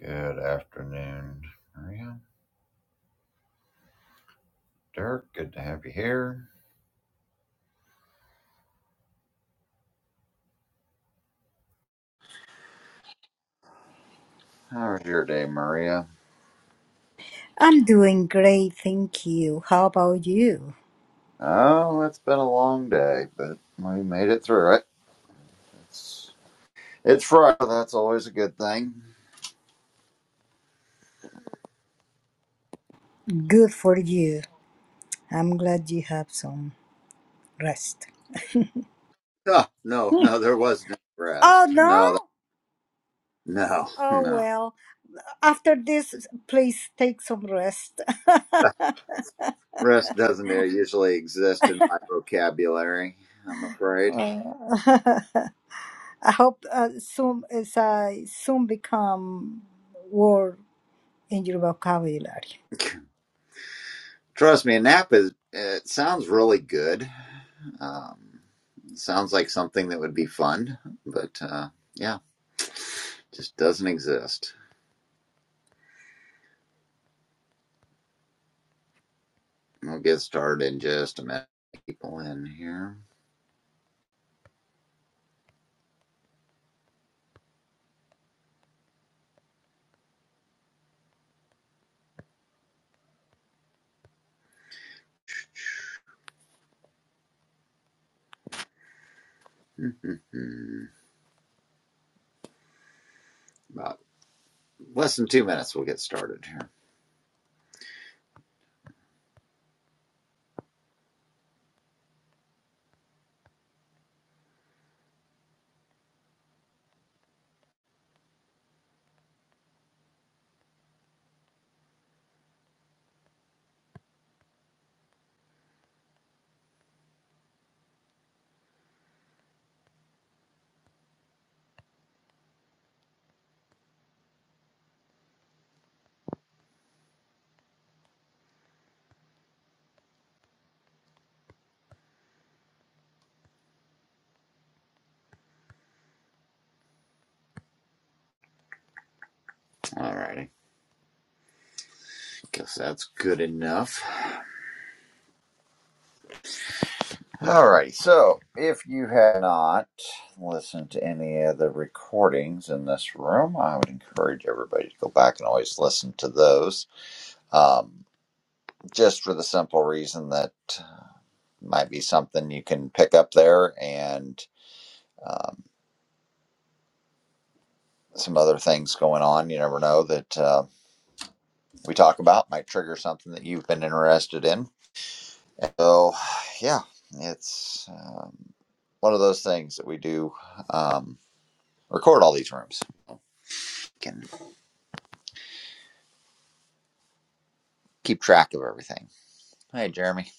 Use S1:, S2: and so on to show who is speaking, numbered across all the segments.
S1: Good afternoon, Maria. Dirk, good to have you here. How was your day, Maria?
S2: I'm doing great, thank you. How about you?
S1: Oh, it's been a long day, but we made it through it. It's, it's Friday. That's always a good thing.
S2: Good for you. I'm glad you have some rest.
S1: No, no, no, there was no
S2: Oh,
S1: rest.
S2: no?
S1: No, that, no,
S2: Oh,
S1: no.
S2: well. After this, please take some rest.
S1: Rest doesn't usually exist in my vocabulary, I'm afraid.
S2: Uh, I hope uh, soon as I soon become word in your vocabulary.
S1: Trust me, a nap is, it sounds really good. Um, sounds like something that would be fun, but uh, yeah. Just doesn't exist. We'll get started in just a minute. People in here. About less than two minutes, we'll get started here. Alrighty. Guess that's good enough. Alrighty. So, if you have not listened to any of the recordings in this room, I would encourage everybody to go back and always listen to those. Um, just for the simple reason that might be something you can pick up there and um, some other things going on. You never know that uh, we talk about might trigger something that you've been interested in. So, yeah, it's um, one of those things that we do um, record all these rooms. Can keep track of everything. Hey, Jeremy,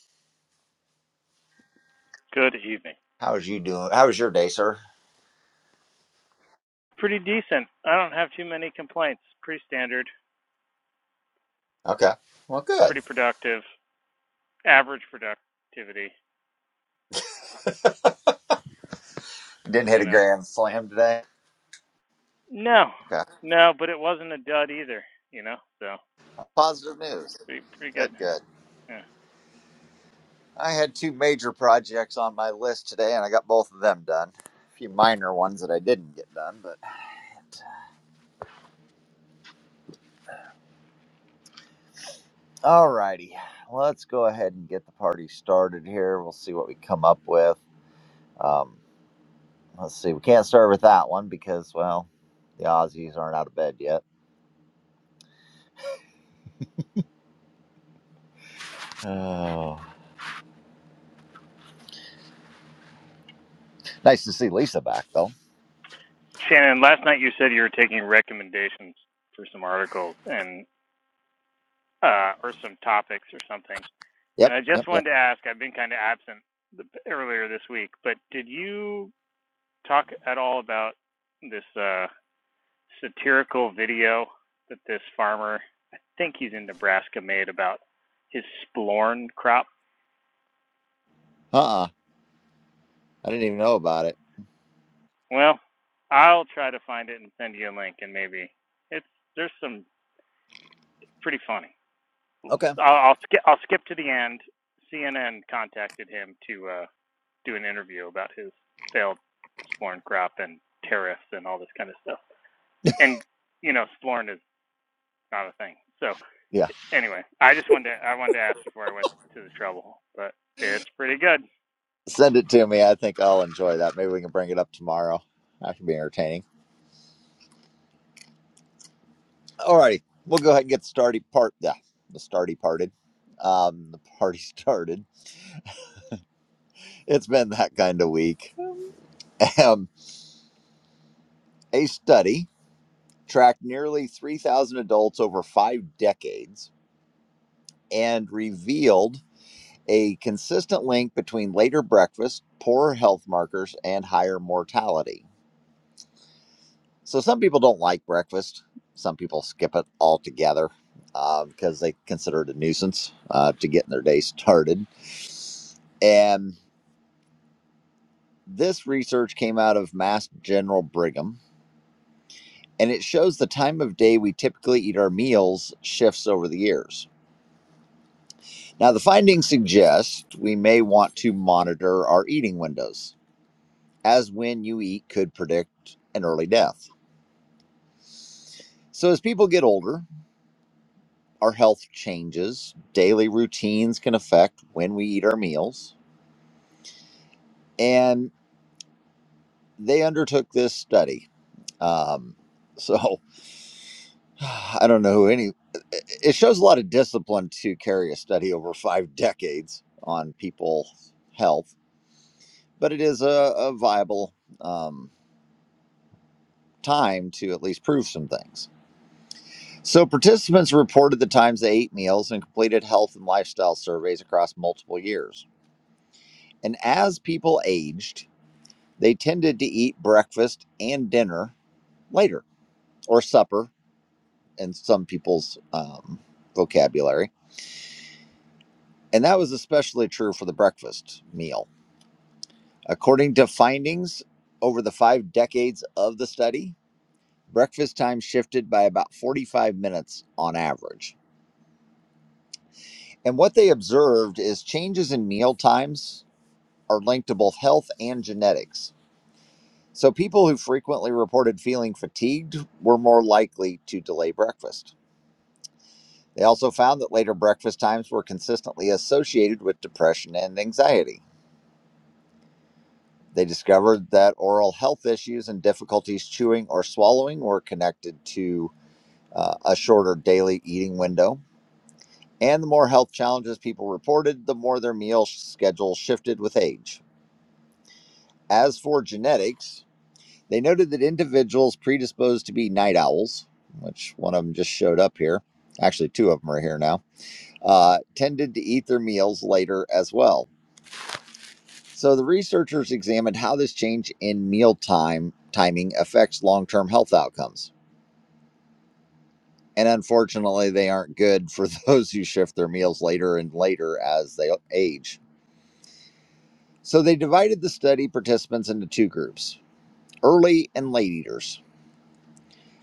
S3: Good evening.
S1: how is you doing? How was your day, sir?
S3: Pretty decent. I don't have too many complaints. Pretty standard,
S1: Okay, well, good.
S3: pretty productive, average productivity,
S1: Didn't hit
S3: you
S1: a
S3: know.
S1: grand slam today.
S3: No,
S1: Okay,
S3: no, but it wasn't a dud either, you know, so
S1: positive news.
S3: pretty, pretty good.
S1: Good, good.
S3: Yeah.
S1: I had two major projects on my list today, and I got both of them done. A few minor ones that I didn't get done, but. Alrighty, let's go ahead and get the party started here. We'll see what we come up with. Um, let's see, we can't start with that one because, well, the Aussies aren't out of bed yet. Oh, nice to see Lisa back though.
S3: Shannon, last night you said you were taking recommendations for some articles and, uh, or some topics or something. And
S1: Yep,
S3: I
S1: yep,
S3: just
S1: yep.
S3: wanted to ask, I've been kind of absent the, earlier this week, but did you talk at all about this, uh, satirical video that this farmer, I think he's in Nebraska, made about his splorn crop.
S1: Uh uh I didn't even know about it.
S3: Well, I'll try to find it and send you a link, and maybe it's there's some pretty funny.
S1: Okay.
S3: I'll I'll, sk- I'll skip to the end. CNN contacted him to uh, do an interview about his failed splorn crop and tariffs and all this kind of stuff. And you know, splorn is not a thing, so
S1: Yeah,
S3: anyway, I just wanted to, I wanted to ask before I went to the trouble, but it's pretty good.
S1: send it to me. I think I'll enjoy that. Maybe we can bring it up tomorrow. That should be entertaining. Alrighty, we'll go ahead and get started. Part yeah, the starty parted. Um, the party started. It's been that kind of week. A study tracked nearly 3,000 adults over five decades and revealed a consistent link between later breakfast, poorer health markers, and higher mortality. So, some people don't like breakfast, some people skip it altogether. uh, because they consider it a nuisance uh, to getting their day started. And this research came out of Mass General Brigham, and it shows the time of day we typically eat our meals shifts over the years. Now, the findings suggest we may want to monitor our eating windows, as when you eat could predict an early death. So, as people get older, our health changes, daily routines can affect when we eat our meals, and they undertook this study. Um, so, I don't know who any, it shows a lot of discipline to carry a study over five decades on people's health, but it is a, a viable. um, time to at least prove some things. So, participants reported the times they ate meals and completed health and lifestyle surveys across multiple years. And as people aged, they tended to eat breakfast and dinner later, or supper in some people's um, vocabulary. And that was especially true for the breakfast meal. According to findings over the five decades of the study, breakfast time shifted by about 45 minutes on average And what they observed is changes in meal times are linked to both health and genetics. So people who frequently reported feeling fatigued were more likely to delay breakfast. They also found that later breakfast times were consistently associated with depression and anxiety. They discovered that oral health issues and difficulties chewing or swallowing were connected to uh, a shorter daily eating window. And the more health challenges people reported, the more their meal schedule shifted with age. As for genetics, they noted that individuals predisposed to be night owls, which one of them just showed up here, actually, two of them are here now, uh, tended to eat their meals later as well. So the researchers examined how this change in meal time timing affects long term health outcomes. And unfortunately, they aren't good for those who shift their meals later and later as they age. So they divided the study participants into two groups early and late eaters.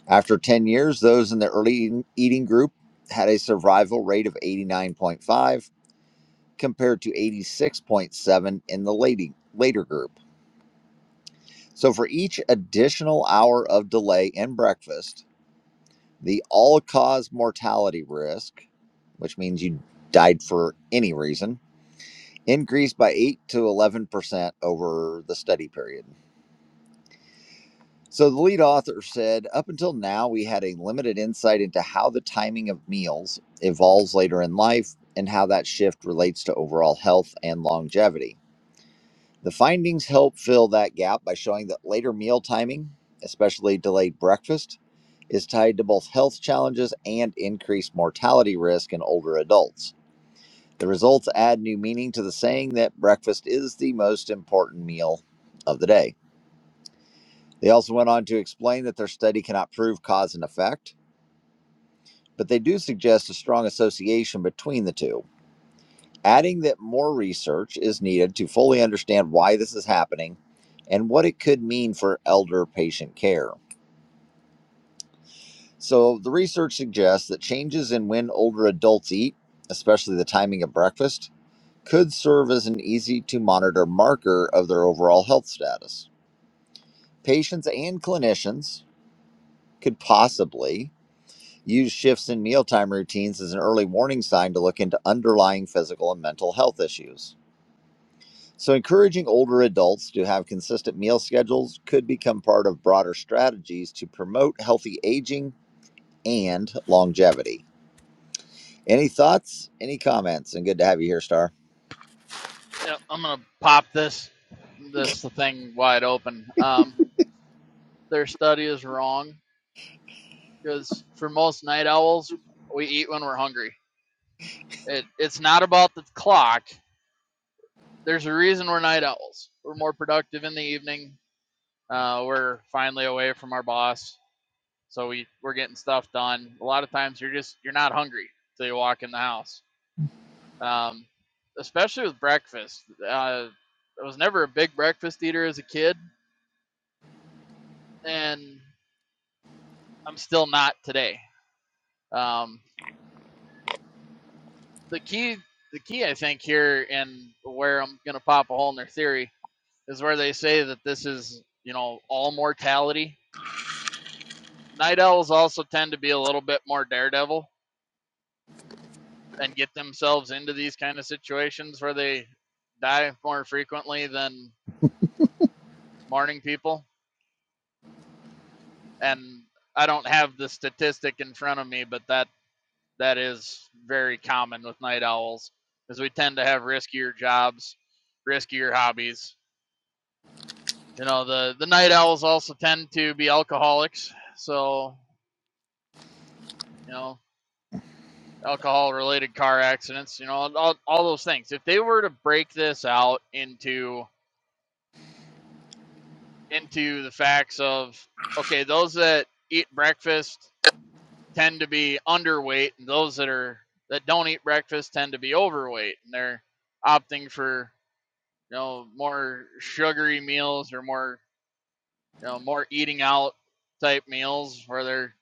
S1: After 10 years, those in the early eating group had a survival rate of 89.5 compared to 86.7 in the late, later group. So for each additional hour of delay in breakfast, the all cause mortality risk, which means you died for any reason, increased by 8 to 11% over the study period. So the lead author said, up until now, we had a limited insight into how the timing of meals evolves later in life and how that shift relates to overall health and longevity. The findings help fill that gap by showing that later meal timing, especially delayed breakfast, is tied to both health challenges and increased mortality risk in older adults. The results add new meaning to the saying that breakfast is the most important meal of the day. They also went on to explain that their study cannot prove cause and effect, but they do suggest a strong association between the two, adding that more research is needed to fully understand why this is happening and what it could mean for elder patient care. So, the research suggests that changes in when older adults eat, especially the timing of breakfast, could serve as an easy to monitor marker of their overall health status. Patients and clinicians could possibly Use shifts in mealtime routines as an early warning sign to look into underlying physical and mental health issues. So, encouraging older adults to have consistent meal schedules could become part of broader strategies to promote healthy aging and longevity. Any thoughts? Any comments? And good to have you here, Star.
S4: Yep, I'm gonna pop this this thing wide open. Um, their study is wrong because for most night owls, we eat when we're hungry. It, it's not about the clock. There's a reason we're night owls. We're more productive in the evening. Uh, we're finally away from our boss, so we we're getting stuff done. A lot of times you're just you're not hungry till you walk in the house. Um, especially with breakfast. Uh, I was never a big breakfast eater as a kid, and I'm still not today. Um, the key, the key, I think here, and where I'm gonna pop a hole in their theory is where they say that this is, you know, all mortality. Night owls also tend to be a little bit more daredevil and get themselves into these kind of situations where they die more frequently than morning people. And I don't have the statistic in front of me, but that that is very common with night owls because we tend to have riskier jobs, riskier hobbies. You know, the the night owls also tend to be alcoholics, so you know, alcohol related car accidents, you know, all, all those things. If they were to break this out into into the facts of okay, those that eat breakfast tend to be underweight and those that are that don't eat breakfast tend to be overweight and they're opting for you know more sugary meals or more you know more eating out type meals where they're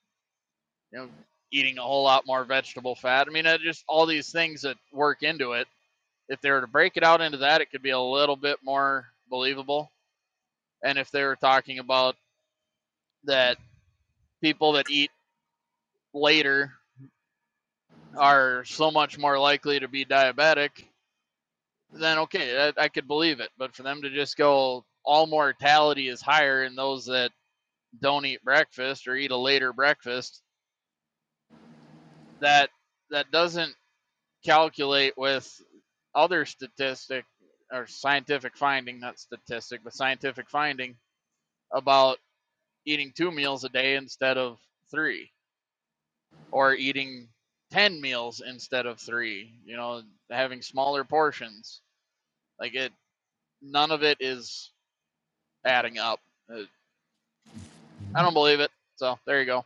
S4: you know eating a whole lot more vegetable fat. I mean, just all these things that work into it. If they were to break it out into that, it could be a little bit more believable. And if they were talking about that people that eat later are so much more likely to be diabetic, then okay, I, I could believe it. But for them to just go all mortality is higher in those that don't eat breakfast or eat a later breakfast that that doesn't calculate with other statistic or scientific finding not statistic but scientific finding about eating two meals a day instead of three or eating 10 meals instead of three you know having smaller portions like it none of it is adding up Uh, i don't believe it so there you go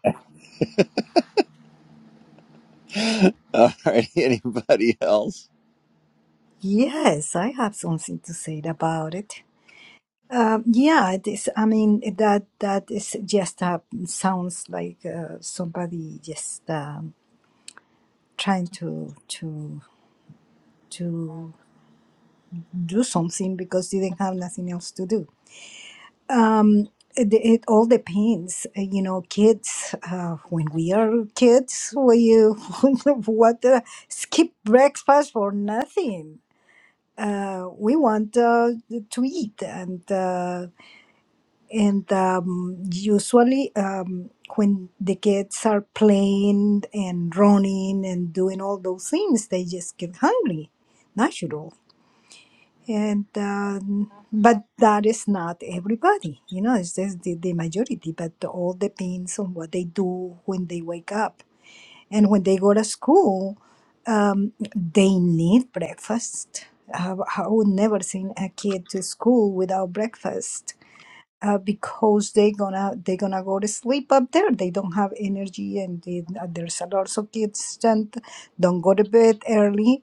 S1: All right. Anybody else?
S2: Yes, I have something to say about it. Um, yeah, it is. I mean, that that is just uh, sounds like uh, somebody just um, trying to to to do something because they didn't have nothing else to do. Um, it, it all depends, uh, you know. Kids, uh, when we are kids, we uh, what uh, skip breakfast for nothing. Uh, we want uh, to eat and. uh, and um, usually um, when the kids are playing and running and doing all those things they just get hungry natural and um, but that is not everybody you know it's just the, the majority but all depends on what they do when they wake up and when they go to school um, they need breakfast I, I would never send a kid to school without breakfast uh, because they're gonna they're gonna go to sleep up there. They don't have energy, and they, uh, there's a lot of kids that don't go to bed early,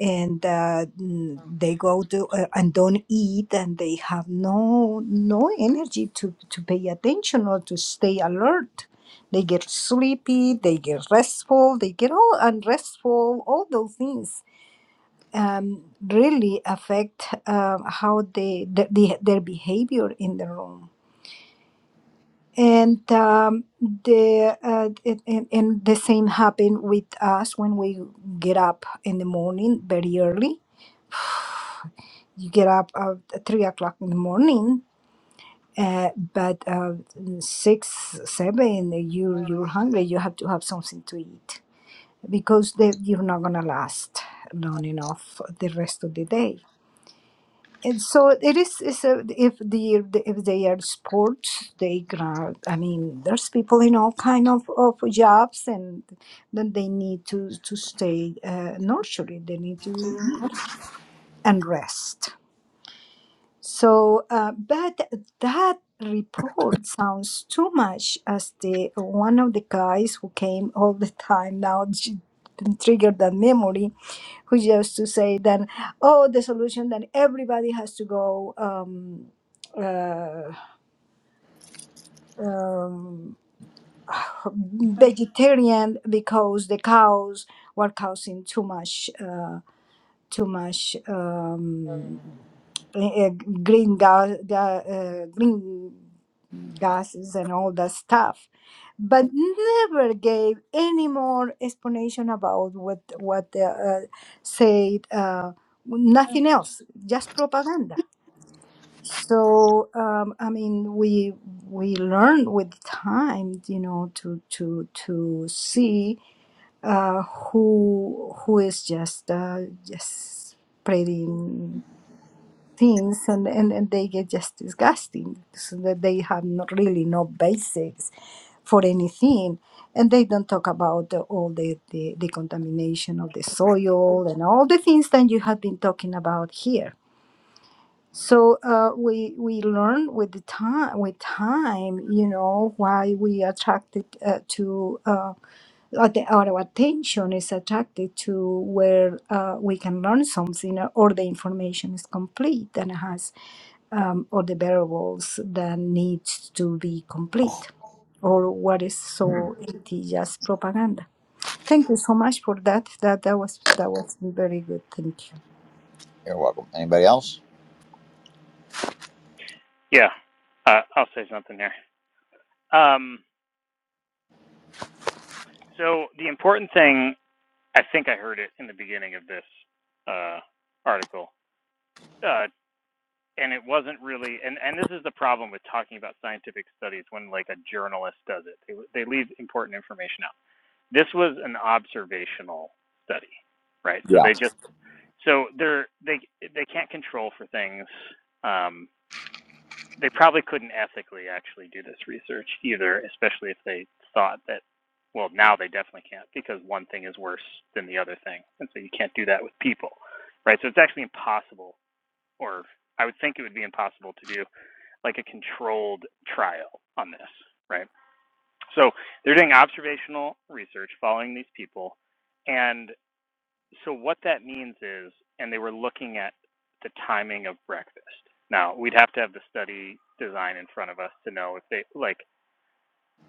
S2: and uh, mm, they go to uh, and don't eat, and they have no no energy to to pay attention or to stay alert. They get sleepy, they get restful, they get all unrestful, all those things um, really affect uh, how they, the, the, their behavior in the room and um, the uh, it, and, and the same happen with us when we get up in the morning very early. You get up uh, at three o'clock in the morning, uh, but uh, six seven you you're hungry. You have to have something to eat because they, you're not gonna last long enough the rest of the day And so it is. Is a, if the if they are sports, they going I mean, there's people in all kind of, of jobs, and then they need to to stay uh, nurturing. They need to eat and rest. So, uh, but that report sounds too much as the one of the guys who came all the time now j- triggered that memory who used to say then, oh, the solution that everybody has to go um, uh, um, vegetarian because the cows were causing too much. Uh, too much um, uh, green gas, uh, green gases and all that stuff, but never gave any more explanation about what what uh, uh, said. Uh, nothing else, just propaganda. So um, I mean, we we learn with time, you know, to to to see uh, who who is just uh, just spreading things and, and, and they get just disgusting so that they have not really no basics for anything and they don't talk about the, all the, the, the contamination of the soil and all the things that you have been talking about here so uh, we we learn with the time with time you know why we attracted uh, to uh, uh, the, our attention is attracted to where uh, we can learn something or or the information is complete and has um, all the variables that needs to be complete or what is
S1: You're
S2: so it is just propaganda thank you so much for that that that was that was very good thank you
S1: welcome. Anybody else?
S3: Yeah, uh, I'll say something there. Um, so the important thing, I think I heard it in the beginning of this uh, article, uh, and it wasn't really, and and this is the problem with talking about scientific studies when like a journalist does it, they, they leave important information out. This was an observational study, right? So
S1: Yeah.
S3: they just so they're they they can't control for things um, they probably couldn't ethically actually do this research either, especially if they thought that well now they definitely can't because one thing is worse than the other thing. And so you can't do that with people. Right? So it's actually impossible or I would think it would be impossible to do like a controlled trial on this, right? So they're doing observational research following these people and so what that means is, and they were looking at the timing of breakfast. Now we'd have to have the study design in front of us to know if they like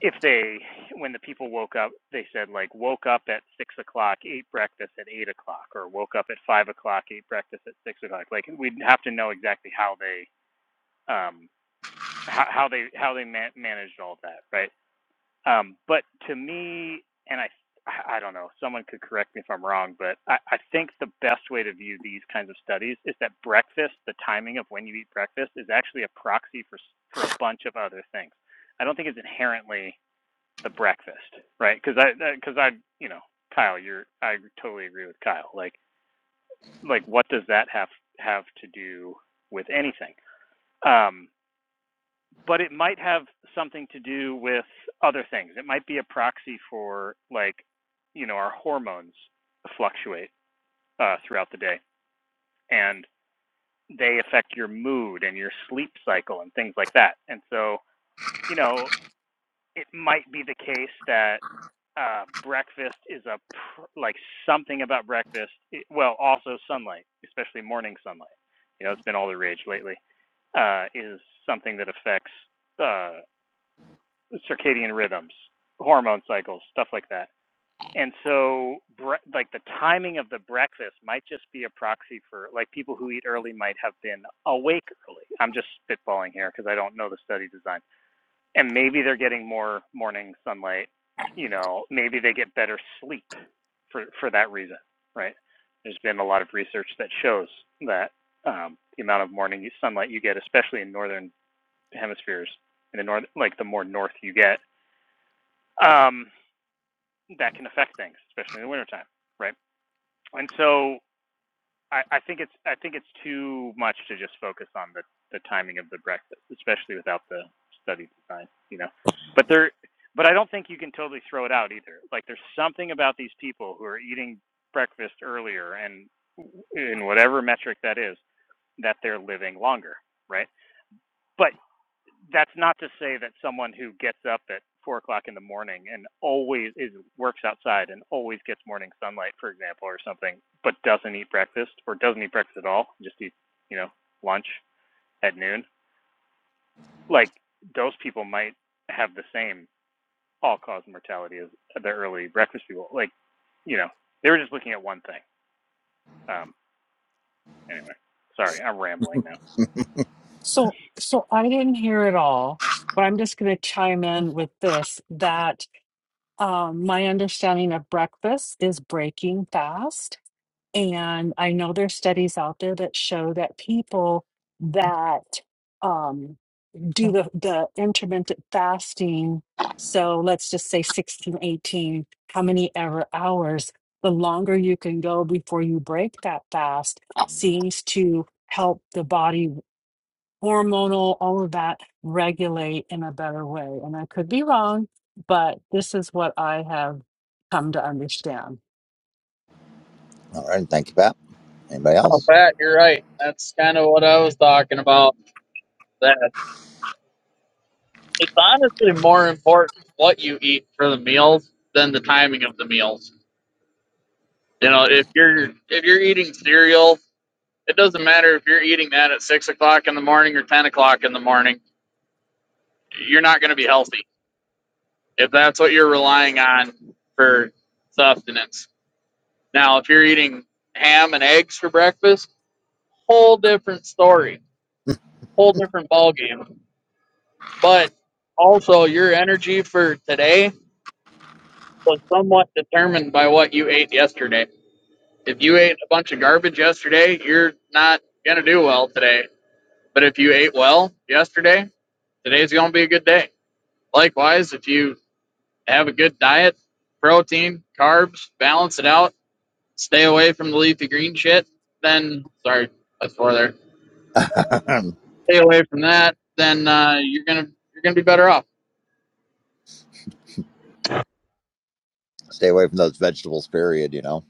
S3: if they when the people woke up they said like woke up at six o'clock ate breakfast at eight o'clock or woke up at five o'clock ate breakfast at six o'clock like we'd have to know exactly how they um how, how they how they man- managed all that right um, but to me, and I, I don't know, someone could correct me if I'm wrong, but I, I think the best way to view these kinds of studies is that breakfast, the timing of when you eat breakfast, is actually a proxy for s- for a bunch of other things. I don't think it's inherently the breakfast, right? Because I, because I, you know, Kyle, you're, I totally agree with Kyle. Like, like what does that have have to do with anything? Um, but it might have something to do with other things. It might be a proxy for like, you know, our hormones fluctuate uh, throughout the day, and they affect your mood and your sleep cycle and things like that. And so, you know, it might be the case that uh, breakfast is a pr- like something about breakfast. It, well, also sunlight, especially morning sunlight. You know, it's been all the rage lately. Uh, is something that affects uh, circadian rhythms, hormone cycles, stuff like that. And so, bre- like the timing of the breakfast might just be a proxy for like people who eat early might have been awake early. I'm just spitballing here because I don't know the study design. And maybe they're getting more morning sunlight. You know, maybe they get better sleep for for that reason, right? There's been a lot of research that shows that um, the amount of morning sunlight you get, especially in northern hemispheres, in the north, like the more north you get, um, that can affect things, especially in the wintertime, right? And so I, I think it's I think it's too much to just focus on the, the timing of the breakfast, especially without the study design, you know. But there but I don't think you can totally throw it out either. Like there's something about these people who are eating breakfast earlier and in whatever metric that is, that they're living longer, right? But that's not to say that someone who gets up at four o'clock in the morning and always is works outside and always gets morning sunlight, for example, or something, but doesn't eat breakfast or doesn't eat breakfast at all, just eat, you know, lunch at noon. Like those people might have the same all cause mortality as the early breakfast people. Like, you know, they were just looking at one thing. Um anyway. Sorry, I'm rambling now.
S5: So, so I didn't hear it all, but I'm just going to chime in with this that um, my understanding of breakfast is breaking fast. And I know there's studies out there that show that people that um, do the, the intermittent fasting, so let's just say 16, 18, how many ever hours, the longer you can go before you break that fast seems to help the body hormonal, all of that regulate in a better way. And I could be wrong, but this is what I have come to understand.
S1: All right. Thank you, Pat. Anybody
S4: Oh,
S1: else?
S4: Pat, you're right. That's kind of what I was talking about. That. It's honestly more important what you eat for the meals than the timing of the meals. You know, if you're if you're eating cereal, it doesn't matter if you're eating that at six o'clock in the morning or ten o'clock in the morning. You're not going to be healthy if that's what you're relying on for sustenance. Now, if you're eating ham and eggs for breakfast, whole different story, whole different ballgame. But also, your energy for today was somewhat determined by what you ate yesterday. If you ate a bunch of garbage yesterday, you're not going to do well today. But if you ate well yesterday, today's going to be a good day. Likewise, if you have a good diet, protein, carbs, balance it out, stay away from the leafy green shit, then, sorry, that's four there. Stay away from that, then uh, you're going to you're going to be better off.
S1: Stay away from those vegetables, period, you know.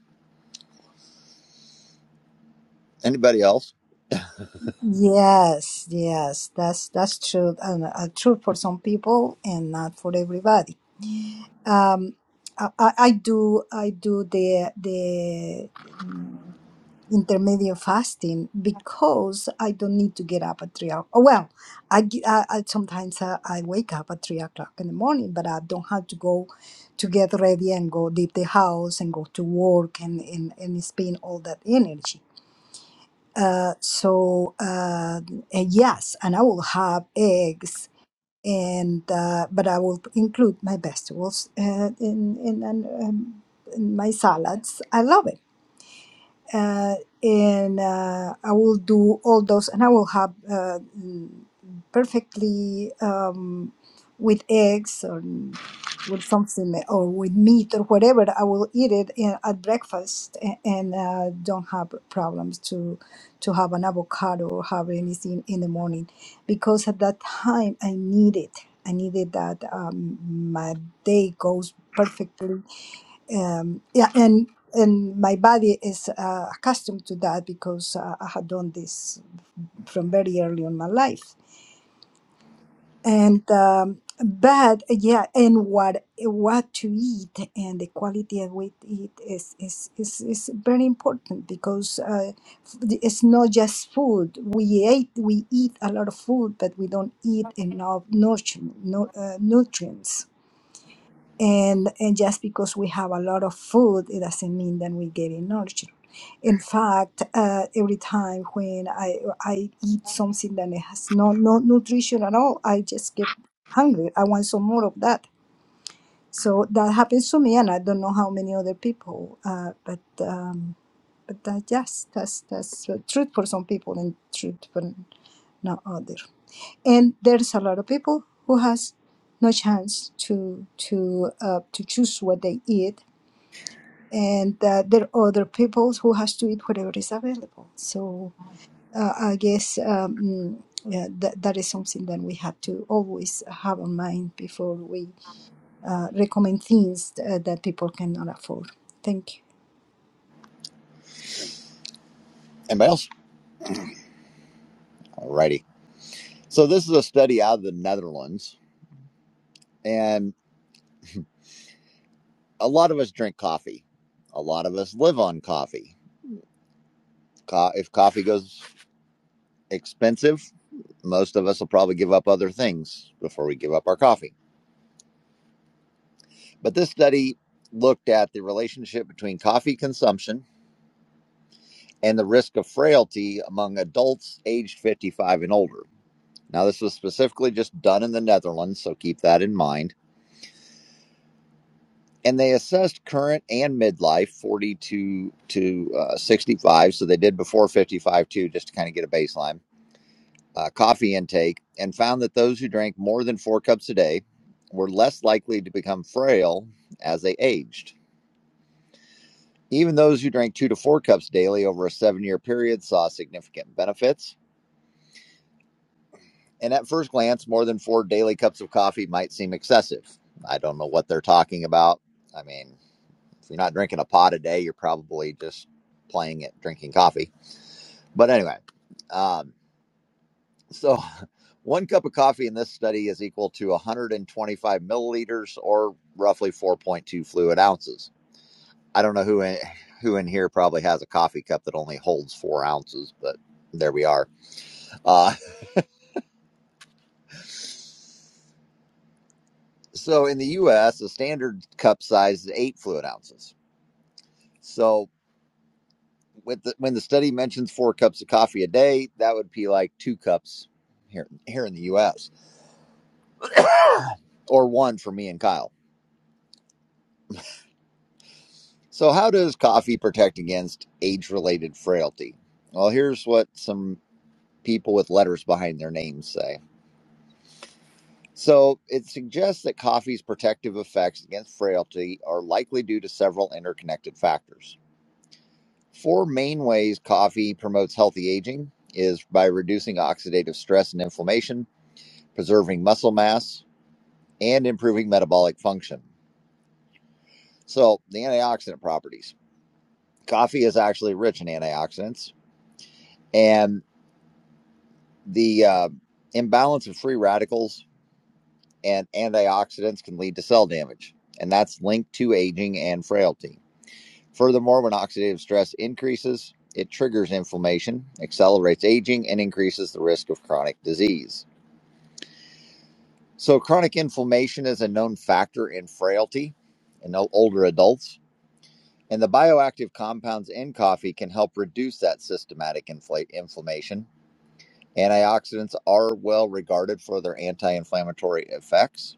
S1: Anybody else?
S2: Yes, yes, that's that's true, and uh, true for some people and not for everybody. um, I, I I do I do the the mm, intermediate fasting because I don't need to get up at three o'clock. Oh, Well, I, g- I- I- sometimes I, I wake up at three o'clock in the morning, but I don't have to go to get ready and go leave the house and go to work and and, and spend all that energy. Uh, so uh, and yes, and I will have eggs and uh, but I will include my vegetables uh, in in, and um, in my salads. I love it uh, and uh, I will do all those, and I will have uh, mm, perfectly um, with eggs or with something or with meat or whatever. I will eat it in, at breakfast and, and uh, don't have problems to to have an avocado or have anything in the morning because at that time I need it. I needed that um, my day goes perfectly um, yeah and and my body is uh, accustomed to that because uh, i had done this from very early in my life and um, but yeah and what what to eat and the quality of what eat is is is, is very important because uh, f- it's not just food we ate we eat a lot of food but we don't eat enough nutrient, no, uh, nutrients and and just because we have a lot of food it doesn't mean that we get getting nurtured in fact uh, every time when i i eat something that has no no nutrition at all i just get hungry i want some more of that so that happens to me and i don't know how many other people uh, but um but that yes that's that's the truth for some people and truth for not others and there's a lot of people who has no chance to to uh, to choose what they eat and uh, there are other people who has to eat whatever is available so uh, i guess um, yeah, that, that is something that we have to always have in mind before we uh, recommend things uh, that people cannot afford thank you
S1: Anybody else? All righty. So this is a study out of the Netherlands, and a lot of us drink coffee. A lot of us live on coffee. Co- if coffee goes expensive, most of us will probably give up other things before we give up our coffee. But this study looked at the relationship between coffee consumption and the risk of frailty among adults aged 55 and older. Now, this was specifically just done in the Netherlands, so keep that in mind. and they assessed current and midlife 42 to uh, 65 so they did before 55 too just to kind of get a baseline uh, coffee intake and found that those who drank more than four cups a day were less likely to become frail as they aged even those who drank two to four cups daily over a seven year period saw significant benefits and at first glance more than four daily cups of coffee might seem excessive i don't know what they're talking about i mean If you're not drinking a pot a day, you're probably just playing it, drinking coffee. But anyway, um, so one cup of coffee in this study is equal to 125 milliliters or roughly 4.2 fluid ounces. I don't know who in, who in here probably has a coffee cup that only holds four ounces, but there we are. Uh, so in the U.S., the standard cup size is eight fluid ounces. So with the, when the study mentions four cups of coffee a day, that would be like two cups here here in the U.S. or one for me and Kyle. So, how does coffee protect against age-related frailty? Well, here's what some people with letters behind their names say. So, it suggests that coffee's protective effects against frailty are likely due to several interconnected factors. Four main ways coffee promotes healthy aging is by reducing oxidative stress and inflammation, preserving muscle mass, and improving metabolic function. So, the antioxidant properties. Coffee is actually rich in antioxidants, and the uh, imbalance of free radicals and antioxidants can lead to cell damage, and that's linked to aging and frailty. Furthermore, when oxidative stress increases, it triggers inflammation, accelerates aging, and increases the risk of chronic disease. So, chronic inflammation is a known factor in frailty in older adults And the bioactive compounds in coffee can help reduce that systematic infla- inflammation. Antioxidants are well regarded for their anti inflammatory effects,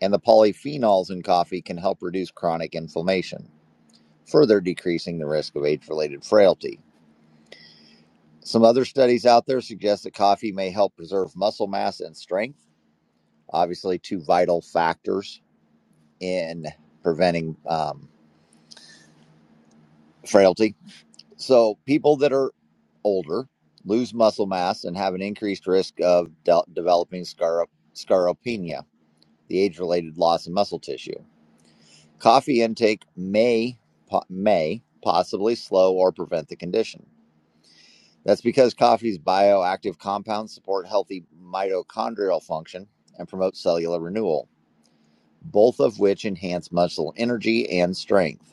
S1: and the polyphenols in coffee can help reduce chronic inflammation, further decreasing the risk of age related frailty. Some other studies out there suggest that coffee may help preserve muscle mass and strength, obviously, two vital factors in preventing um, frailty So people that are older lose muscle mass and have an increased risk of de- developing scaro- scaropenia, the age-related loss of muscle tissue. Coffee intake may po- may possibly slow or prevent the condition. That's because coffee's bioactive compounds support healthy mitochondrial function and promote cellular renewal, both of which enhance muscle energy and strength.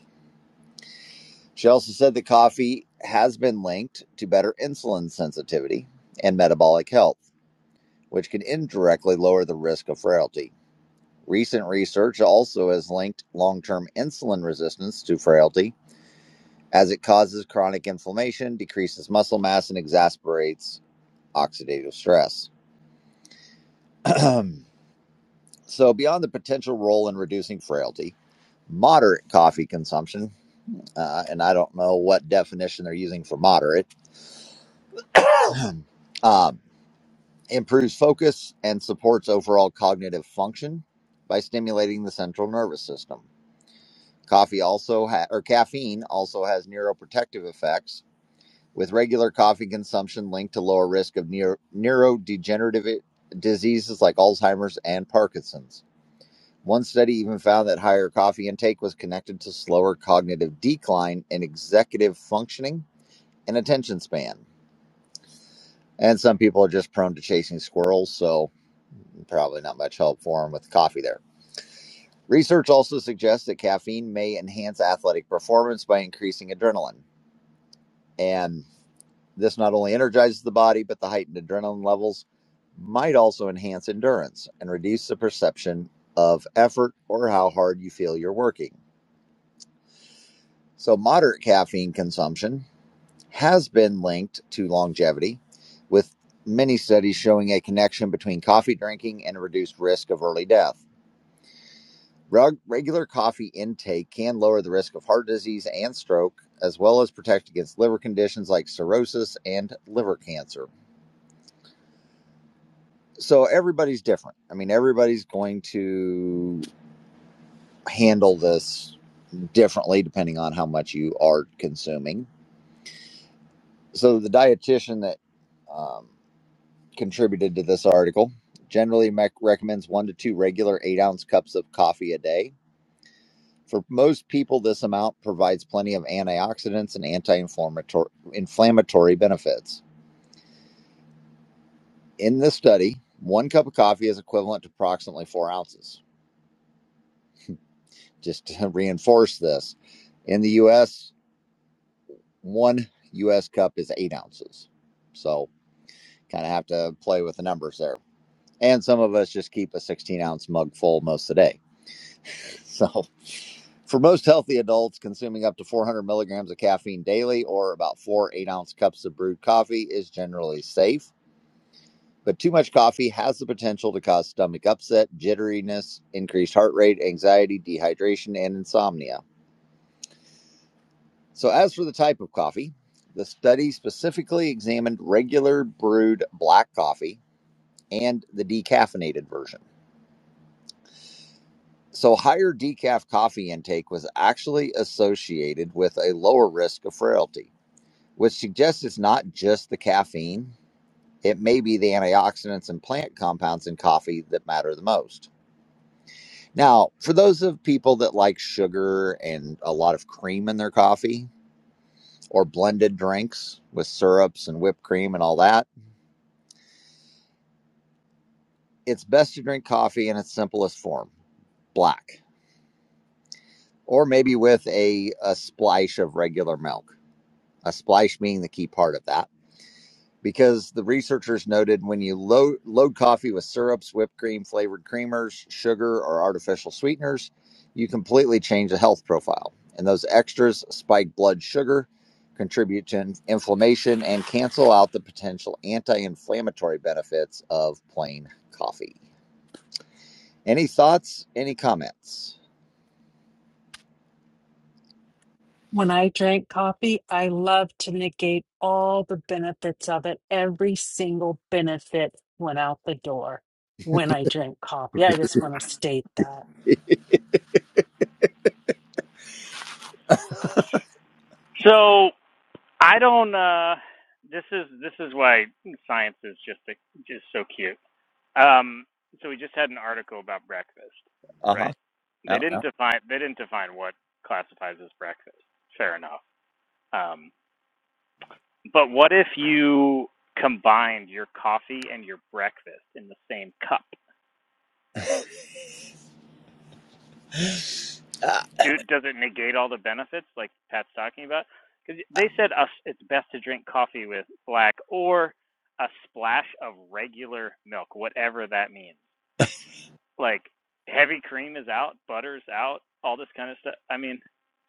S1: She also said that coffee has been linked to better insulin sensitivity and metabolic health, which can indirectly lower the risk of frailty. Recent research also has linked long term insulin resistance to frailty, as it causes chronic inflammation, decreases muscle mass, and exacerbates oxidative stress. so, beyond the potential role in reducing frailty, moderate coffee consumption, uh, and I don't know what definition they're using for moderate. um, improves focus and supports overall cognitive function by stimulating the central nervous system. Coffee also ha- or caffeine also has neuroprotective effects with regular coffee consumption linked to lower risk of neuro- neurodegenerative i- diseases like Alzheimer's and Parkinson's. One study even found that higher coffee intake was connected to slower cognitive decline in executive functioning and attention span. And some people are just prone to chasing squirrels, so Probably not much help for him with the coffee there. Research also suggests that caffeine may enhance athletic performance by increasing adrenaline. And this not only energizes the body, but the heightened adrenaline levels might also enhance endurance and reduce the perception of effort or how hard you feel you're working. So, moderate caffeine consumption has been linked to longevity, with many studies showing a connection between coffee drinking and a reduced risk of early death. Reg- regular coffee intake can lower the risk of heart disease and stroke, as well as protect against liver conditions like cirrhosis and liver cancer. So everybody's different. I mean, everybody's going to handle this differently depending on how much you are consuming. So the dietitian that um, contributed to this article generally mec recommends one to two regular eight ounce cups of coffee a day For most people, this amount provides plenty of antioxidants and anti-inflammatory benefits. In this study, one cup of coffee is equivalent to approximately four ounces. Just to reinforce this, in the U.S., one U.S. cup is eight ounces. So, kind of have to play with the numbers there. And some of us just keep a 16 ounce mug full most of the day. So, for most healthy adults, consuming up to 400 milligrams of caffeine daily or about four eight ounce cups of brewed coffee is generally safe. But too much coffee has the potential to cause stomach upset, jitteriness, increased heart rate, anxiety, dehydration, and insomnia. So, as for the type of coffee, the study specifically examined regular brewed black coffee and the decaffeinated version. So, higher decaf coffee intake was actually associated with a lower risk of frailty which suggests it's not just the caffeine. It may be the antioxidants and plant compounds in coffee that matter the most. Now, for those of people that like sugar and a lot of cream in their coffee or blended drinks with syrups and whipped cream and all that, it's best to drink coffee in its simplest form, black, or maybe with a, a splash of regular milk. A splash being the key part of that because the researchers noted when you load, load coffee with syrups, whipped cream, flavored creamers, sugar, or artificial sweeteners, you completely change the health profile. And those extras spike blood sugar, contribute to in- inflammation, and cancel out the potential anti inflammatory benefits of plain coffee. Any thoughts? Any comments?
S5: When I drink coffee, I love to negate all the benefits of it. Every single benefit went out the door when I drink coffee. I just want to state that.
S3: So I don't uh this is this is why science is just a, just so cute Um, so we just had an article about breakfast,
S1: Uh
S3: right? They
S1: huh.
S3: didn't define they didn't define what classifies as breakfast. Fair enough. Um, but what if you combined your coffee and your breakfast in the same cup? Do, does it negate all the benefits like Pat's talking about? Because they said us, it's best to drink coffee with black or a splash of regular milk, whatever that means. Like heavy cream is out, butter's out, all this kind of stuff. I mean,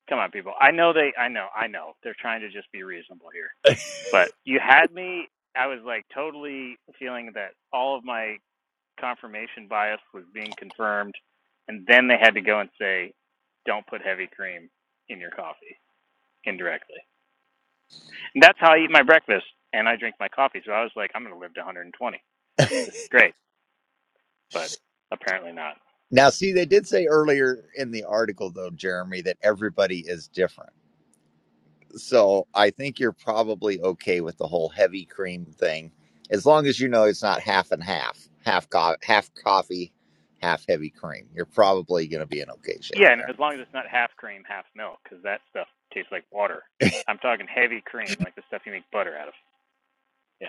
S3: come on, people. I know they. I know. I know. They're trying to just be reasonable here. But you had me. I was like totally feeling that all of my confirmation bias was being confirmed, and then they had to go and say, "Don't put heavy cream in your coffee." Indirectly, and that's how I eat my breakfast, and I drink my coffee. So I was like, "I'm going to live to 120. This is great," but apparently not.
S1: Now, see, they did say earlier in the article, though, Jeremy, that everybody is different So I think you're probably okay with the whole heavy cream thing, as long as you know it's not half and half, half co- half coffee, half heavy cream. You're probably going to be in okay shape
S3: Yeah, and
S1: there.
S3: as long as it's not half cream, half milk, because that stuff tastes like water. I'm talking heavy cream, like the stuff you make butter out of. Yeah.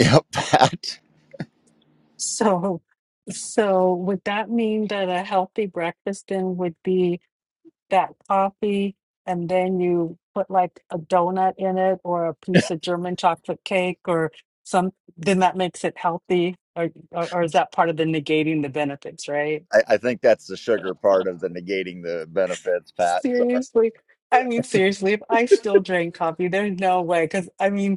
S1: Yep, Pat.
S5: So, so would that mean that a healthy breakfast then would be? that coffee and then you put like a donut in it or a piece of German chocolate cake or some, then that makes it healthy. Or, or, or is that part of the negating the benefits, right?
S1: I, I think that's the sugar part of the negating the benefits, Pat. Sorry,
S5: Seriously. I mean, seriously, if I still drink coffee, there's no way. Because I mean,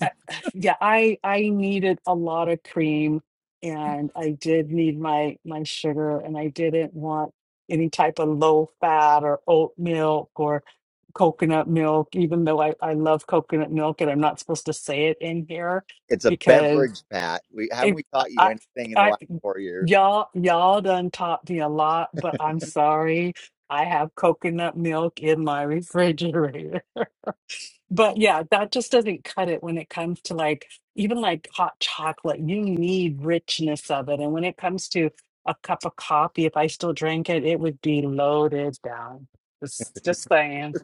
S5: uh, yeah i i needed a lot of cream and i did need my my sugar and i didn't want any type of low fat or oat milk or coconut milk even though i i love coconut milk and i'm not supposed to say it in here
S1: it's a
S5: because
S1: beverage, Pat. We haven't
S5: it
S1: we taught you
S5: i
S1: anything in the
S5: i
S1: last four years.
S5: y'all y'all done taught me a lot but i'm sorry i have coconut milk in my refrigerator But yeah, that just doesn't cut it when it comes to like even like hot chocolate. You need richness of it. And when it comes to a cup of coffee, if I still drank it, it would be loaded down. Just just saying.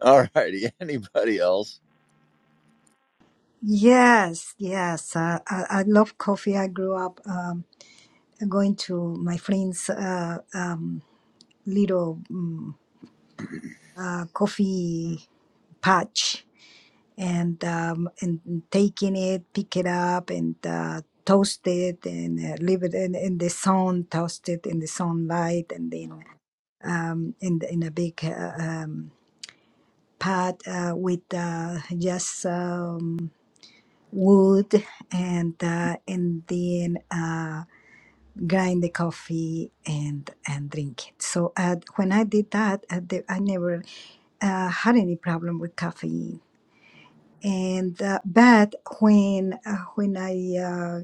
S1: All righty, anybody else?
S2: Yes, yes. Uh, I, I love coffee. I grew up um, going to my friend's uh, um, little uh, coffee patch and um, and taking it, pick it up, and uh, toast it, and uh, leave it in, in the sun, toast it in the sunlight, and then um, in the, in a big uh, um, pot uh, with uh, just um, wood, and uh, and then. Uh, grind the coffee and and drink it. So uh, when I did that, I, did- I never uh, had any problem with caffeine. And uh, but when uh, when I uh,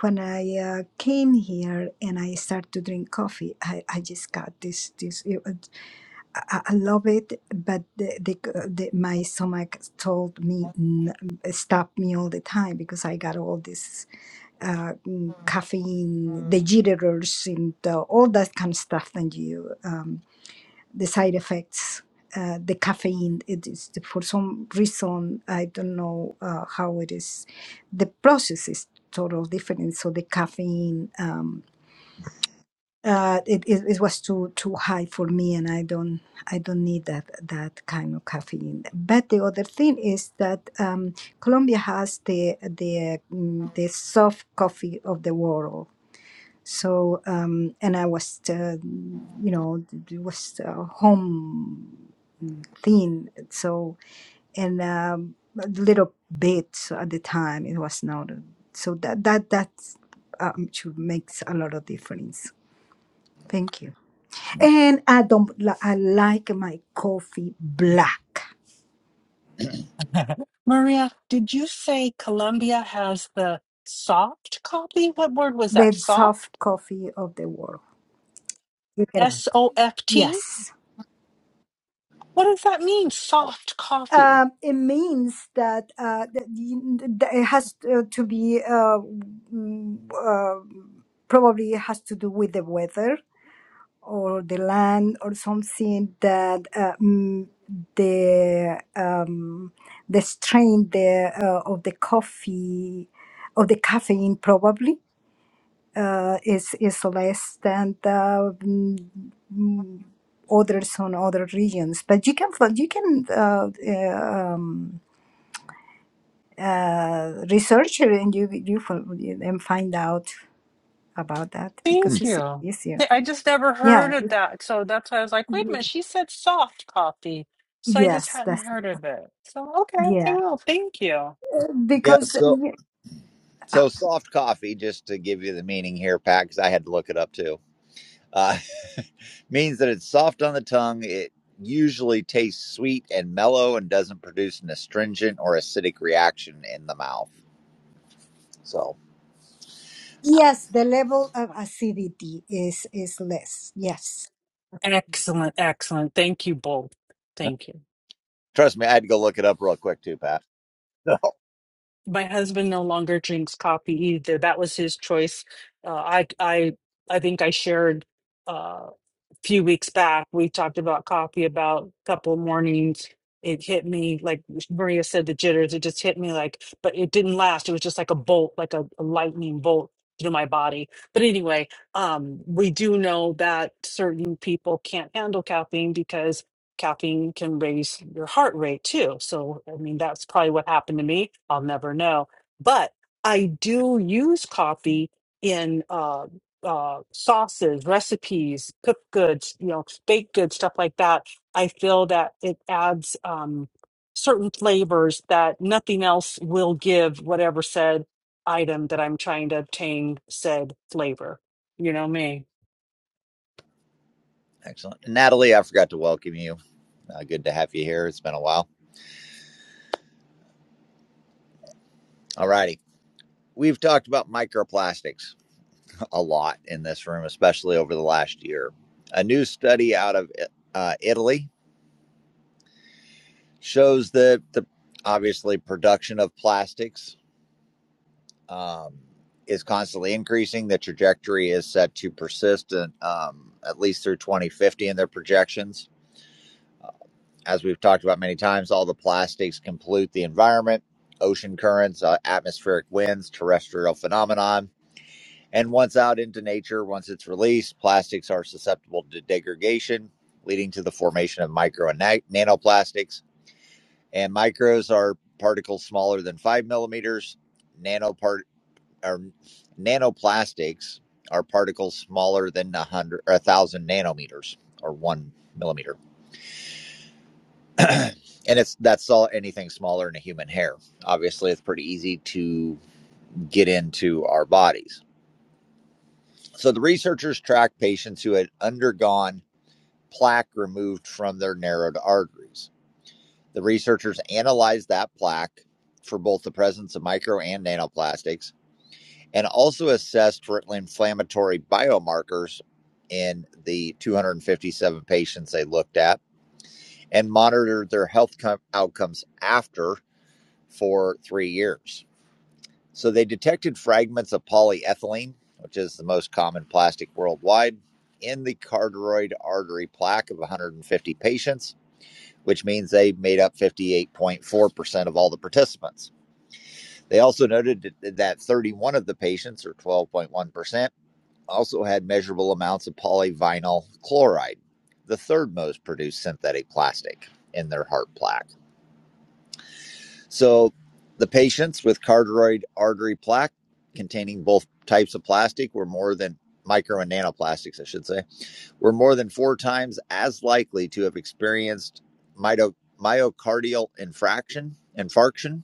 S2: when I uh, came here and I started to drink coffee, I, I just got this this. It, was- I, I I love it, but the, the, the my stomach told me n- stop me all the time because I got all this uh, mm, caffeine, the
S1: Hmm.
S2: jitters, and uh, all that kind of stuff. And you, um, the side effects, uh, the caffeine. It is for some reason I don't know uh, how it is. The process is total different. So the caffeine, um, uh, it, it, it was too too high for me, and I don't I don't need that that kind of caffeine. But the other thing is that. Um, Colombia has the the mm, the soft coffee of the world so um, and I was, uh, you know, it was uh, home thin. So and um, a little bit at the time it was not. So that that that um, should makes a lot of difference. Thank you. And I don't. li- I like my coffee black,
S5: Maria, did you say Colombia has the soft coffee? What word was that?
S2: the soft
S5: Soft?
S2: coffee of the world. You get out.
S5: S O F T?
S2: Yes.
S5: What does that mean? Soft coffee.
S2: um, it means that, uh, that you- that it has to to be uh, mm, uh, probably it has to do with the weather or the land or something that uh, mm, the um, the strain the uh, of the coffee of the caffeine probably uh, is is less than the, mm, mm, others on other regions but you can fi- you can uh, uh, um, uh, research and you you fol- and find out about that because
S5: Thank
S2: it's
S5: you.
S2: easier.
S5: Th- I just never
S2: Yeah.
S5: heard of that. So that's why I was like, wait a
S2: Ye-
S5: minute, she said soft coffee. So I just
S2: Yes,
S5: hadn't
S2: that's
S5: heard of it. So, okay, I
S2: yeah.
S5: will. Thank you.
S1: Yeah.
S2: Because
S1: So
S2: y-
S1: so soft coffee, just to give you the meaning here, Pat, because I had to look it up too. Uh, Means that it's soft on the tongue. It usually tastes sweet and mellow and doesn't produce an astringent or acidic reaction in the mouth. So
S2: yes, the level of acidity is is less. Yes.
S5: Excellent, excellent. Thank you both. Thank you.
S1: trust me, I had to go look it up real quick too, Pat.
S5: my husband no longer drinks coffee either. That was his choice. Uh, I I I think I shared uh, a few weeks back. We talked about coffee about a couple mornings. It hit me like Maria said, the jitters. It just hit me like, but it didn't last. It was just like a bolt, like a, a lightning bolt through my body. But anyway, um, we do know that certain people can't handle caffeine because caffeine can raise your heart rate too. So, I mean, that's probably what happened to me. I'll never know. But I do use coffee in uh, uh, sauces, recipes, cooked goods, you know, baked goods, stuff like that. I feel that it adds um, certain flavors that nothing else will give whatever said item that I'm trying to obtain said flavor. You know me.
S1: Excellent. Natalie, I forgot to welcome you. Uh, good to have you here. It's been a while. All righty. We've talked about microplastics a lot in this room, especially over the last year. A new study out of uh, Italy shows that the obviously production of plastics um, is constantly increasing. The trajectory is set to persist and, um, at least through 2050 in their projections. As we've talked about many times, all the plastics can pollute the environment, ocean currents, uh, atmospheric winds, terrestrial phenomenon. And once out into nature, once it's released, plastics are susceptible to degradation, leading to the formation of micro and na- nanoplastics. And micros are particles smaller than five millimeters. Nanopart or nanoplastics are particles smaller than a hundred or a thousand nanometers or one millimeter and it's that's all anything smaller than a human hair obviously it's pretty easy to get into our bodies so the researchers tracked patients who had undergone plaque removed from their narrowed arteries the researchers analyzed that plaque for both the presence of micro and nanoplastics and also assessed for inflammatory biomarkers in the 257 patients they looked at and monitored their health com- outcomes after for three years. So they detected fragments of polyethylene, which is the most common plastic worldwide, in the carotid artery plaque of 150 patients, which means they made up 58.4% of all the participants. They also noted that 31 of the patients, or 12.1%, also had measurable amounts of polyvinyl chloride, the third most produced synthetic plastic in their heart plaque. So the patients with carotid artery plaque containing both types of plastic were more than micro and nanoplastics, I should say, were more than four times as likely to have experienced mito- myocardial infraction, infarction,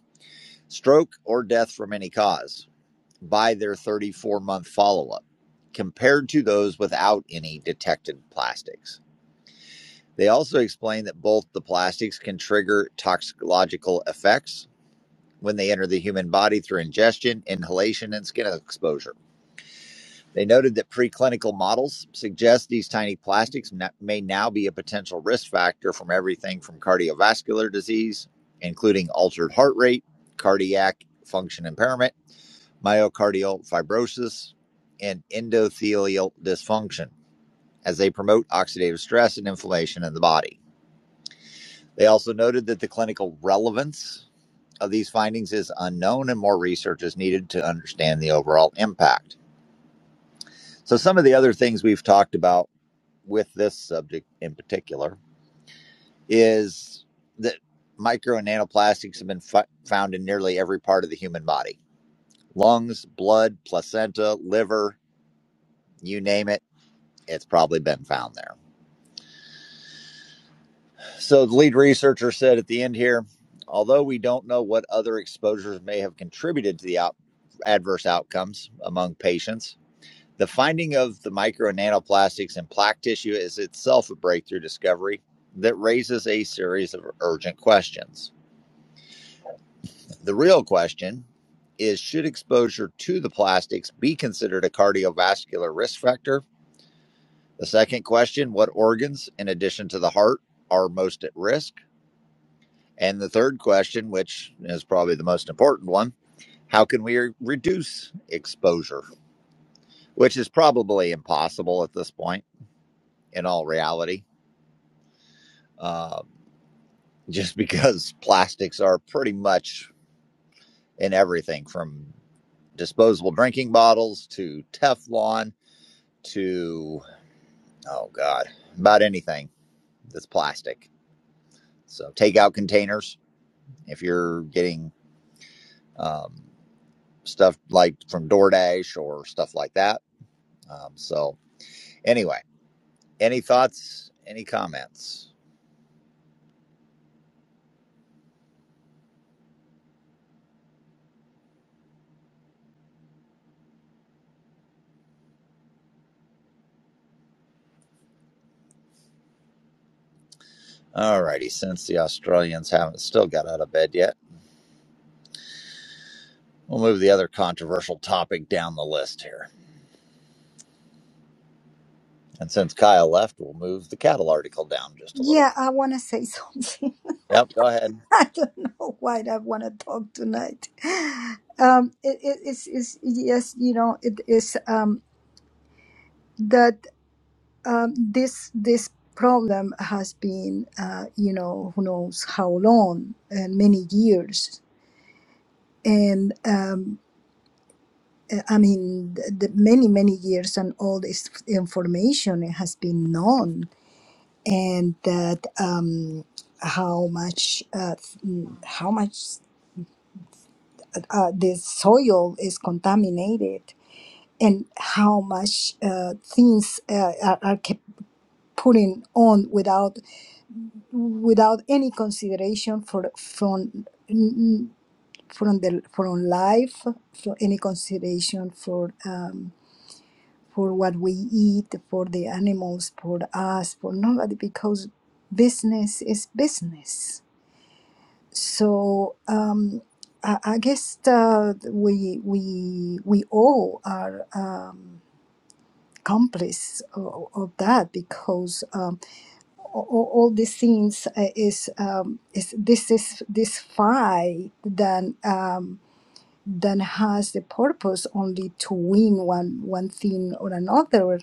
S1: stroke, or death from any cause by their 34 month follow up compared to those without any detected plastics. They also explain that both the plastics can trigger toxicological effects when they enter the human body through ingestion, inhalation, and skin exposure. They noted that preclinical models suggest these tiny plastics may now be a potential risk factor from everything from cardiovascular disease, including altered heart rate, cardiac function impairment myocardial fibrosis, and endothelial dysfunction as they promote oxidative stress and inflammation in the body. They also noted that the clinical relevance of these findings is unknown and more research is needed to understand the overall impact. So, some of the other things we've talked about with this subject in particular is that micro and nanoplastics have been fo- found in nearly every part of the human body lungs, blood, placenta, liver, you name it it's probably been found there. So the lead researcher said at the end here, although we don't know what other exposures may have contributed to the out- adverse outcomes among patients, the finding of the micro and nanoplastics in plaque tissue is itself a breakthrough discovery that raises a series of urgent questions. The real question is should exposure to the plastics be considered a cardiovascular risk factor? The second question, what organs in addition to the heart are most at risk? And the third question, which is probably the most important one, how can we reduce exposure? Which is probably impossible at this point, in all reality, Um just because plastics are pretty much in everything from disposable drinking bottles to Teflon to, oh God, about anything that's plastic. So takeout containers, if you're getting um, stuff like from DoorDash or stuff like that. Um, so, Anyway, any thoughts? Any comments? All righty. Since the Australians haven't still got out of bed yet, we'll move the other controversial topic down the list here. And since Kyle left, we'll move the cattle article down just a little.
S2: Yeah, I want to say something.
S1: Yep. Go ahead.
S2: I don't know why I want to talk tonight. Um, it, it, it's, it's yes, you know, it is um that. um, this this problem has been uh, you know who knows how long uh, many years and um, uh, I mean the, the many many years and all this information has been known and that um, how much uh, mm, how much uh, the soil is contaminated and how much uh, things uh, are, are kept putting on without without any consideration for from from the from life, for any consideration for um, for what we eat, for the animals, for us, for nobody, because business is business. So um, I, I guess uh, we we we all are um, complice of, of that because. Um, all, all these things uh, is um, is this is this fight then um, then has the purpose only to win one one thing or another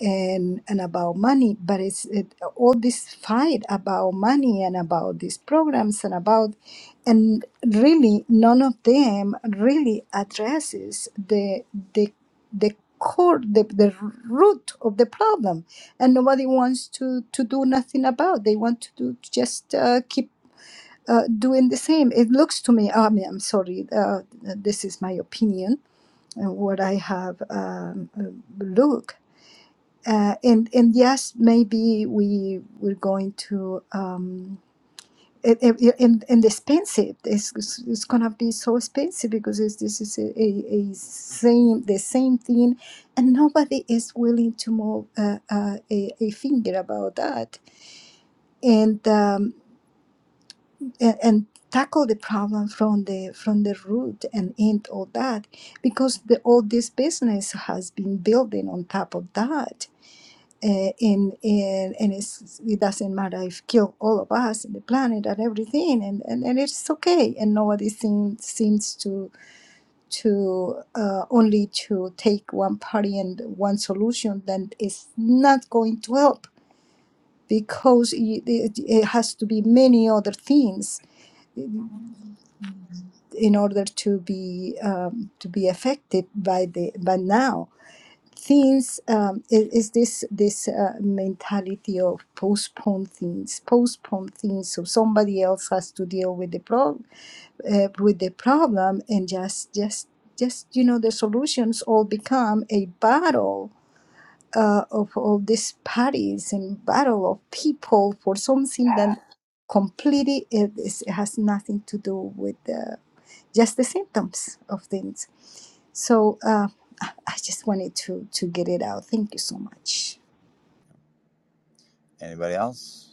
S2: and and about money but it's it, all this fight about money and about these programs and about and really none of them really addresses the the the core the, the root of the problem and nobody wants to to do nothing about they want to do just uh, keep uh, doing the same it looks to me i mean i'm sorry uh, this is my opinion and what i have um, uh, looked uh, and and yes, maybe we we're going to um, it, it, it- and and expensive. It's, it's it's gonna be so expensive because it's, this is a, a, a same the same thing, and nobody is willing to move uh, uh, a, a finger about that and um, and. and tackle the problem from the from the root and end all that because the all this business has been building on top of that uh, in in and it's, it doesn't matter if kill all of us the planet and everything and, and, and it's okay and nobody seems seems to to uh, only to take one party and one solution then it's not going to help because it, it, it has to be many other things in order to be um, to be effective by the by now things um, i- is this this uh, mentality of postpone things postpone things so somebody else has to deal with the pro- uh, with the problem and just just just you know the solutions all become a battle uh, of all these parties and battle of people for something that completely it, is, it has nothing to do with the, just the symptoms of things so uh, I I just wanted to to get it out. Thank you so much.
S1: Anybody else?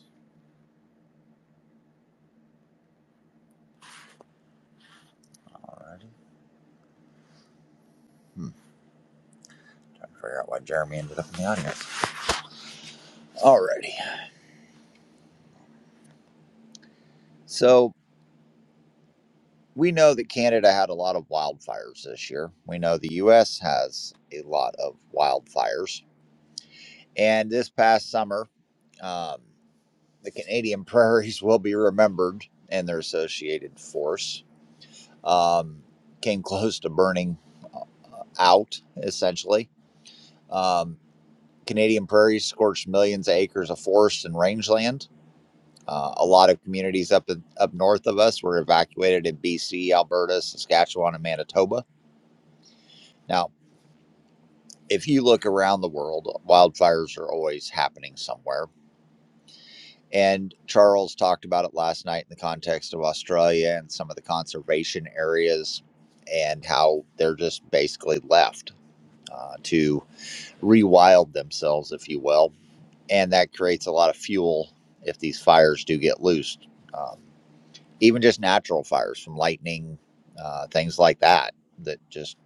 S1: All righty. Hmm. Trying to figure out why Jeremy ended up in the audience. All righty. So we know that Canada had a lot of wildfires this year. We know the U.S. has a lot of wildfires. And this past summer, um, The Canadian prairies will be remembered and their associated force. Um, came close to burning uh, out, essentially. Um, Canadian prairies scorched millions of acres of forest and rangeland. Uh, a lot of communities up in, up north of us were evacuated in BC, Alberta, Saskatchewan, and Manitoba. Now, if you look around the world, wildfires are always happening somewhere And Charles talked about it last night in the context of Australia and some of the conservation areas and how they're just basically left uh, to rewild themselves, if you will. And that creates a lot of fuel if these fires do get loosed, um, even just natural fires from lightning, uh, things like that, that just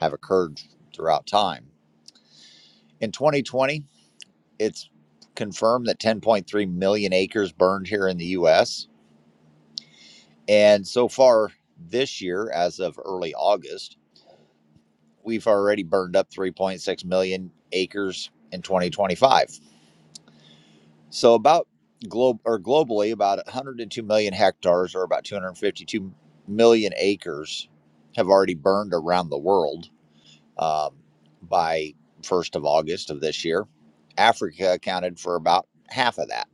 S1: have occurred throughout time. In 2020, it's confirmed that 10.3 million acres burned here in the US And so far this year, as of early August, we've already burned up 3.6 million acres in 2025. So about globe or globally, about 102 million hectares or about 252 million acres have already burned around the world um, by 1st of August of this year. Africa accounted for about half of that.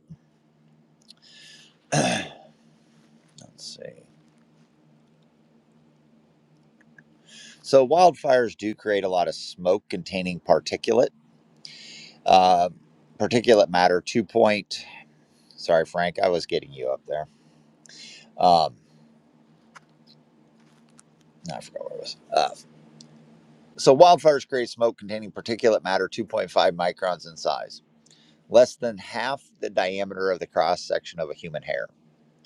S1: Let's see. So wildfires do create a lot of smoke containing particulate Uh, particulate matter, two point. Sorry, Frank, I was getting you up there. Um, no, I forgot what it was. Uh, so wildfires create smoke containing particulate matter 2.5 microns in size, less than half the diameter of the cross section of a human hair,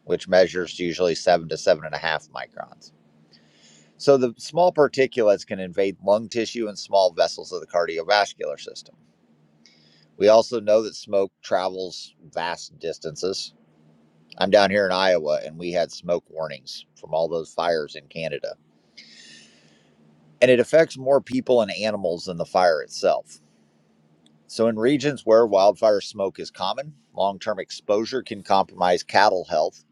S1: which measures usually seven to seven and a half microns. So the small particulates can invade lung tissue and small vessels of the cardiovascular system. We also know that smoke travels vast distances, I'm down here in Iowa and we had smoke warnings from all those fires in Canada. And it affects more people and animals than the fire itself. So, in regions where wildfire smoke is common, long term exposure can compromise cattle health,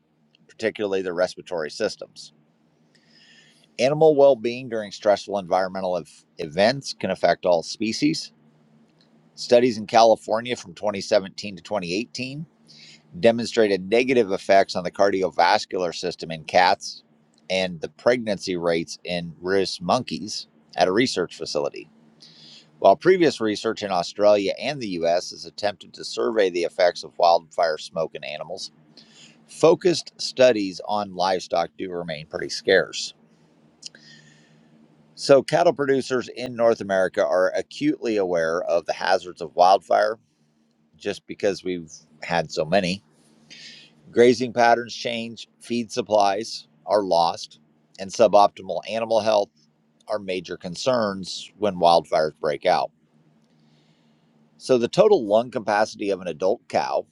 S1: particularly their respiratory systems. Animal well being during stressful environmental ev- events can affect all species. Studies in California from 2017 to 2018 demonstrated negative effects on the cardiovascular system in cats and the pregnancy rates in rhesus monkeys at a research facility. While previous research in Australia and the US has attempted to survey the effects of wildfire smoke in animals, focused studies on livestock do remain pretty scarce. So, cattle producers in North America are acutely aware of the hazards of wildfire just because we've had so many Grazing patterns change, feed supplies are lost, and suboptimal animal health are major concerns when wildfires break out. So, the total lung capacity of an adult cow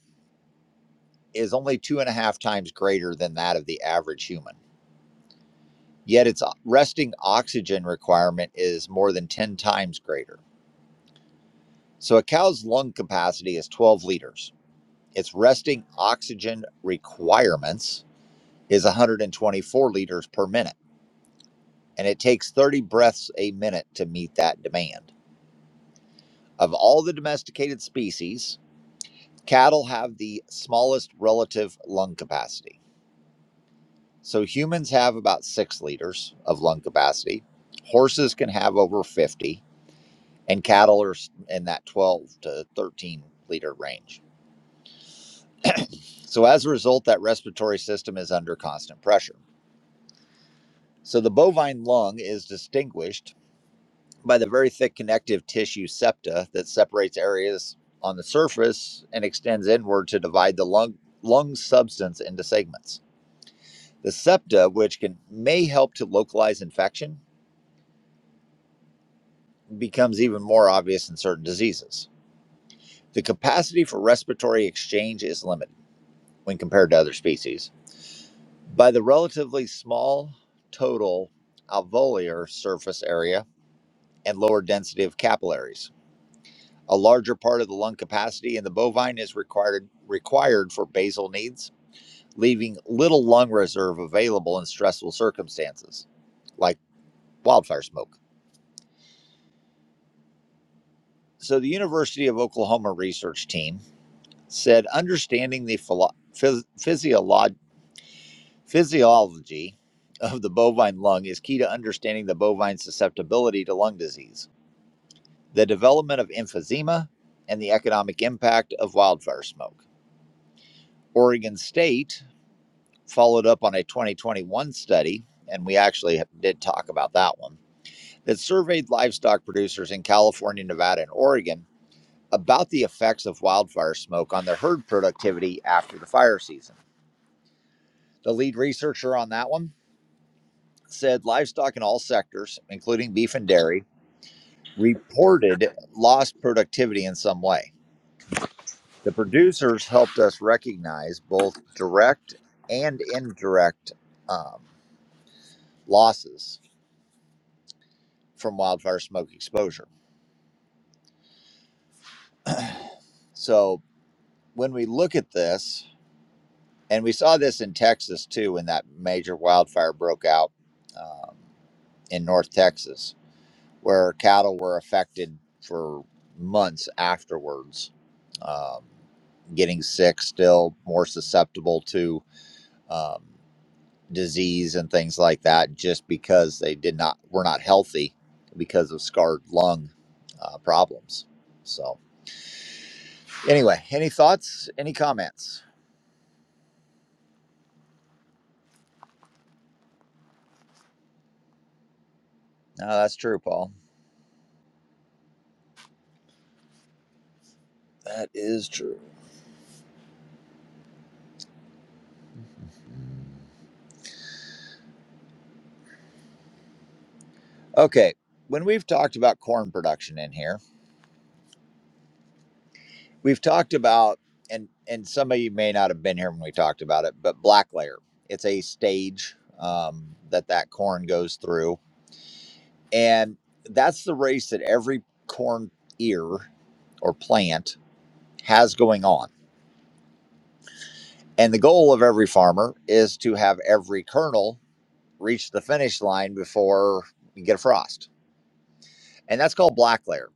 S1: is only two and a half times greater than that of the average human. Yet, its resting oxygen requirement is more than 10 times greater. So, a cow's lung capacity is 12 liters. Its resting oxygen requirements is 124 liters per minute and it takes 30 breaths a minute to meet that demand. Of all the domesticated species, cattle have the smallest relative lung capacity. So humans have about six liters of lung capacity, horses can have over 50, and cattle are in that 12 to 13 liter range. So as a result, that respiratory system is under constant pressure. So the bovine lung is distinguished. by the very thick connective tissue septa that separates areas on the surface and extends inward to divide the lung, lung substance into segments. The septa, which can may help to localize infection, becomes even more obvious in certain diseases. The capacity for respiratory exchange is limited when compared to other species by the relatively small total alveolar surface area and lower density of capillaries. A larger part of the lung capacity in the bovine is required required for basal needs, leaving little lung reserve available in stressful circumstances, like wildfire smoke. So the University of Oklahoma research team said understanding the philo- phys- physiolo- physiology of the bovine lung is key to understanding the bovine susceptibility to lung disease, the development of emphysema, and the economic impact of wildfire smoke. Oregon State followed up on a 2021 study, and we actually did talk about that one, that surveyed livestock producers in California, Nevada, and Oregon about the effects of wildfire smoke on their herd productivity after the fire season. The lead researcher on that one said livestock in all sectors, including beef and dairy, reported lost productivity in some way. The producers helped us recognize both direct and indirect um, losses from wildfire smoke exposure. So when we look at this, and we saw this in Texas too, when that major wildfire broke out um, in North Texas, where cattle were affected for months afterwards, um, getting sick, still more susceptible to um, disease and things like that, just because they did not were not healthy because of scarred lung uh, problems. So. Anyway, any thoughts? Any comments? No, that's true, Paul. That is true. Okay, when we've talked about corn production in here, we've talked about and and some of you may not have been here when we talked about it, but black layer. It's a stage um, that that corn goes through, and that's the race that every corn ear or plant has going on. And the goal of every farmer is to have every kernel reach the finish line before you get a frost. And that's called black layer.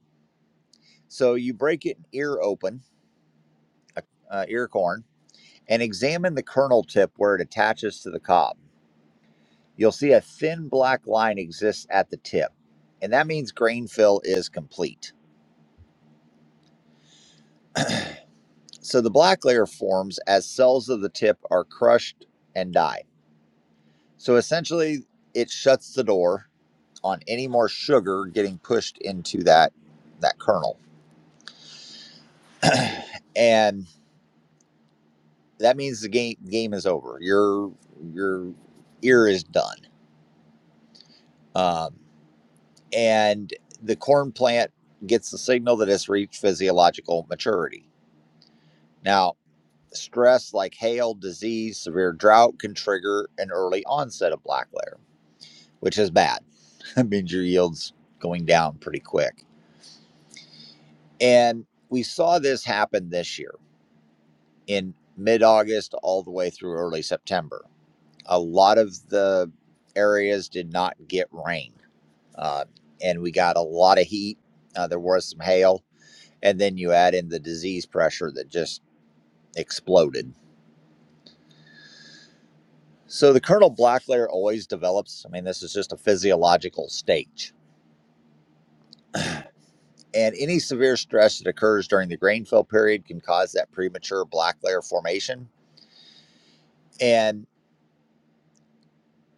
S1: So you break an ear open, uh, uh, ear corn, and examine the kernel tip where it attaches to the cob. You'll see a thin black line exists at the tip, and that means grain fill is complete. So the black layer forms as cells of the tip are crushed and die. So essentially, it shuts the door on any more sugar getting pushed into that that kernel. And that means the game game is over. Your your ear is done. Um, and the corn plant gets the signal that it's reached physiological maturity. Now, stress like hail, disease, severe drought can trigger an early onset of black layer, which is bad. it means your yields going down pretty quick. And we saw this happen this year in mid-August all the way through early September. A lot of the areas did not get rain uh, and we got a lot of heat. Uh, there was some hail, and then you add in the disease pressure that just exploded. So the kernel black layer always develops. I mean, this is just a physiological stage. And any severe stress that occurs during the grain fill period can cause that premature black layer formation. And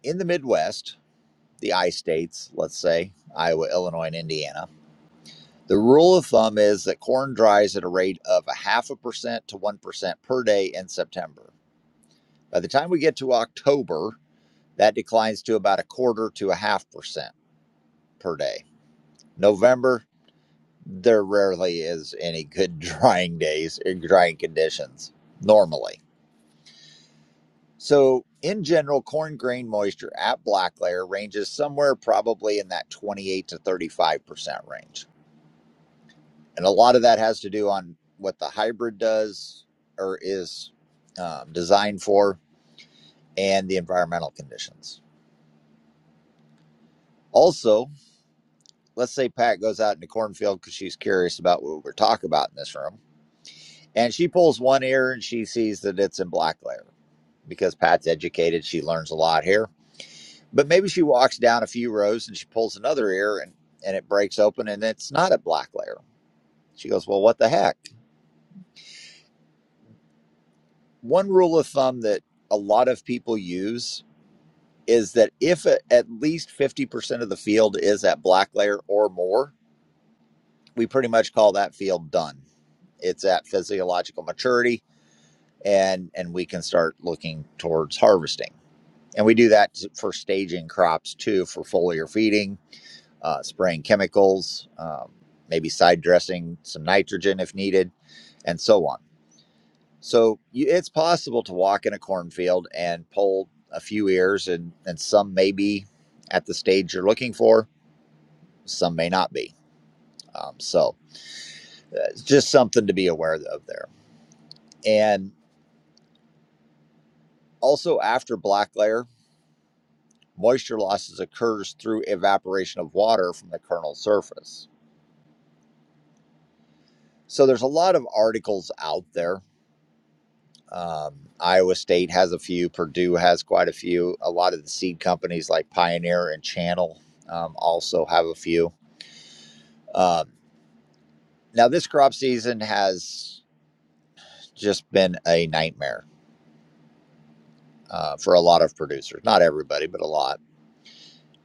S1: in the Midwest, the I states, let's say Iowa, Illinois, and Indiana, the rule of thumb is that corn dries at a rate of a half a percent to 1% per day in September By the time we get to October, that declines to about a quarter to a half per, per day. November, there rarely is any good drying days or drying conditions normally. So, in general, corn grain moisture at black layer ranges somewhere probably in that 28 to 35% range. And a lot of that has to do on what the hybrid does or is um, designed for and the environmental conditions. Also, let's say Pat goes out in the cornfield because she's curious about what we're talking about in this room, and she pulls one ear and she sees that it's in black layer because Pat's educated. She learns a lot here, but maybe she walks down a few rows and she pulls another ear and and it breaks open and it's not a black layer. She goes, "Well, what the heck?" One rule of thumb that a lot of people use is that if a, at least 50% of the field is at black layer or more, we pretty much call that field done. It's at physiological maturity and and we can start looking towards harvesting. And we do that for staging crops too, for foliar feeding, uh, spraying chemicals, um, maybe side dressing some nitrogen if needed, and so on. So you, it's possible to walk in a cornfield and pull a few ears, and and some may be at the stage you're looking for, some may not be. Um, so uh, it's just something to be aware of there. And also after black layer. moisture losses occurs through evaporation of water from the kernel surface. So there's a lot of articles out there. Um, Iowa State has a few, Purdue has quite a few. A lot of the seed companies like Pioneer and Channel um, also have a few. Um, now, this crop season has just been a nightmare uh, for a lot of producers. Not everybody, but a lot.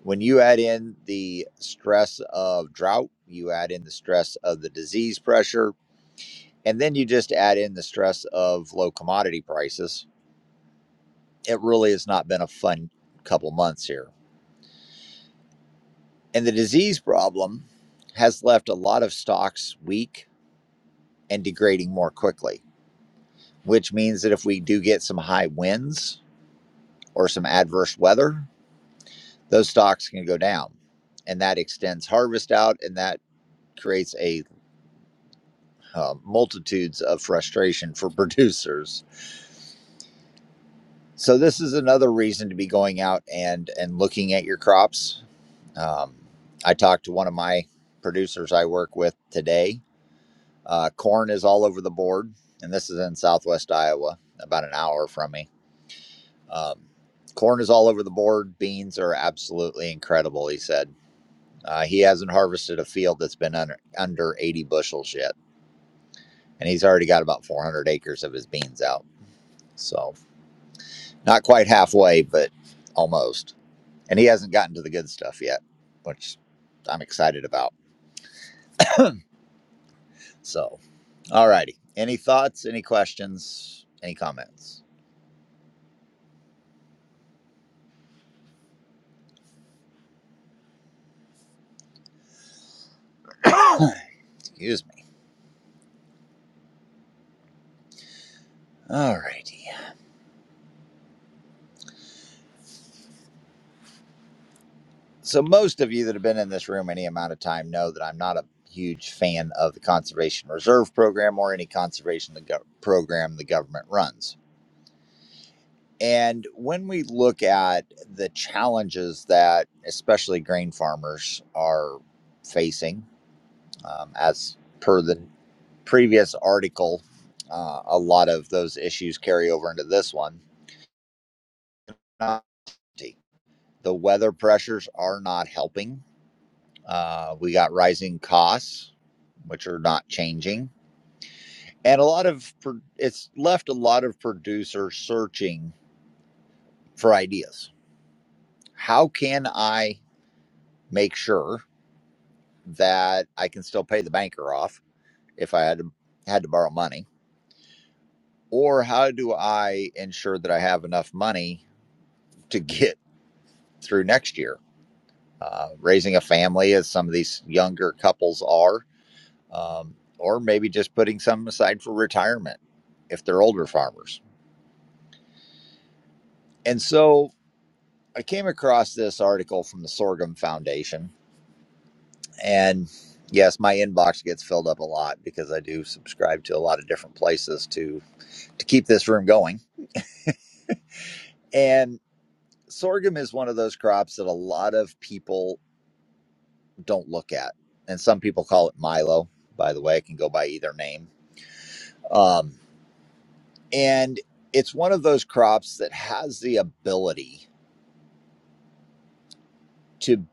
S1: When you add in the stress of drought, you add in the stress of the disease pressure, And then you just add in the stress of low commodity prices. It really has not been a fun couple months here. And the disease problem has left a lot of stocks weak and degrading more quickly, which means that if we do get some high winds or some adverse weather, those stocks can go down. And that extends harvest out and that creates a uh, multitudes of frustration for producers. So this is another reason to be going out and and looking at your crops Um, I talked to one of my producers I work with today. Uh, corn is all over the board, and this is in southwest Iowa, about an hour from me. Um, corn is all over the board. Beans are absolutely incredible, he said. Uh, he hasn't harvested a field that's been under, under 80 bushels yet, and he's already got about 400 acres of his beans out. So, not quite halfway, but almost. And he hasn't gotten to the good stuff yet, which I'm excited about. So, All righty. Any thoughts? Any questions? Any comments? Excuse me. All righty. So most of you that have been in this room any amount of time know that I'm not a huge fan of the conservation reserve program or any conservation the gov- program the government runs. And when we look at the challenges that especially grain farmers are facing, um, as per the previous article, uh, a lot of those issues carry over into this one Uh, The weather pressures are not helping. Uh, we got rising costs, which are not changing, and a lot of pro- it's left a lot of producers searching for ideas. How can I make sure that I can still pay the banker off if I had to, had to borrow money, or how do I ensure that I have enough money to get through next year? Uh, raising a family, as some of these younger couples are, um, or maybe just putting some aside for retirement if they're older farmers. And so I came across this article from the Sorghum Foundation. And yes, my inbox gets filled up a lot because I do subscribe to a lot of different places to, to keep this room going. And sorghum is one of those crops that a lot of people don't look at. And some people call it Milo. By the way, it can go by either name. Um, and it's one of those crops that has the ability to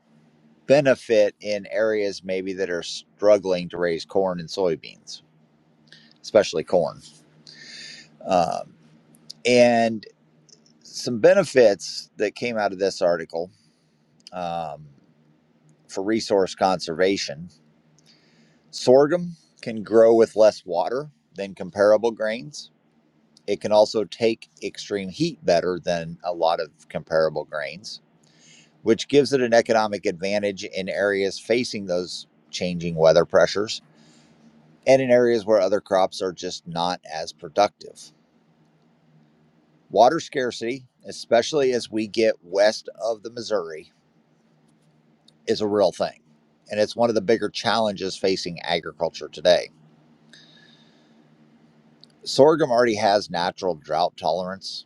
S1: benefit in areas maybe that are struggling to raise corn and soybeans, especially corn. Um, and some benefits that came out of this article um, for resource conservation sorghum can grow with less water than comparable grains. It can also take extreme heat better than a lot of comparable grains, which gives it an economic advantage in areas facing those changing weather pressures and in areas where other crops are just not as productive. Water scarcity, especially as we get west of the Missouri, is a real thing, and it's one of the bigger challenges facing agriculture today. Sorghum already has natural drought tolerance,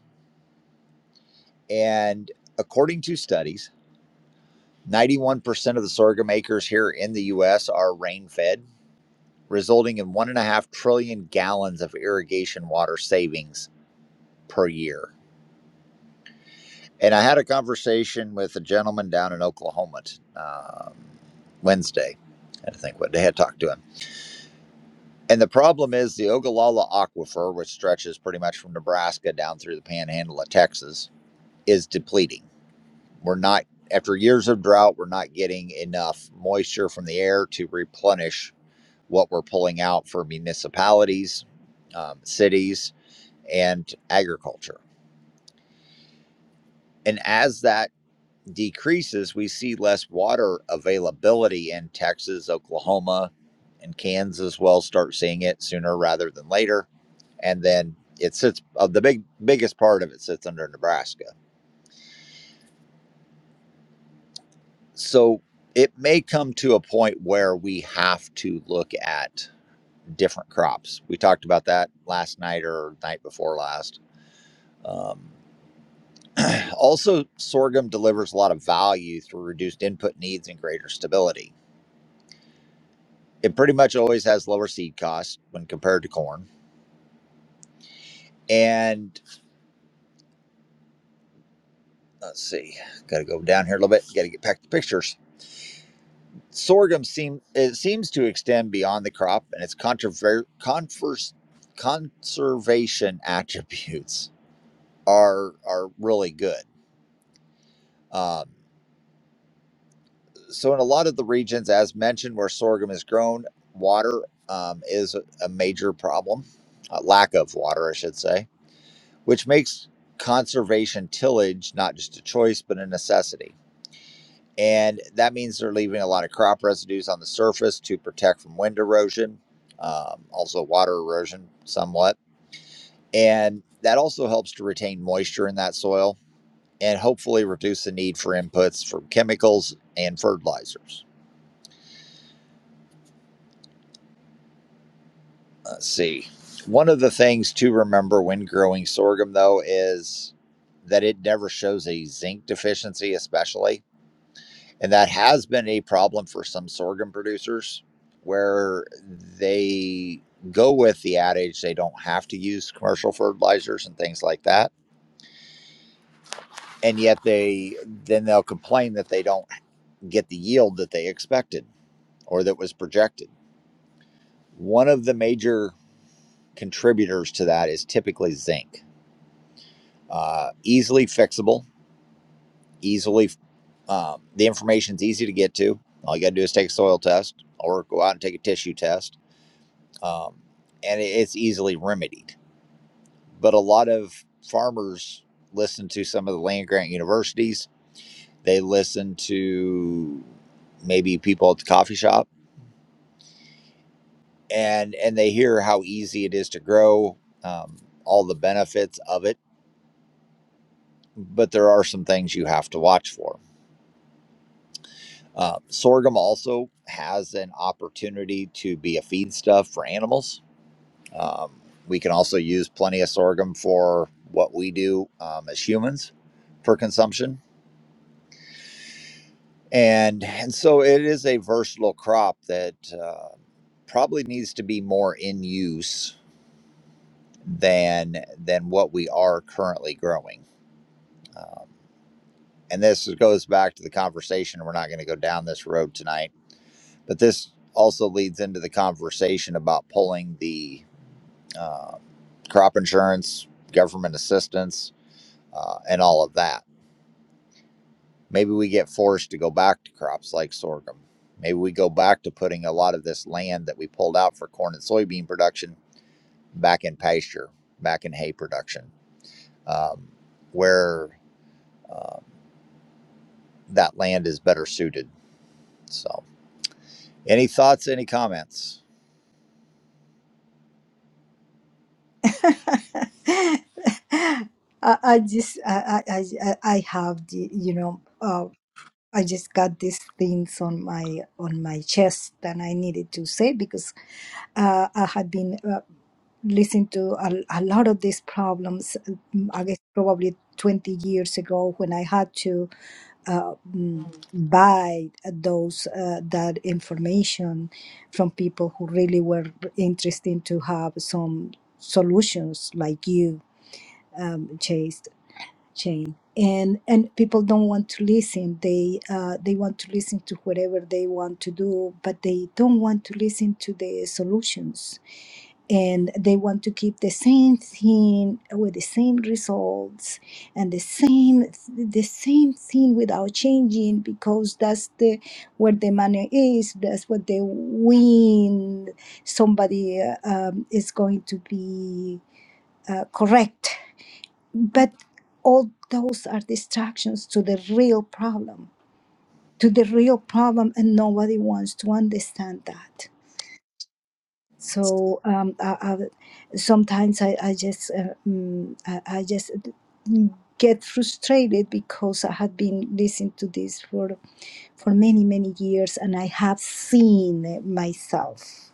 S1: and according to studies, 91% of the sorghum acres here in the US are rain fed, resulting in 1.5 trillion gallons of irrigation water savings per year And I had a conversation with a gentleman down in Oklahoma um, Wednesday. I had to think what they had talked to him. And the problem is the Ogallala Aquifer, which stretches pretty much from Nebraska down through the panhandle of Texas, is depleting. We're not, after years of drought, we're not getting enough moisture from the air to replenish what we're pulling out for municipalities, um, cities, and agriculture. And as that decreases, we see less water availability in Texas, Oklahoma, and Kansas. Well, start seeing it sooner rather than later, and then it sits. Uh, the big biggest part of it sits under Nebraska. So it may come to a point where we have to look at different crops. We talked about that last night or night before last. Um, also, sorghum delivers a lot of value through reduced input needs and greater stability It pretty much always has lower seed costs when compared to corn. And let's see, got to go down here a little bit. Got to get back to pictures. Sorghum seem it seems to extend beyond the crop and its controver- confers- conservation attributes are are really good. Um, so in a lot of the regions, as mentioned, where sorghum is grown, water um, is a major problem. Uh, lack of water, I should say which makes conservation tillage not just a choice but a necessity. And that means they're leaving a lot of crop residues on the surface to protect from wind erosion, um, also water erosion somewhat. And that also helps to retain moisture in that soil and hopefully reduce the need for inputs from chemicals and fertilizers. Let's see. One of the things to remember when growing sorghum, though, is that it never shows a zinc deficiency, especially And that has been a problem for some sorghum producers where they go with the adage they don't have to use commercial fertilizers and things like that. And yet they then they'll complain that they don't get the yield that they expected or that was projected. One of the major contributors to that is typically zinc. Uh, easily fixable, easily um, the information's easy to get to. All you got to do is take a soil test or go out and take a tissue test um, and it's easily remedied. But a lot of farmers listen to some of the land grant universities. They listen to maybe people at the coffee shop, and and they hear how easy it is to grow, um, all the benefits of it. But there are some things you have to watch for. Uh, sorghum also has an opportunity to be a feedstuff for animals Um, we can also use plenty of sorghum for what we do um, as humans for consumption. And, and so it is a versatile crop that uh, probably needs to be more in use than, than what we are currently growing. Um, and this goes back to the conversation. We're not going to go down this road tonight, but this also leads into the conversation about pulling the uh, crop insurance, government assistance, uh, and all of that Maybe we get forced to go back to crops like sorghum. Maybe we go back to putting a lot of this land that we pulled out for corn and soybean production back in pasture, back in hay production, um, where um, that land is better suited. So, any thoughts, any comments?
S2: I, I just I, I I I have the you know. uh, I just got these things on my on my chest, and I needed to say because uh, I had been uh, listening to a, a lot of these problems. um, I guess probably twenty years ago when I had to uh, mm, buy those uh, that information from people who really were interested to have some solutions, like you, um, Chase chain and and people don't want to listen they uh, they want to listen to whatever they want to do but they don't want to listen to the solutions and they want to keep the same thing with the same results and the same the same thing without changing because that's the where the money is that's what they win somebody uh, um, is going to be uh, correct but all those are distractions to the real problem, to the real problem, and nobody wants to understand that. So um, I, I, sometimes I, I just uh, mm, I, I just get frustrated because I had been listening to this for for many many years and i have seen it myself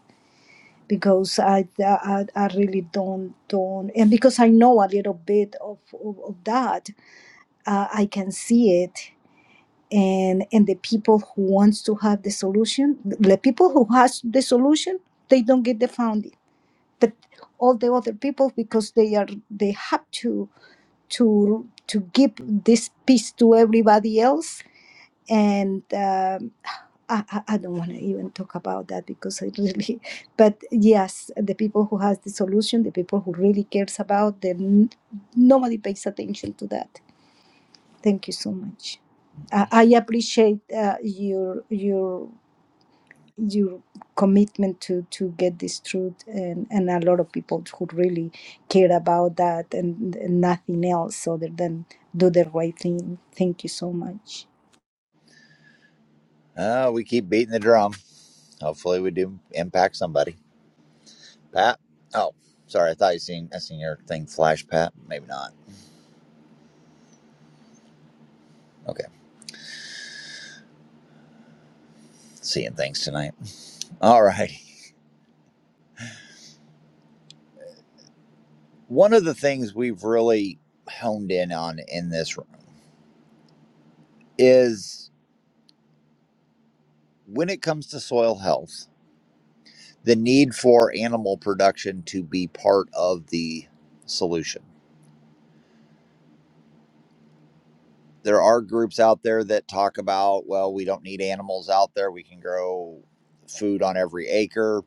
S2: because I, I i really don't don't and because i know a little bit of of, of that uh, I can see it. And, and the people who wants to have the solution, the people who has the solution, they don't get the funding. But all the other people, because they are they have to to to give this piece to everybody else. And um, I, I I don't want to even talk about that because I really. But yes, the people who has the solution, the people who really cares about them, nobody pays attention to that. Thank you so much. I, I appreciate uh, your your your commitment to to get this truth and and a lot of people who really care about that and, and nothing else other than do the right thing. Thank you so much.
S1: Uh, we keep beating the drum. Hopefully, we do impact somebody. Pat? Oh, sorry. I thought you seen I seen your thing flash, Pat. Maybe not. Okay, seeing things tonight. Alrighty. One of the things we've really honed in on in this room is when it comes to soil health, the need for animal production to be part of the solution. There are groups out there that talk about, well, we don't need animals out there. We can grow food on every acre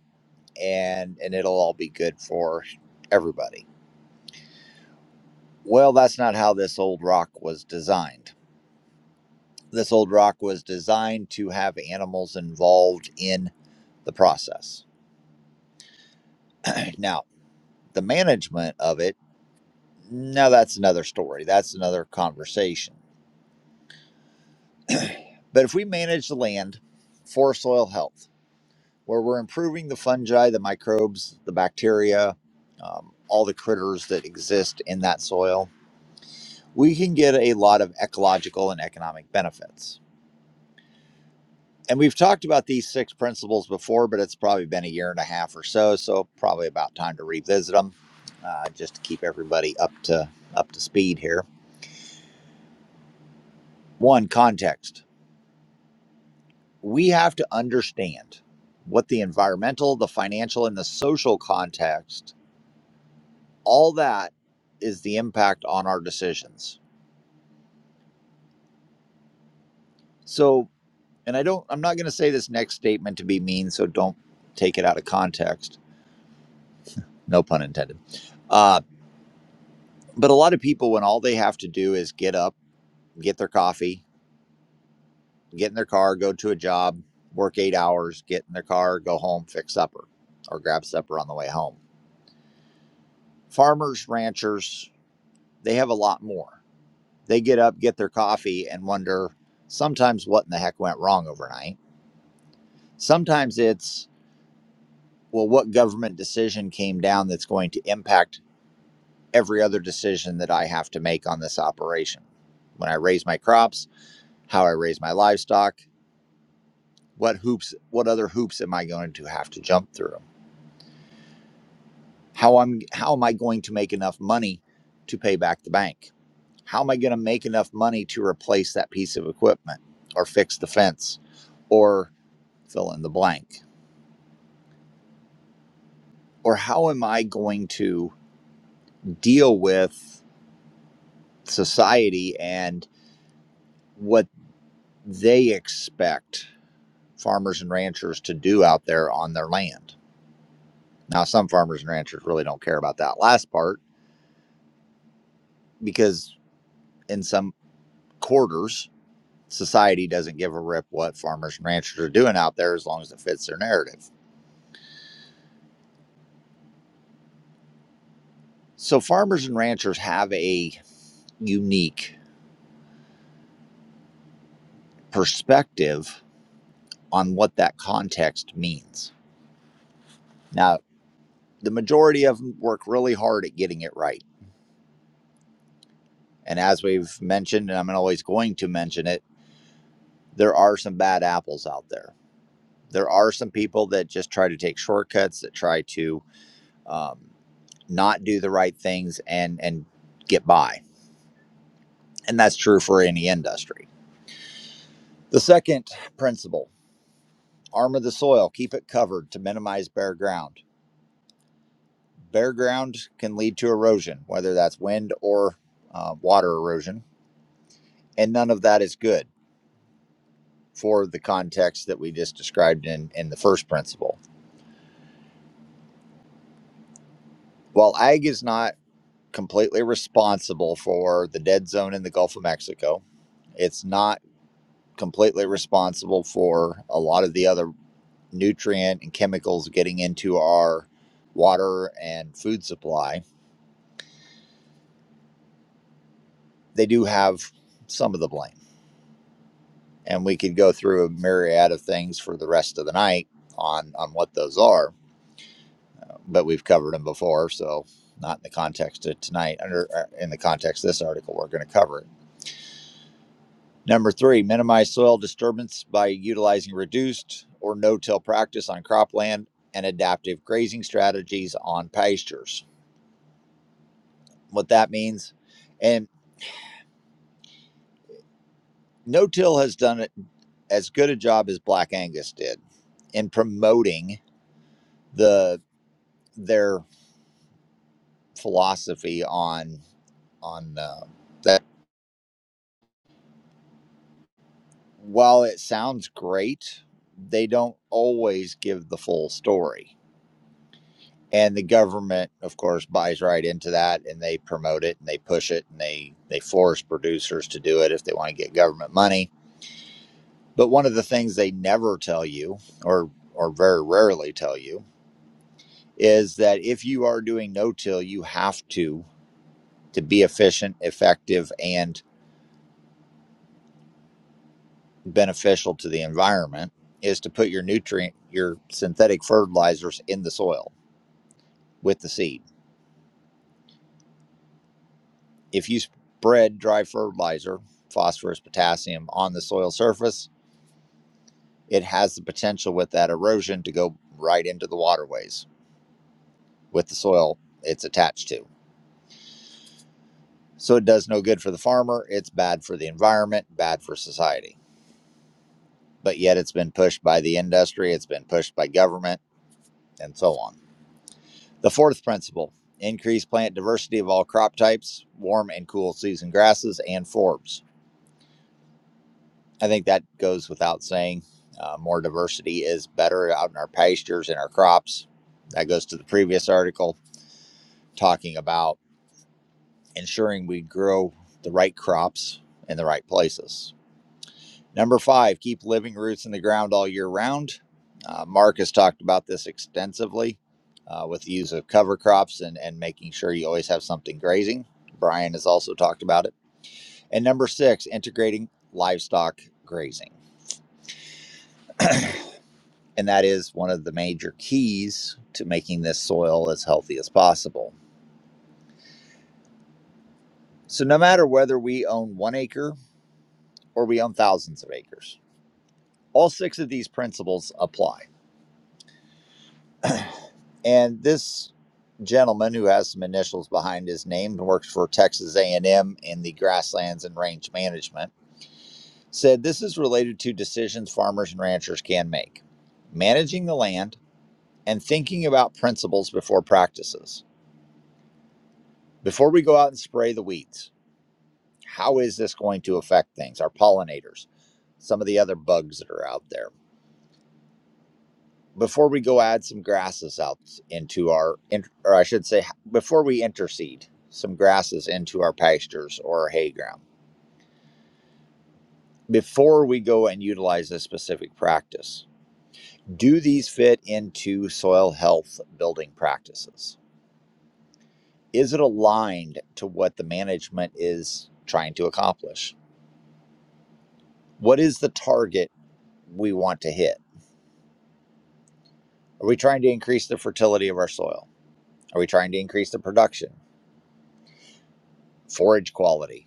S1: and and it'll all be good for everybody. Well, that's not how this old rock was designed. this old rock was designed to have animals involved in the process. now, the management of it, now that's another story. That's another conversation. But if we manage the land for soil health, where we're improving the fungi, the microbes, the bacteria, um, all the critters that exist in that soil, we can get a lot of ecological and economic benefits and we've talked about these six principles before, but it's probably been a year and a half or so, so probably about time to revisit them, uh, just to keep everybody up to up to speed here. One context: we have to understand what the environmental, the financial, and the social context, all that is the impact on our decisions. So, and I don't, I'm not going to say this next statement to be mean, so don't take it out of context. No pun intended. Um, But a lot of people, when all they have to do is get up, get their coffee, get in their car, go to a job, work eight hours, get in their car, go home, fix supper, or grab supper on the way home. Farmers, ranchers, they have a lot more. They get up, get their coffee, and wonder sometimes what in the heck went wrong overnight. Sometimes it's, well, what government decision came down that's going to impact every other decision that I have to make on this operation? When I raise my crops, how I raise my livestock, what hoops what other hoops am i going to have to jump through how am how am i going to make enough money to pay back the bank how am i going to make enough money to replace that piece of equipment or fix the fence or fill in the blank or how am i going to deal with society and what they expect farmers and ranchers to do out there on their land now some farmers and ranchers really don't care about that last part because in some quarters. Society doesn't give a rip what farmers and ranchers are doing out there as long as it fits their narrative. So, farmers and ranchers have a unique perspective on what that context means. Now, the majority of them work really hard at getting it right. And as we've mentioned, and I'm always going to mention it, there are some bad apples out there. There are some people that just try to take shortcuts, that try to um, not do the right things and and get by And that's true for any industry. The second principle armor the soil, keep it covered to minimize bare ground. Bare ground can lead to erosion, whether that's wind or uh, water erosion, and none of that is good for the context that we just described in, in the first principle. While ag is not completely responsible for the dead zone in the Gulf of Mexico, it's not completely responsible for a lot of the other nutrient and chemicals getting into our water and food supply, they do have some of the blame. And we could go through a myriad of things for the rest of the night on on what those are, but we've covered them before, so not in the context of tonight. Under uh, in the context of this article, we're going to cover it. Number three, minimize soil disturbance by utilizing reduced or no-till practice on cropland and adaptive grazing strategies on pastures. What that means. and No Till has done as good a job as Black Angus did in promoting the their philosophy on on uh, that. While it sounds great, they don't always give the full story, and the government, of course, buys right into that, and they promote it and they push it and they they force producers to do it if they want to get government money. But one of the things they never tell you, or or very rarely tell you, is that if you are doing no till, you have to to be efficient, effective, and beneficial to the environment is to put your nutrient, your synthetic fertilizers in the soil with the seed. If you spread dry fertilizer, phosphorus, potassium on the soil surface, it has the potential with that erosion to go right into the waterways with the soil it's attached to. So it does no good for the farmer. It's bad for the environment, bad for society. but yet it's been pushed by the industry, it's been pushed by government, and so on. The fourth principle increase plant diversity of all crop types, warm and cool season grasses, and forbs. I think that goes without saying. Uh, more diversity is better out in our pastures and our crops. That goes to the previous article talking about ensuring we grow the right crops in the right places Number five, keep living roots in the ground all year round. Uh, Mark has talked about this extensively uh, with the use of cover crops and, and making sure you always have something grazing. Brian has also talked about it. And number six, integrating livestock grazing. And that is one of the major keys to making this soil as healthy as possible. So, no matter whether we own one acre or we own thousands of acres, all six of these principles apply. And this gentleman who has some initials behind his name and works for Texas A&M in the grasslands and range management said this is related to decisions farmers and ranchers can make. Managing the land and thinking about principles before practices. Before we go out and spray the weeds, how is this going to affect things, our pollinators, some of the other bugs that are out there? before we go add some grasses out into our or i should say before we interseed some grasses into our pastures or our hay ground before we go and utilize this specific practice do these fit into soil health building practices is it aligned to what the management is trying to accomplish what is the target we want to hit are we trying to increase the fertility of our soil are we trying to increase the production forage quality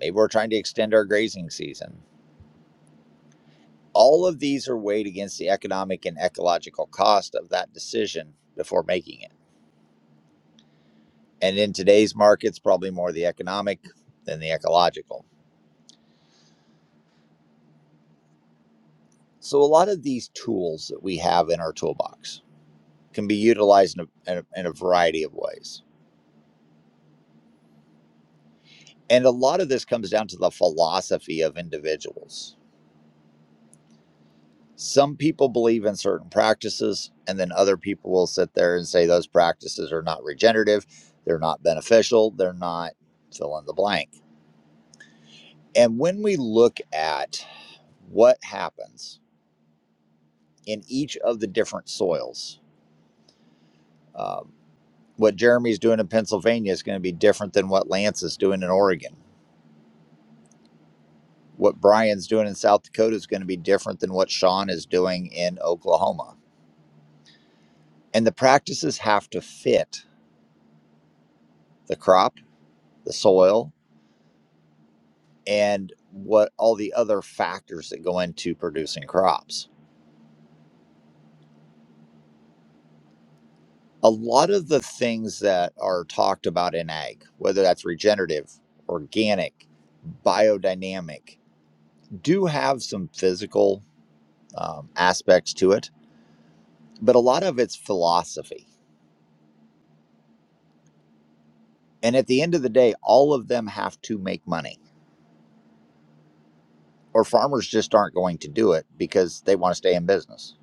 S1: Maybe we're trying to extend our grazing season. All of these are weighed against the economic and ecological cost of that decision before making it. And in today's markets, probably more the economic than the ecological. So, a lot of these tools that we have in our toolbox can be utilized in a, in a, in a variety of ways. And a lot of this comes down to the philosophy of individuals Some people believe in certain practices, and then other people will sit there and say those practices are not regenerative, they're not beneficial, they're not fill in the blank. And when we look at what happens in each of the different soils, um, what Jeremy's doing in Pennsylvania is going to be different than what Lance is doing in Oregon. What Brian's doing in South Dakota is going to be different than what Sean is doing in Oklahoma. And the practices have to fit the crop, the soil, and what all the other factors that go into producing crops. A lot of the things that are talked about in ag, whether that's regenerative, organic, biodynamic, do have some physical um, aspects to it, but a lot of it's philosophy. And at the end of the day, all of them have to make money, or farmers just aren't going to do it because they want to stay in business.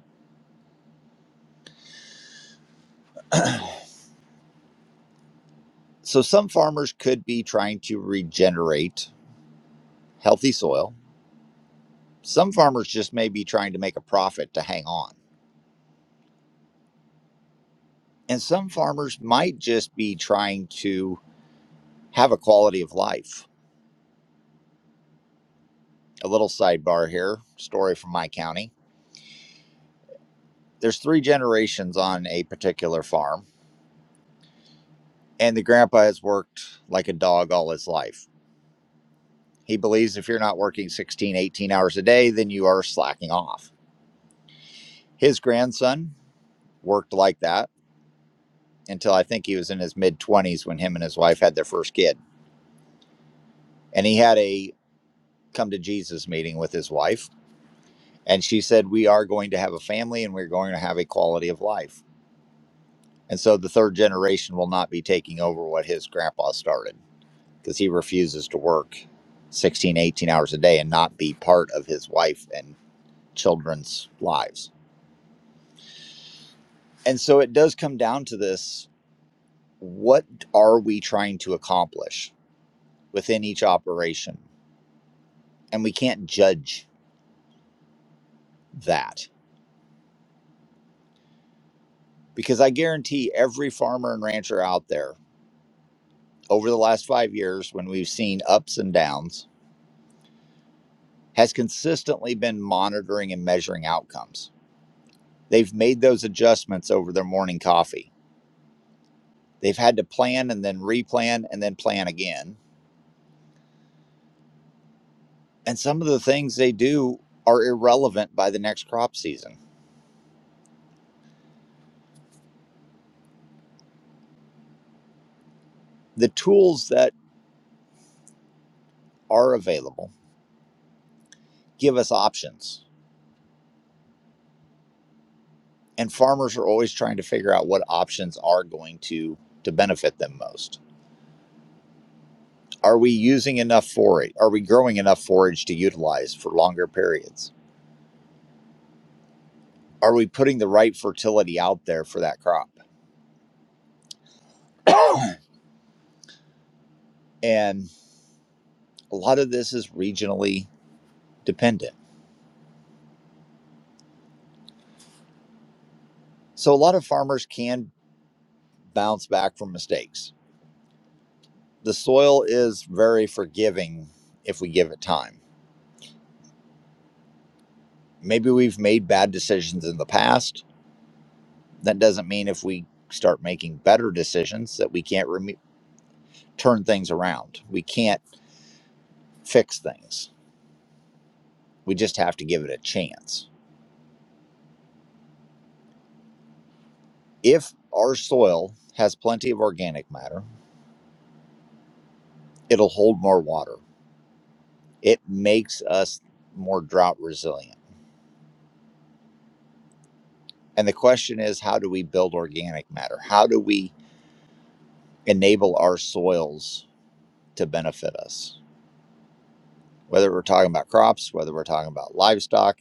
S1: So some farmers could be trying to regenerate healthy soil Some farmers just may be trying to make a profit to hang on. And some farmers might just be trying to have a quality of life. A little sidebar here, story from my county. There's three generations on a particular farm, and the grandpa has worked like a dog all his life. He believes if you're not working 16, 18 hours a day, then you are slacking off. His grandson worked like that until I think he was in his mid 20s when him and his wife had their first kid. And he had a come to Jesus meeting with his wife. And she said, We are going to have a family and we're going to have a quality of life. And so the third generation will not be taking over what his grandpa started because he refuses to work 16, 18 hours a day and not be part of his wife and children's lives. And so it does come down to this what are we trying to accomplish within each operation? And we can't judge that because I guarantee every farmer and rancher out there over the last five years, when we've seen ups and downs, has consistently been monitoring and measuring outcomes. They've made those adjustments over their morning coffee. They've had to plan and then replan and then plan again. And some of the things they do are irrelevant by the next crop season. The tools that are available give us options, and farmers are always trying to figure out what options are going to, to benefit them most. Are we using enough forage? Are we growing enough forage to utilize for longer periods? Are we putting the right fertility out there for that crop? and a lot of this is regionally dependent. So a lot of farmers can bounce back from mistakes. The soil is very forgiving if we give it time. Maybe we've made bad decisions in the past. That doesn't mean if we start making better decisions that we can't reme turn things around. We can't fix things We just have to give it a chance. If our soil has plenty of organic matter, it'll hold more water. It makes us more drought resilient. And the question is how do we build organic matter? How do we enable our soils to benefit us? Whether we're talking about crops, whether we're talking about livestock,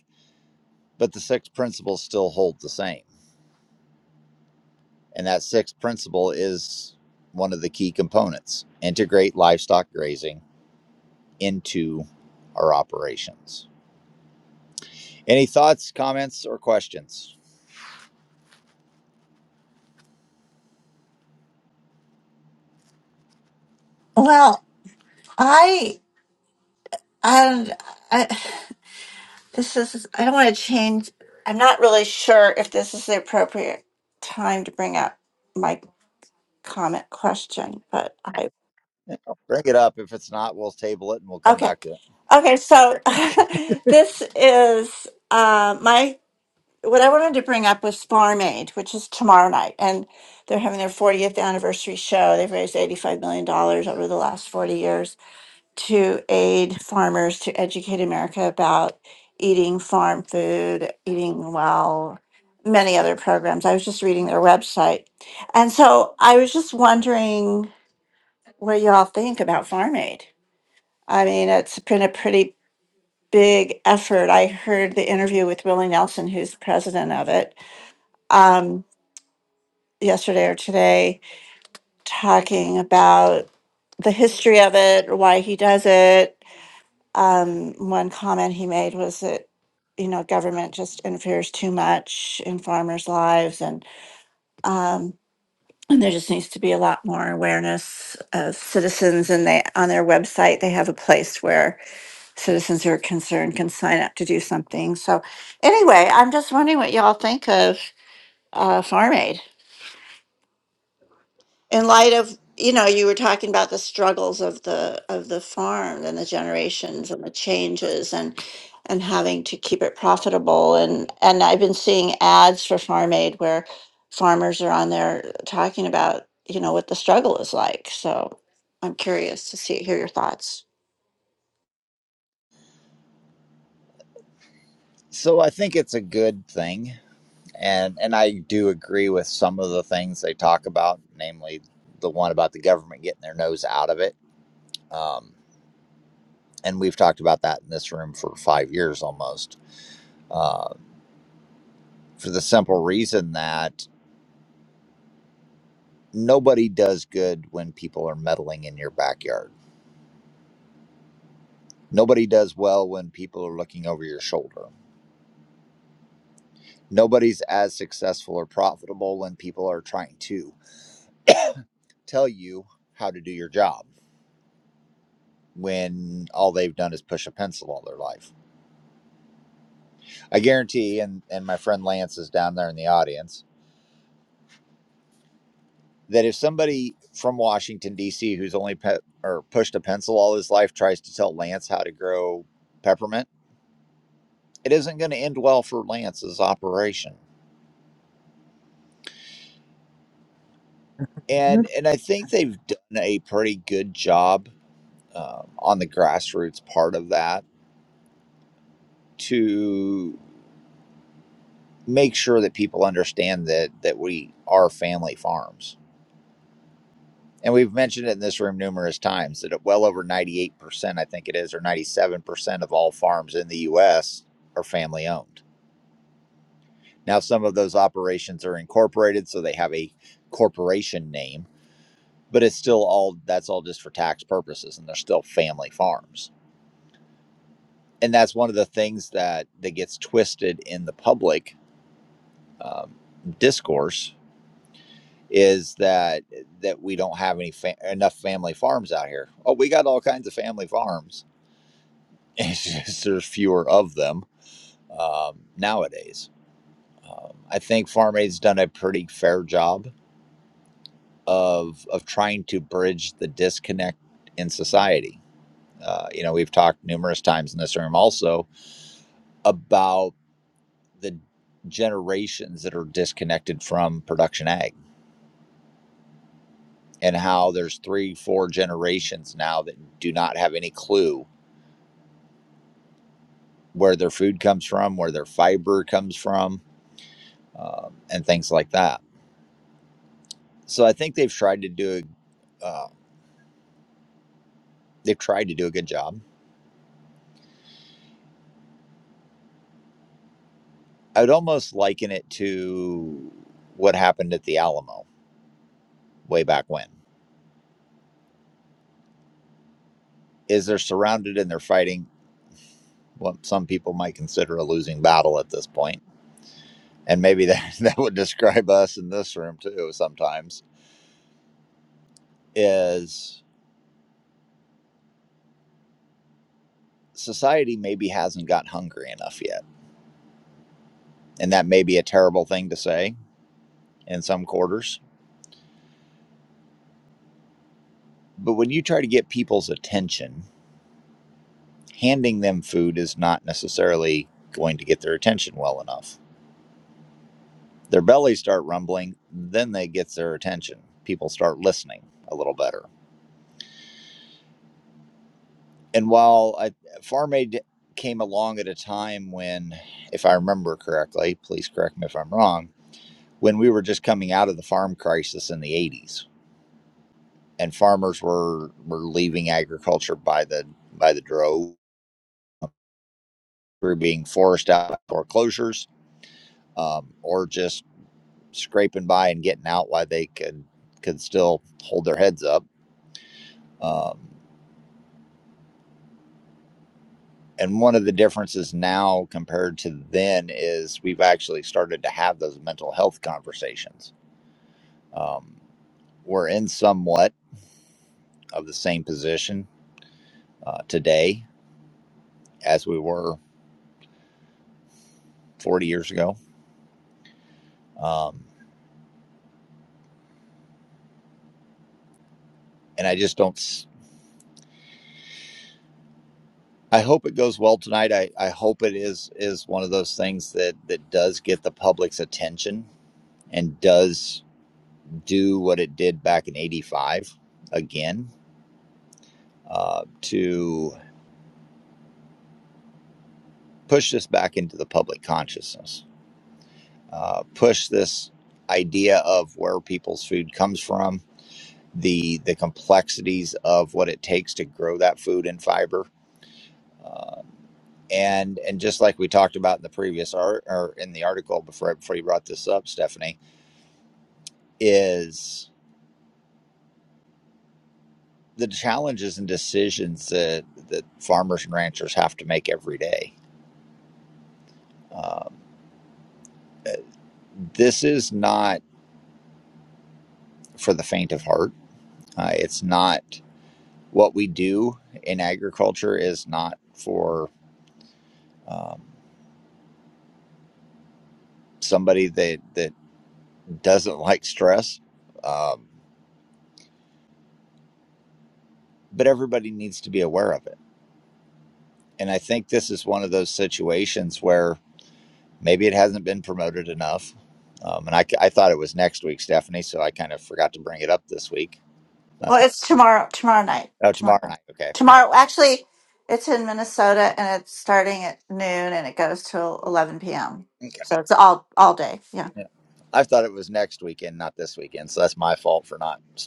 S1: but the six principles still hold the same. And that sixth principle is one of the key components integrate livestock grazing into our operations Any thoughts, comments, or questions?
S6: Well, I, I, I, this is, I don't want to change. I'm not really sure if this is the appropriate time to bring up my comment question, but I,
S1: You know, bring it up. If it's not, we'll table it and we'll come
S6: okay.
S1: back to it.
S6: Okay, so this is uh, my, what I wanted to bring up was Farm Aid, which is tomorrow night, and they're having their 40th anniversary show. They've raised $85 million dollars over the last 40 years. to aid farmers to educate America about eating farm food, eating well, many other programs. I was just reading their website. And so I was just wondering what y'all think about Farm Aid. I mean, it's been a pretty big effort. I heard the interview with Willie Nelson, who's the president of it, um, yesterday or today, talking about the history of it, why he does it, Um, one comment he made was that, you know, government just interferes too much in farmers' lives and, um, and there just needs to be a lot more awareness of citizens and they, on their website, they have a place where citizens who are concerned can sign up to do something. So anyway, I'm just wondering what y'all think of, uh, Farm Aid. in light of you know you were talking about the struggles of the of the farm and the generations and the changes and and having to keep it profitable and and i've been seeing ads for farm aid where farmers are on there talking about you know what the struggle is like so i'm curious to see hear your thoughts
S1: So I think it's a good thing, and and I do agree with some of the things they talk about, namely the one about the government getting their nose out of it. Um, and we've talked about that in this room for five years almost, uh, for the simple reason that nobody does good when people are meddling in your backyard. Nobody does well when people are looking over your shoulder Nobody's as successful or profitable when people are trying to tell you how to do your job when all they've done is push a pencil all their life. I guarantee, and, and my friend Lance is down there in the audience, that if somebody from Washington, D.C., who's only pe- or pushed a pencil all his life tries to tell Lance how to grow peppermint, it isn't going to end well for Lance's operation.
S7: Not
S1: And, and I think they've done a pretty good job um, on the grassroots part of that to make sure that people understand that that we are family farms. And we've mentioned it in this room numerous times that well over 98%, I think it is, or 97% of all farms in the US are family owned. Now, some of those operations are incorporated, so they have a corporation name, but it's still all that's all just for tax purposes, and they're still family farms. And that's one of the things that that gets twisted in the public um, discourse is that that we don't have any fa- enough family farms out here. Oh, we got all kinds of family farms. It's just there's fewer of them um, nowadays. Um, I think Farm Aid's done a pretty fair job of of trying to bridge the disconnect in society. Uh, you know, we've talked numerous times in this room also about the generations that are disconnected from production ag and how there's three, four generations now that do not have any clue where their food comes from, where their fiber comes from, uh, and things like that. So I think they've tried to do a, uh, they've tried to do a good job. I would almost liken it to what happened at the Alamo way back when. Is they're surrounded and they're fighting what some people might consider a losing battle at this point, and maybe that that would describe us in this room too. Sometimes is society maybe hasn't got hungry enough yet, and that may be a terrible thing to say in some quarters But when you try to get people's attention, handing them food is not necessarily going to get their attention well enough. Their bellies start rumbling, then they get their attention. People start listening a little better. And while I, Farm Aid came along at a time when, if I remember correctly, please correct me if I'm wrong, when we were just coming out of the farm crisis in the 80s and farmers were, were leaving agriculture by the by the drove, we were being forced out by foreclosures um, or just scraping by and getting out while they could could still hold their heads up. Um, and one of the differences now compared to then is we've actually started to have those mental health conversations. Um, we're in somewhat of the same position uh, today as we were 40 years ago, um, and I just don't. s- I hope it goes well tonight. I, I hope it is is one of those things that that does get the public's attention and does do what it did back in 85 again uh, to push this back into the public consciousness, uh, push this idea of where people's food comes from, the, the complexities of what it takes to grow that food and fiber. Uh, and, and just like we talked about in the previous art or in the article before, before you brought this up, Stephanie, is the challenges and decisions that, that farmers and ranchers have to make every day Um, this is not for the faint of heart. Uh, it's not what we do in agriculture is not for um, somebody that that doesn't like stress, um, but everybody needs to be aware of it. And I think this is one of those situations where maybe it hasn't been promoted enough. Um, and I, I thought it was next week, Stephanie, so I kind of forgot to bring it up this week. That's
S6: well
S1: my,
S6: it's tomorrow tomorrow night
S1: oh
S6: tomorrow
S1: tomorrow
S6: night
S1: night. Okay.
S6: tomorrow actually it's in minnesota and it's starting at noon and it goes till 11 p.m
S1: Okay.
S6: so it's all all day yeah
S1: Yeah. I thought it was next weekend, not this weekend. So that's my fault for not.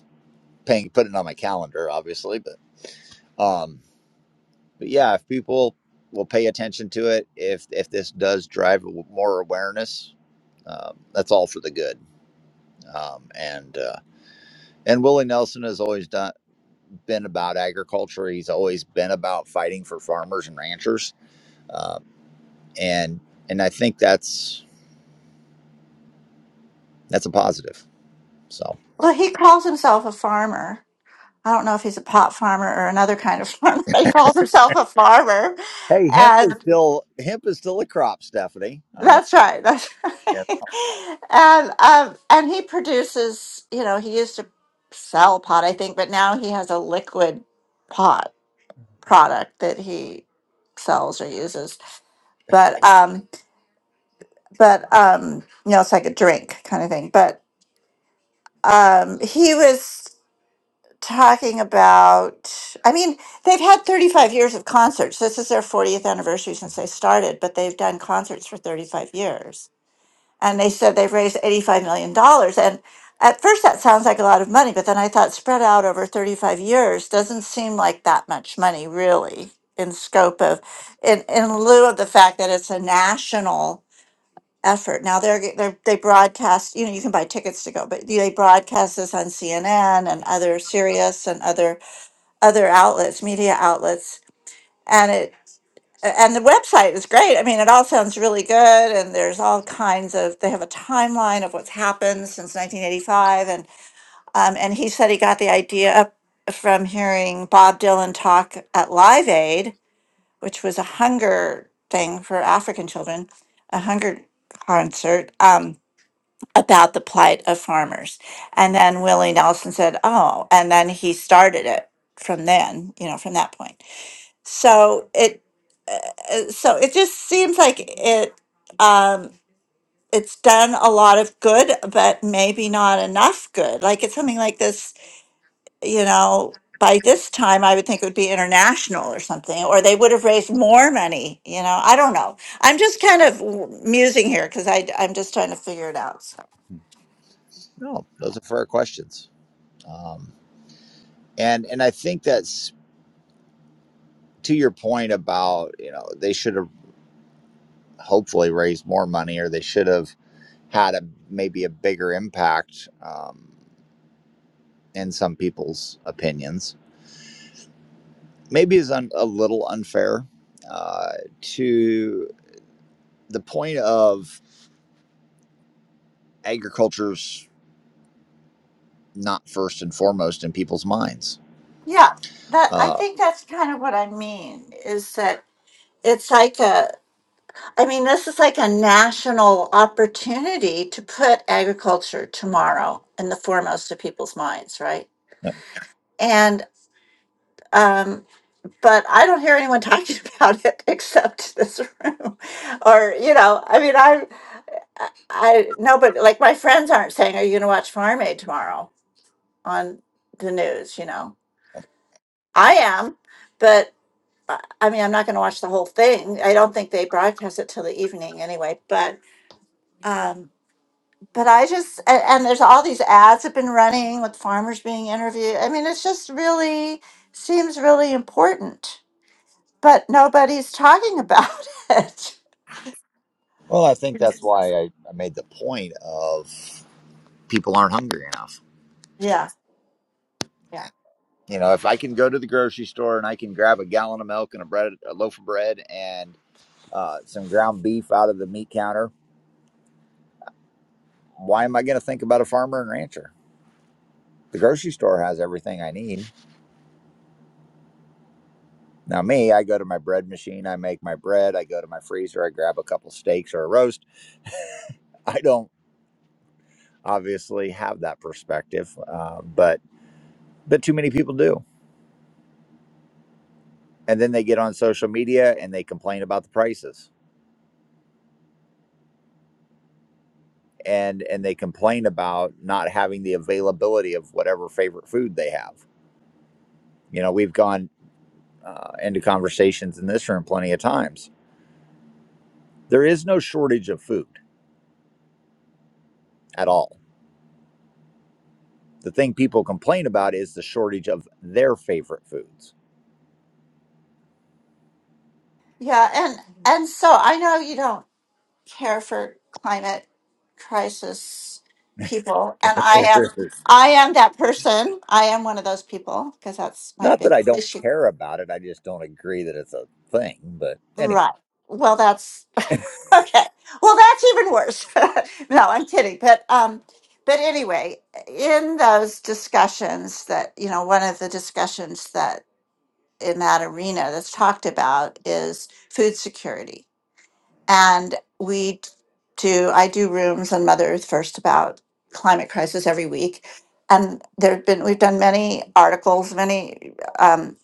S1: paying putting it on my calendar obviously but um but yeah if people will pay attention to it if if this does drive more awareness um, that's all for the good um, and uh, and willie nelson has always done been about agriculture he's always been about fighting for farmers and ranchers um, and and i think that's that's a positive so
S6: Well, he calls himself a farmer. I don't know if he's a pot farmer or another kind of farmer, but he calls himself a farmer.
S1: hey hemp is
S6: And
S1: still hemp is still a crop stephanie i mean
S6: that's right. That's right.
S1: yeah.
S6: And um, and he produces, you know, he used to sell pot, I think, but now he has a liquid pot product that he sells or uses. But um but um you know, it's like a drink kind of thing. But um he was talking about i mean they've had 35 years of concerts this is their 40th anniversary since they started but they've done concerts for 35 years and they said they've raised 85 million dollars and at first that sounds like a lot of money but then i thought spread out over 35 years doesn't seem like that much money really in scope of in, in lieu of the fact that it's a national effort now they're, g- they're they broadcast you know you can buy tickets to go but they broadcast this on cnn and other sirius and other other outlets, media outlets, and it and the website is great. I mean, it all sounds really good, and there's all kinds of. They have a timeline of what's happened since 1985, and um, and he said he got the idea up from hearing Bob Dylan talk at Live Aid, which was a hunger thing for African children, a hunger concert um, about the plight of farmers, and then Willie Nelson said, "Oh," and then he started it from then, you know, from that point so it uh, so it just seems like it um it's done a lot of good but maybe not enough good like it's something like this you know by this time i would think it would be international or something or they would have raised more money you know i don't know i'm just kind of w- musing here because i i'm just trying to figure it out so
S1: no those are fair questions um And and I think that's to your point about, you know, they should have hopefully raised more money or they should have had a maybe a bigger impact um, in some people's opinions. Maybe is un, a little unfair uh, to the point of agriculture's not first and foremost in people's minds.
S6: yeah that i
S1: Uh,
S6: think that's kind of what i mean is that it's like a I mean, this is like a national opportunity to put agriculture tomorrow in the foremost of people's minds, right?
S1: yeah.
S6: And um, but I don't hear anyone talking about it except this room, or you know, I mean, I, I, I no, but like my friends aren't saying, "Are you going to watch Farm Aid tomorrow on the news?" You know, I am, but uh, I mean, I'm not going to watch the whole thing. I don't think they broadcast it till the evening anyway, but. Um, but I just and, and there's all these ads have been running with farmers being interviewed. I mean, it's just really seems really important, but nobody's talking about it.
S1: Well, I think
S6: Yes.
S1: that's why I, I made the point of people aren't hungry enough.
S6: Yeah, yeah,
S1: You know, if I can go to the grocery store and I can grab a gallon of milk and a bread, a loaf of bread, and uh, some ground beef out of the meat counter, why am I going to think about a farmer and rancher? The grocery store has everything I need. Now, me, I go to my bread machine, I make my bread, I go to my freezer, I grab a couple steaks or a roast. I don't obviously have that perspective, uh, but but too many people do and then they get on social media and they complain about the prices and and they complain about not having the availability of whatever favorite food they have you know we've gone uh, into conversations in this room plenty of times there is no shortage of food at all the thing people complain about is the shortage of their favorite foods
S6: yeah, and and so I know you don't care for climate crisis people, and I am I am that person. I am one of those people because that's my
S1: not
S6: big
S1: that i don't
S6: issue.
S1: care about it i just don't agree that it's a thing but anyway
S6: Right. Well, that's Okay. Well, that's even worse. no, I'm kidding. But um, but anyway, in those discussions that you know, one of the discussions that in that arena that's talked about is food security, and we d- do. I do rooms on Mother Earth First about climate crisis every week, and there have been we've done many articles, many um,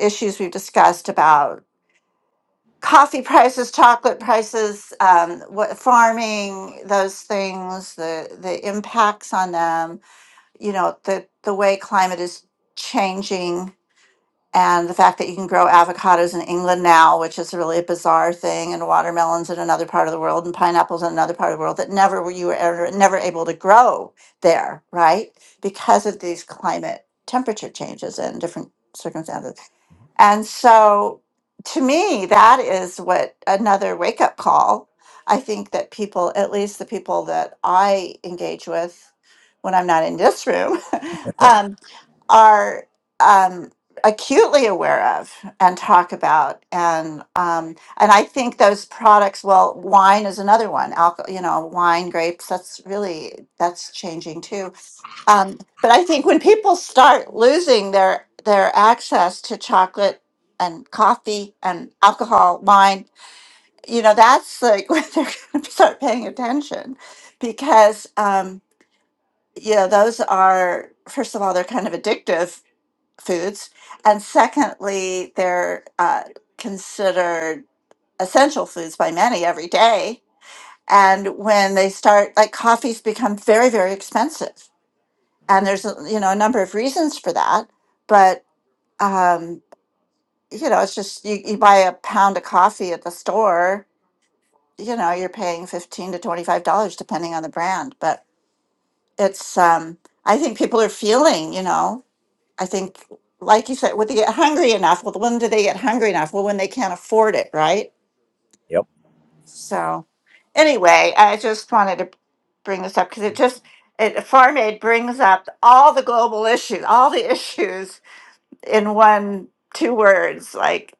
S6: issues we've discussed about coffee prices, chocolate prices, um, what farming, those things, the the impacts on them, you know, the the way climate is changing and the fact that you can grow avocados in England now, which is really a bizarre thing, and watermelons in another part of the world, and pineapples in another part of the world that never were you were ever, never able to grow there, right? Because of these climate temperature changes and different circumstances. And so, to me, that is what another wake up call. I think that people, at least the people that I engage with when I'm not in this room, um, are um, acutely aware of and talk about and um, and I think those products well wine is another one alcohol you know wine grapes that's really that's changing too um, but I think when people start losing their their access to chocolate and coffee and alcohol wine you know that's like when they're going to start paying attention because um, you know those are first of all, they're kind of addictive foods, and secondly, they're uh, considered essential foods by many every day. And when they start, like coffees become very, very expensive, and there's a, you know a number of reasons for that. But um, you know, it's just you, you buy a pound of coffee at the store, you know, you're paying fifteen to twenty five dollars depending on the brand. But it's um, I think people are feeling, you know. I think, like you said, would they get hungry enough? Well, when do they get hungry enough? Well, when they can't afford it, right?
S1: yep
S6: So, anyway, I just wanted to bring this up because it just it farm aid brings up all the global issues, all the issues in one two words. Like,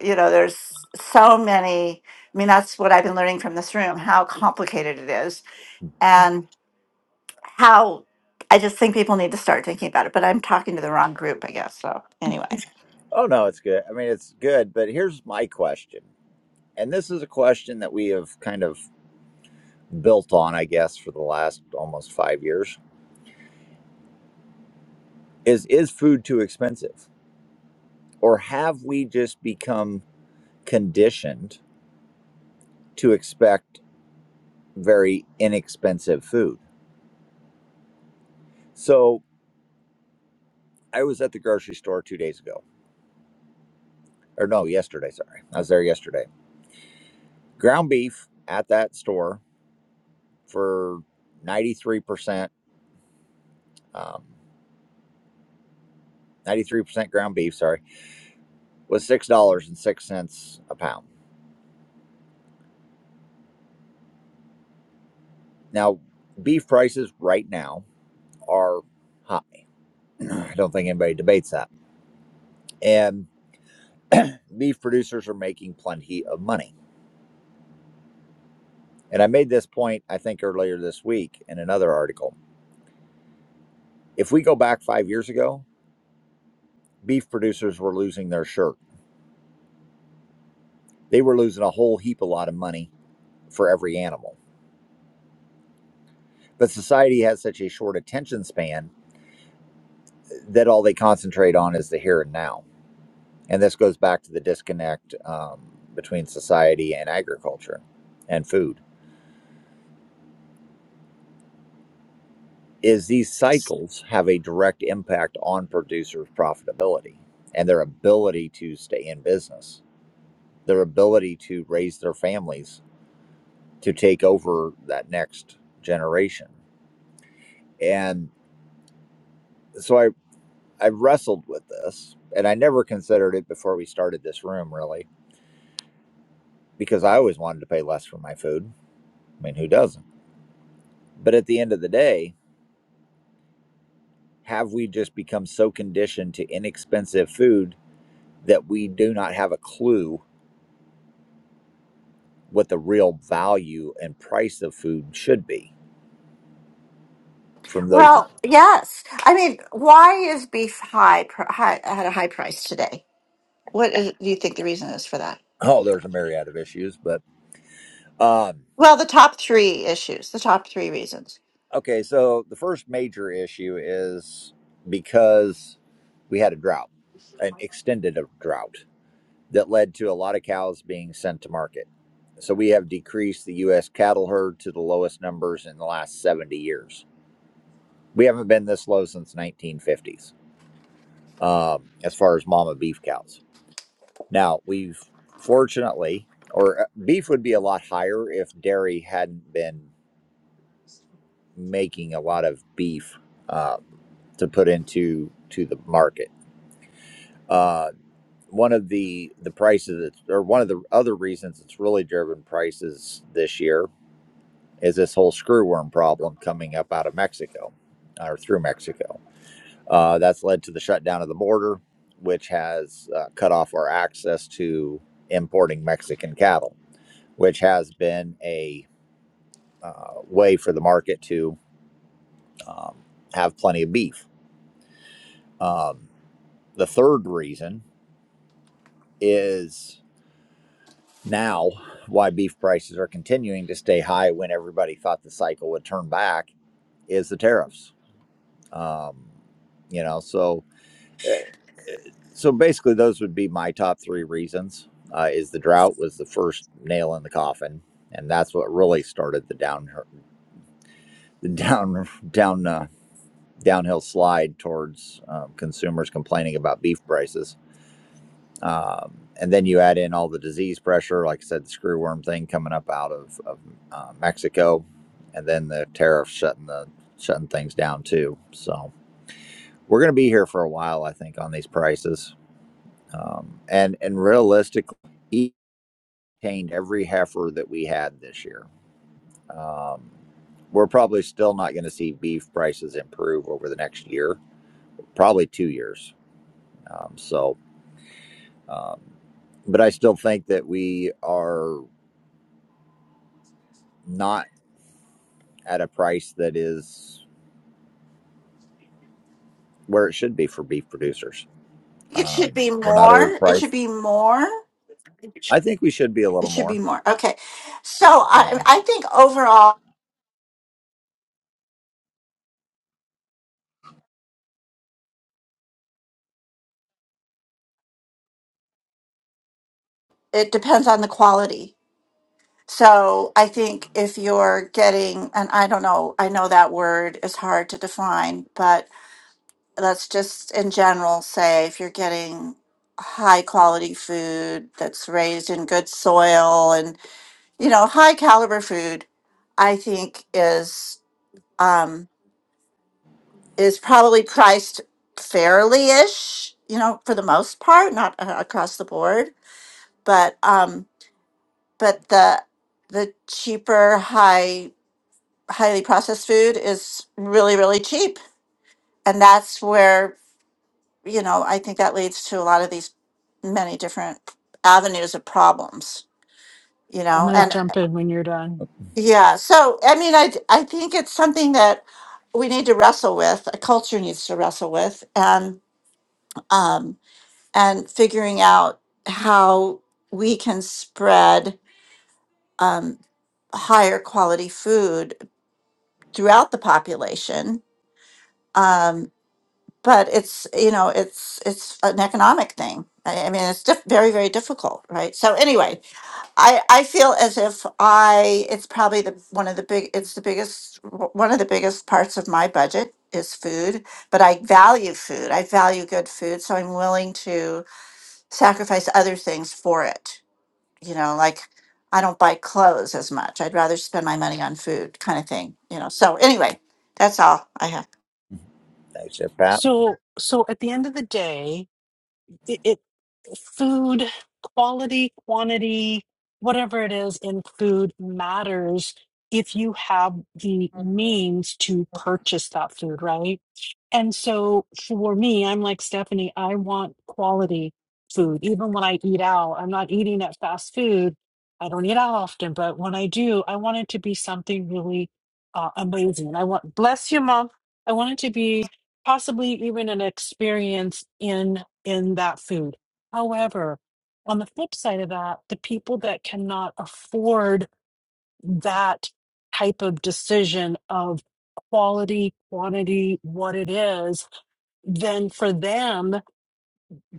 S6: you know, there's so many. I mean, that's what I've been learning from this room how complicated it is and how. I just think people need to start thinking about it, but I'm talking to the wrong group, I guess. So, anyway.
S1: oh no it's good i mean it's good but here's my question And this is a question that we have kind of built on, I guess, for the last almost five years is is food too expensive? Or have we just become conditioned to expect very inexpensive food? So I was at the grocery store two days ago. Or no, yesterday, sorry. I was there yesterday. Ground beef at that store for 93%, um, 93% ground beef, sorry, was $6.06 a pound. Now, beef prices right now are high. I don't think anybody debates that. And beef producers are making plenty of money. And I made this point, I think, earlier this week in another article. If we go back five years ago, beef producers were losing their shirt. They were losing a whole heap a lot of money for every animal. But society has such a short attention span that all they concentrate on is the here and now. And this goes back to the disconnect um, between society and agriculture and food is these cycles have a direct impact on producers' profitability and their ability to stay in business, their ability to raise their families, to take over that next generation. And so I, I wrestled with this and I never considered it before we started this room, really, because I always wanted to pay less for my food. I mean, who doesn't? But at the end of the day, have we just become so conditioned to inexpensive food that we do not have a clue? what the real value and price of food should be from those
S6: Well, yes. I mean, why is beef high, pr- high at a high price today? What is, do you think the reason is for that?
S1: oh there's a myriad of issues but um
S6: Well, the top three issues, the top three reasons.
S1: okay so the first major issue is because we had a drought an extended drought that led to a lot of cows being sent to market so we have decreased the US cattle herd to the lowest numbers in the last 70 years we haven't been this low since 1950s um, as far as mama beef cows Now, we've fortunately, or uh, beef would be a lot higher if dairy hadn't been making a lot of beef um, to put into to the market. Uh, one of the the prices, that's- or one of the other reasons it's really driven prices this year is this whole screwworm problem coming up out of Mexico or through Mexico. Uh, that's led to the shutdown of the border, which has uh, cut off our access to importing Mexican cattle which has been a uh, way for the market to um, have plenty of beef. Um, the third reason is now why beef prices are continuing to stay high when everybody thought the cycle would turn back is the tariffs. Um, you know, so eh, so basically those would be my top three reasons. Uh, is the drought was the first nail in the coffin, and that's what really started the down the down down uh, downhill slide towards um, consumers complaining about beef prices. Um, and then you add in all the disease pressure, like I said, the screwworm thing coming up out of, of uh, Mexico, and then the tariffs shutting the shutting things down too. So we're going to be here for a while, I think, on these prices. Um, and and realistically, each retained every heifer that we had this year. Um, we're probably still not going to see beef prices improve over the next year, probably two years Um, so, um, but I still think that we are not at a price that is where it should be for beef producers.
S6: It should
S1: Um,
S6: be
S1: we're not
S6: more.
S1: at a
S6: It should
S1: price.
S6: be more.
S1: I think we should be a
S6: It
S1: little
S6: should be
S1: more.
S6: more. Okay. So I,
S1: Um,
S6: I think overall, it depends on the quality. So I think if you're getting, and I don't know, I know that word is hard to define, but. let's just in general say if you're getting high quality food that's raised in good soil and you know high caliber food i think is um is probably priced fairly ish you know for the most part not uh, across the board but um but the the cheaper high highly processed food is really really cheap and that's where you know, I think that leads to a lot of these many different avenues of problems, you
S5: I'm
S6: know,
S5: going to
S6: and Right.
S5: jump in when you're done.
S6: yeah. So, I mean, I, I think it's something that we need to wrestle with, a culture needs to wrestle with and, um, and figuring out how we can spread, um, higher quality food throughout the population. Um, but it's you know it's it's an economic thing. I, I mean it's diff- very very difficult, right? So anyway, I I feel as if I it's probably the one of the big it's the biggest one of the biggest parts of my budget is food, but I value food. I value good food, so I'm willing to sacrifice other things for it. You know, like I don't buy clothes as much. I'd rather spend my money on food kind of thing, you know. So anyway, that's all I have.
S1: thanks, Jeff Pat.
S5: So, so at the end of the day, it, it food quality, quantity, whatever it is in food matters if you have the means to purchase that food, right? And so for me, I'm like Stephanie, I want quality food. Even when I eat out, I'm not eating at fast food. I don't eat out often, but when I do, I want it to be something really uh, amazing. I want, bless you, mom. I want it to be possibly even an experience in in that food. However, on the flip side of that, the people that cannot afford that type of decision of quality, quantity, what it is, then for them,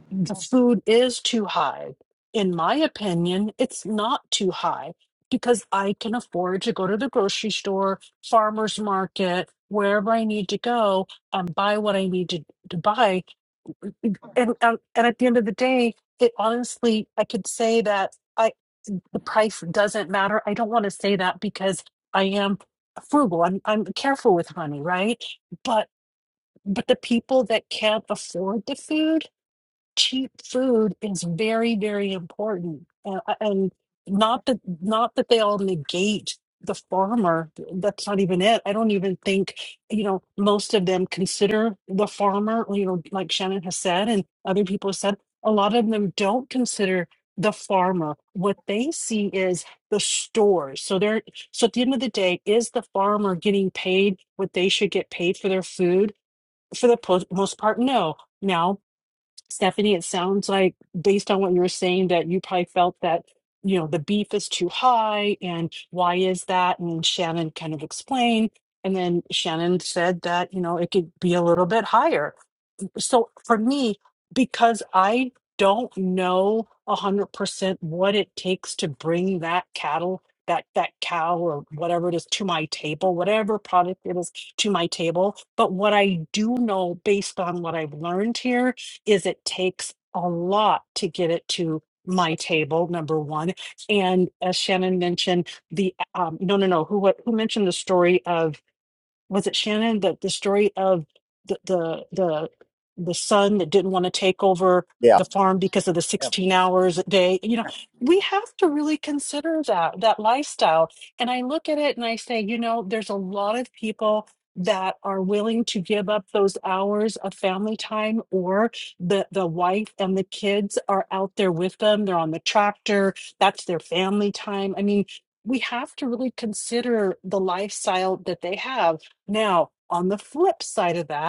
S5: the food is too high. In my opinion, it's not too high because I can afford to go to the grocery store, farmer's market, wherever I need to go and buy what I need to, to buy and um, and at the end of the day, it honestly, I could say that I the price doesn't matter. I don't want to say that because I am frugal. I'm I'm careful with money, right? But but the people that can't afford the food cheap food is very very important uh, and not that not that they all negate the farmer that's not even it i don't even think you know most of them consider the farmer you know like shannon has said and other people have said a lot of them don't consider the farmer what they see is the stores so they're so at the end of the day is the farmer getting paid what they should get paid for their food for the po- most part no Now. Stephanie, it sounds like based on what you were saying that you probably felt that, you know, the beef is too high and why is that? And Shannon kind of explained. And then Shannon said that, you know, it could be a little bit higher so for me, because I don't know a hundred percent what it takes to bring that cattle, that that cow or whatever it is to my table, whatever product it is to my table. But what I do know based on what I've learned here is it takes a lot to get it to my table, number one. And as Shannon mentioned, the um no no no, who what who mentioned the story of was it Shannon that the story of the the the the son that didn't want to take over
S1: Yeah.
S5: the farm because of the
S1: Yeah.
S5: 16 hours a day you know we have to really consider that that lifestyle and i look at it and i say you know there's a lot of people that are willing to give up those hours of family time or the the wife and the kids are out there with them they're on the tractor that's their family time i mean we have to really consider the lifestyle that they have now, on the flip side of that,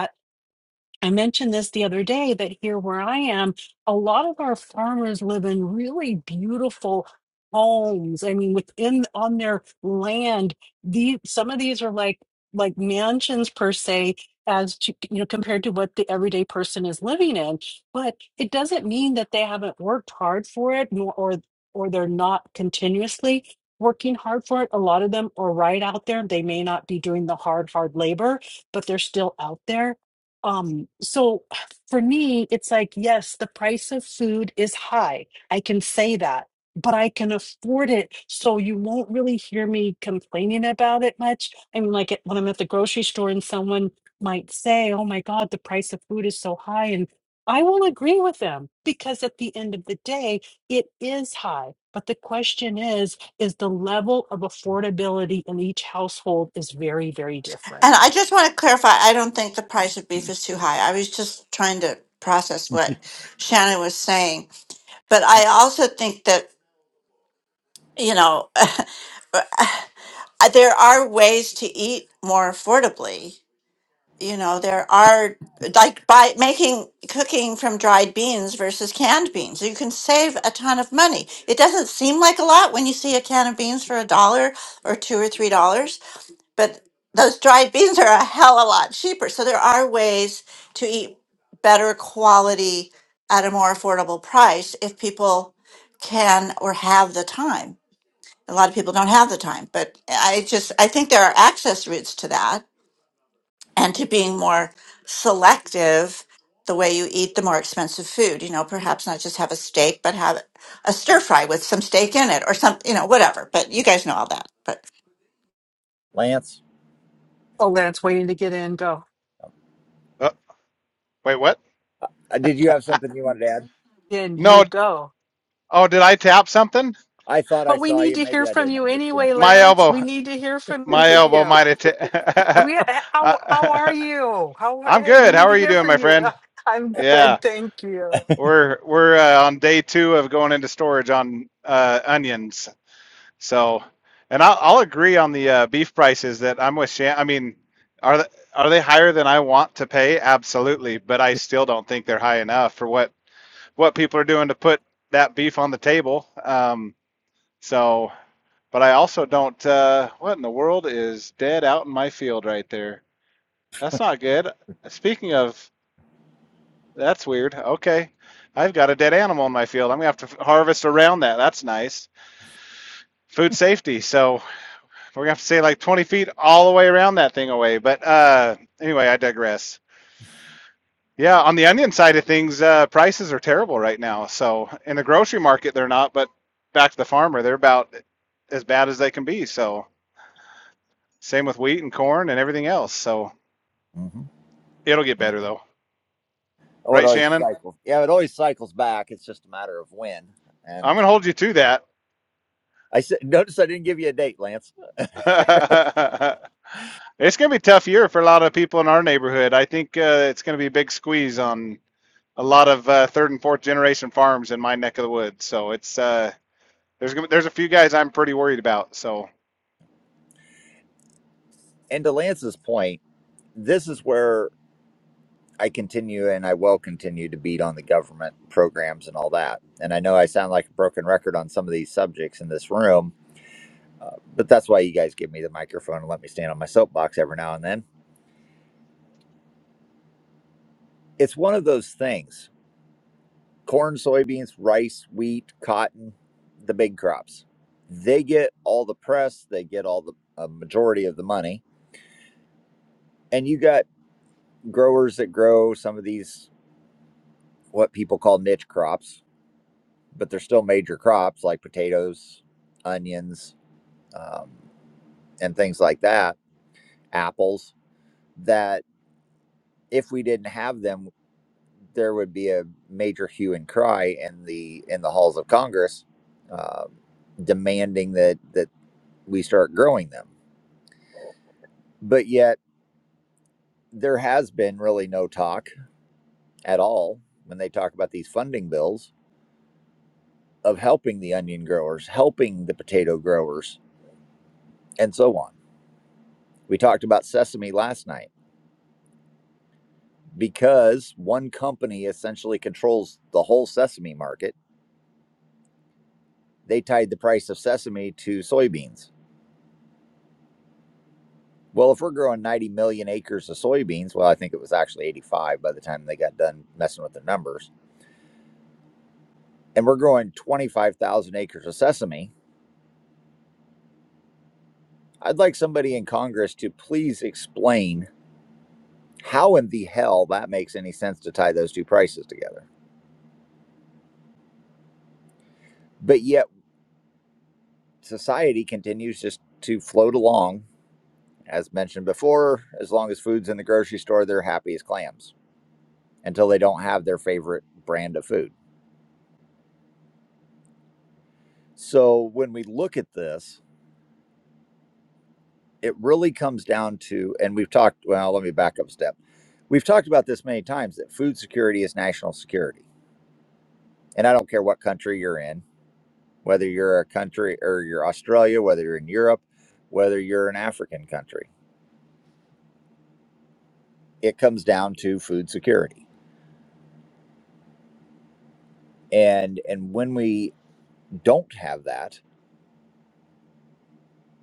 S5: I mentioned this the other day that here where I am, a lot of our farmers live in really beautiful homes. I mean, within on their land, the some of these are like like mansions per se, as to you know, compared to what the everyday person is living in. But it doesn't mean that they haven't worked hard for it, nor or or they're not continuously working hard for it. A lot of them are right out there. They may not be doing the hard, hard labor, but they're still out there um, so for me, it's like, yes, the price of food is high. I can say that, but I can afford it. So you won't really hear me complaining about it much. I mean, like it, when I'm at the grocery store and someone might say, oh my God, the price of food is so high. And I will agree with them because at the end of the day, it is high. But the question is, is the level of affordability in each household is very, very different.
S6: And I just want to clarify, I don't think the price of beef is too high. I was just trying to process what Shannon was saying. But
S1: yeah.
S6: I also think that you know, there are ways to eat more affordably. You know, there are like by making cooking from dried beans versus canned beans, you can save a ton of money. It doesn't seem like a lot when you see a can of beans for a dollar or two or three dollars, but those dried beans are a hell of a lot cheaper. So there are ways to eat better quality at a more affordable price if people can or have the time a lot of people don't have the time but i just i think there are access routes to that and to being more selective the way you eat the more expensive food you know perhaps not just have a steak but have a stir fry with some steak in it or some you know whatever but you guys know all that but
S1: Lance,
S5: Oh, Lance, waiting to get in. Go.
S8: Uh, wait, what?
S1: uh, did you have something you wanted to add?
S5: Then
S8: No.
S5: you go.
S8: Oh, did I tap something?
S1: I thought I
S5: But we
S1: saw
S5: need
S1: you.
S5: to
S1: Maybe
S5: hear
S1: I
S5: from
S1: didn't
S5: you
S1: understand
S5: anyway,
S1: things.
S8: My
S5: Lance.
S8: elbow.
S5: We need to hear from
S8: My elbow
S5: you.
S8: might have. Ta-
S5: We eh, how how are
S8: Uh,
S5: you? How are,
S8: I'm
S5: hey, we
S8: good. How
S5: need to
S8: are you
S5: hear
S8: doing, my
S5: from you.
S8: friend?
S5: I'm
S8: Yeah,
S5: good, thank you.
S8: we're we're uh, on day two of going into storage on uh, onions. So, and I'll I'll agree on the uh, beef prices that I'm with Shan. I mean, are they, are they higher than I want to pay? Absolutely, but I still don't think they're high enough for what what people are doing to put that beef on the table. Um, so. But I also don't. Uh, what in the world is dead out in my field right there? That's not good. Speaking of, that's weird. Okay, I've got a dead animal in my field. I'm gonna have to harvest around that. That's nice. Food safety. So we're gonna have to say like 20 feet all the way around that thing away. But uh, anyway, I digress. Yeah, on the onion side of things, uh, prices are terrible right now. So in the grocery market, they're not, but back to the farmer, they're about as bad as they can be. So same with wheat and corn and everything else. So
S1: hmm
S8: It'll get better though,
S1: Oh, it
S8: right,
S1: always
S8: Shannon?
S1: cycles. Yeah, it always cycles back. It's just a matter of when.
S8: I'm
S1: And
S8: gonna hold you to that.
S1: I said, notice I didn't give you a date, Lance.
S8: it's gonna be a tough year for a lot of people in our neighborhood. I think uh, it's gonna be a big squeeze on a lot of uh, third and fourth generation farms in my neck of the woods. So it's uh, there's there's a few guys I'm pretty worried about. So
S1: And to Lance's point, this is where I continue and I will continue to beat on the government programs and all that. And I know I sound like a broken record on some of these subjects in this room, uh, but that's why you guys give me the microphone and let me stand on my soapbox every now and then. It's one of those things corn, soybeans, rice, wheat, cotton, the big crops. They get all the press, they get all the a majority of the money. And you got growers that grow some of these, what people call niche crops, but they're still major crops like potatoes, onions, um, and things like that, apples, that if we didn't have them, there would be a major hue and cry in the in the halls of Congress, uh, demanding that that we start growing them. But yet there has been really no talk at all when they talk about these funding bills of helping the onion growers, helping the potato growers, and so on. We talked about sesame last night because one company essentially controls the whole sesame market they tied the price of sesame to soybeans. Well, if we're growing 90 million acres of soybeans, well, I think it was actually 85 by the time they got done messing with the numbers, and we're growing 25,000 acres of sesame, I'd like somebody in Congress to please explain how in the hell that makes any sense to tie those two prices together. But yet, society continues just to float along. As mentioned before, as long as food's in the grocery store, they're happy as clams until they don't have their favorite brand of food. So when we look at this, it really comes down to, and we've talked, well, let me back up a step. We've talked about this many times that food security is national security. And I don't care what country you're in, whether you're a country or you're Australia, whether you're in Europe, whether you're an African country, it comes down to food security. And and when we don't have that,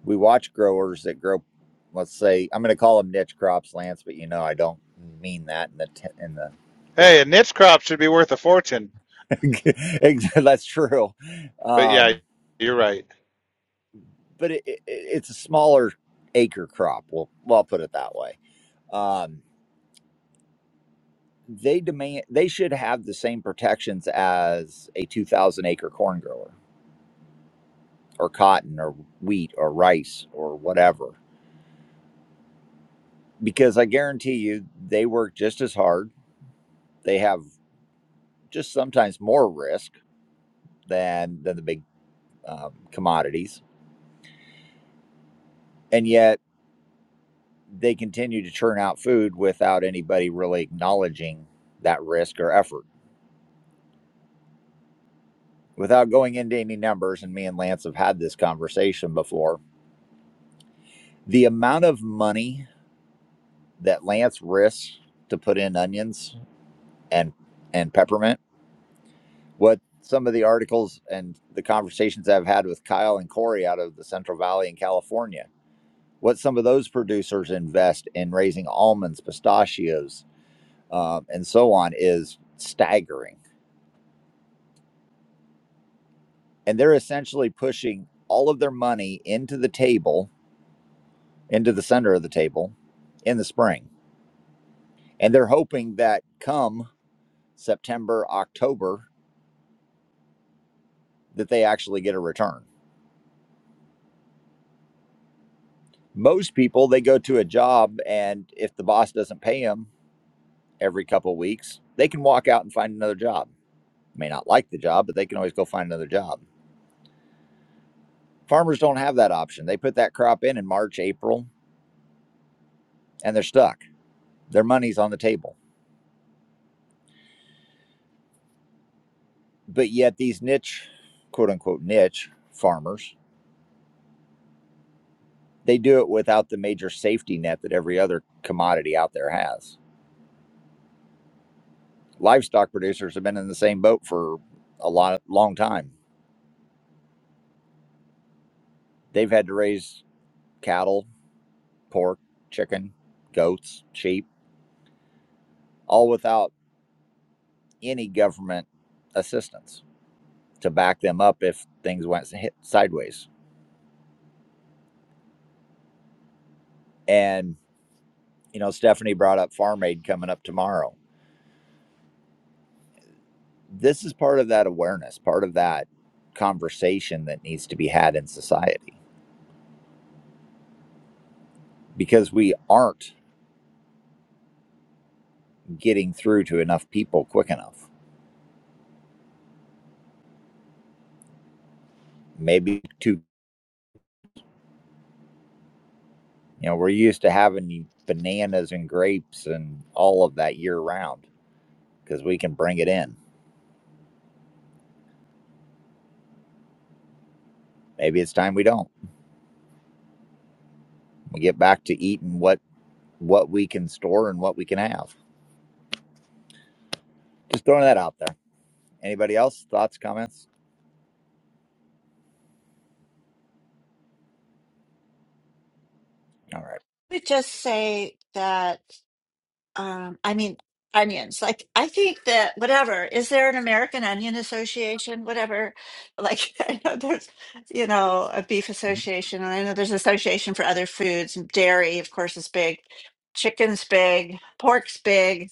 S1: we watch growers that grow, let's say, I'm going to call them niche crops, Lance, but you know I don't mean that in the te- in the the
S8: hey, a niche crop should be worth a fortune.
S1: That's true.
S8: But yeah,
S1: Um,
S8: you're right.
S1: but it, it, it's a smaller acre crop. Well, well, I'll put it that way. Um, they demand they should have the same protections as a 2,000 acre corn grower or cotton or wheat or rice or whatever, because I guarantee you they work just as hard. They have just sometimes more risk than than the big um, commodities, and yet they continue to churn out food without anybody really acknowledging that risk or effort. Without going into any numbers, and me and Lance have had this conversation before, the amount of money that Lance risks to put in onions and and peppermint, what some of the articles and the conversations I've had with Kyle and Corey out of the Central Valley in California, what some of those producers invest in raising almonds, pistachios, um, and so on is staggering and they're essentially pushing all of their money into the table, into the center of the table in the spring. And they're hoping that come September, October, that they actually get a return. Most people, they go to a job, and if the boss doesn't pay them every couple of weeks, they can walk out and find another job. May not like the job, but they can always go find another job. Farmers don't have that option. They put that crop in in March, April, and they're stuck. Their money's on the table But yet these niche, quote unquote niche farmers, they do it without the major safety net that every other commodity out there has. Livestock producers have been in the same boat for a lot long time. They've had to raise cattle, pork, chicken, goats, sheep, all without any government assistance to back them up if things went si-, sideways. And you know, Stephanie brought up Farm Aid coming up tomorrow this is part of that awareness, part of that conversation that needs to be had in society because we aren't getting through to enough people quick enough. Maybe to, you know, we're used to having bananas and grapes and all of that year round because we can bring it in. Maybe it's time we don't. We get back to eating what what we can store and what we can have. Just throwing that out there. Anybody else? Thoughts, comments? All right.
S6: would just say that Um, I mean, onions. Like, I think that whatever, is there an American Onion Association? Whatever. Like, I know there's, you know, a beef association, and I know there's an association for other foods. and Dairy, of course, is big. Chicken's big. Pork's big.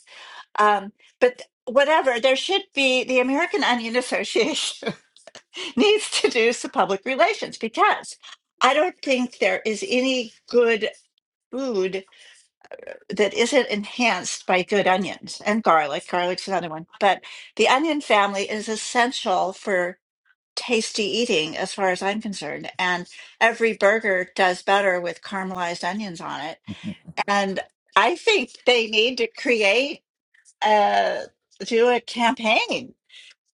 S6: Um, but th- whatever, there should be the American Onion Association needs to do some public relations because I don't think there is any good food that isn't enhanced by good onions and garlic. Garlic's another one, but the onion family is essential for tasty eating, as far as I'm concerned. And every burger does better with caramelized onions on it. And I think they need to create a do a campaign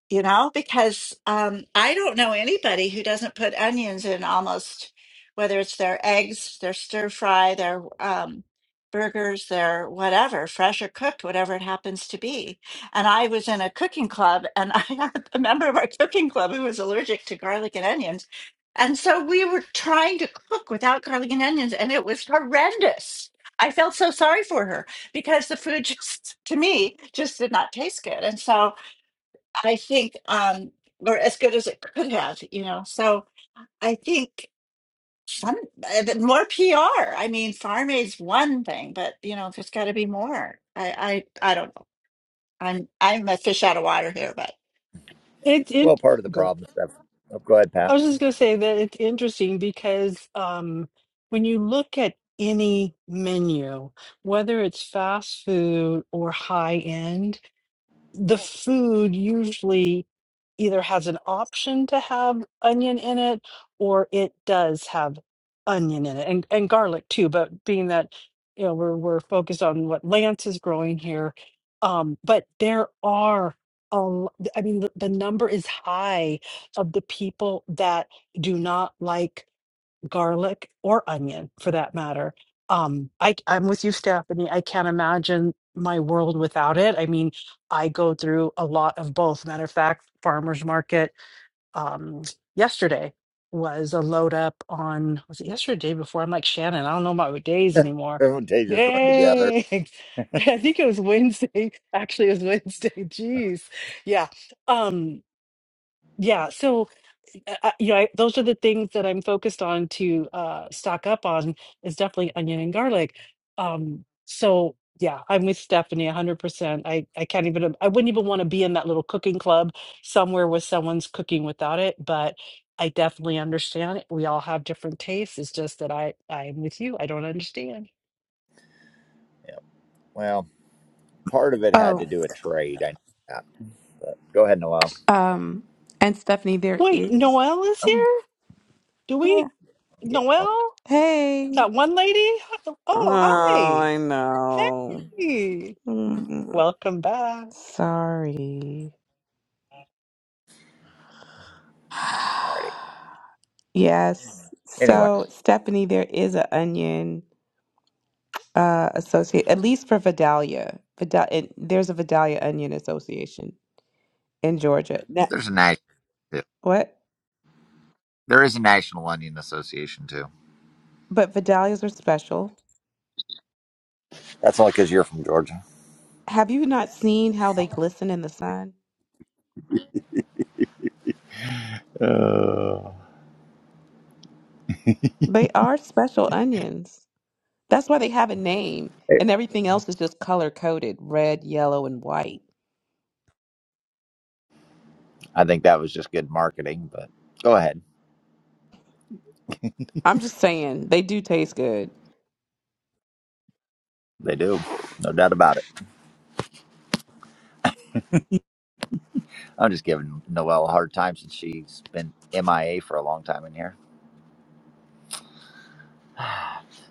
S6: you know, because um, I don't know anybody who doesn't put onions in almost, whether it's their eggs, their stir fry, their um, burgers, their whatever, fresh or cooked, whatever it happens to be. And I was in a cooking club and I had a member of our cooking club who was allergic to garlic and onions. And so we were trying to cook without garlic and onions and it was horrendous. I felt so sorry for her because the food just, to me, just did not taste good. And so, I think, um, or as good as it could have, you know. So I think some uh, but more PR. I mean, farm aid's one thing, but you know, there's got to be more. I, I, I don't know. I'm, I'm a fish out of water here, but
S5: It
S1: Well,
S5: it
S1: part of the
S5: good.
S1: problem, Steph. Oh, go ahead,
S5: I
S1: Pat.
S5: was just gonna say that it's interesting because um when you look at any menu, whether it's fast food or high end, the food usually either has an option to have onion in it or it does have onion in it and, and garlic too. But being that, you know, we're, we're focused on what Lance is growing here. Um, but there are, a l- I mean, the, the number is high of the people that do not like garlic or onion for that matter. Um, I, I'm with you, Stephanie. I can't imagine my world without it. I mean, I go through a lot of both. Matter of fact, farmers market um, yesterday was a load up on, was it yesterday or the day before? I'm like, Shannon, I don't know about days anymore.
S1: Everyone, they just run together.
S5: Yay! I think it was Wednesday. Actually, it was Wednesday. Jeez. Yeah. Um, yeah. So, I, I- you know, I, those are the things that I'm focused on to uh, stock up on is definitely onion and garlic. Um, so yeah, I'm with Stephanie 100%. I, I can't even, I wouldn't even want to be in that little cooking club somewhere where someone's cooking without it, but I definitely understand it. We all have different tastes. It's just that I, I'm with you. I don't understand.
S1: Yeah. Well, part of it had
S9: Oh,
S1: to do with trade. I know that. But go ahead, Noel.
S9: um, and Stephanie, there
S5: Wait,
S9: is.
S5: Noelle is here? Do
S9: Yeah.
S5: we,
S1: Yeah. All
S5: Noelle?
S9: Hey.
S5: That one lady?
S9: Oh,
S5: Oh, hi.
S9: I know.
S5: Hey.
S9: Mm,
S5: Welcome back.
S9: sorry.
S1: righty.
S9: Yes.
S1: Anyway,
S9: So, Stephanie, there is an onion uh associate, at least for Vidalia. Vidal, it, there's a Vidalia Onion Association in Georgia. That,
S1: There's a national.
S9: what?
S1: There is a National Onion Association too.
S9: But Vidalias are special.
S1: that's only because you're from Georgia.
S9: Have you not seen how they glisten in the sun?
S1: Uh,
S9: They are special onions. That's why they have a name,
S1: Hey,
S9: and everything else is just color coded red, yellow, and white.
S1: I think that was just good marketing, but go ahead.
S9: I'm just saying, they do taste good.
S1: They do. No doubt about it. I'm just giving Noelle a hard time since she's been MIA for a long time in here.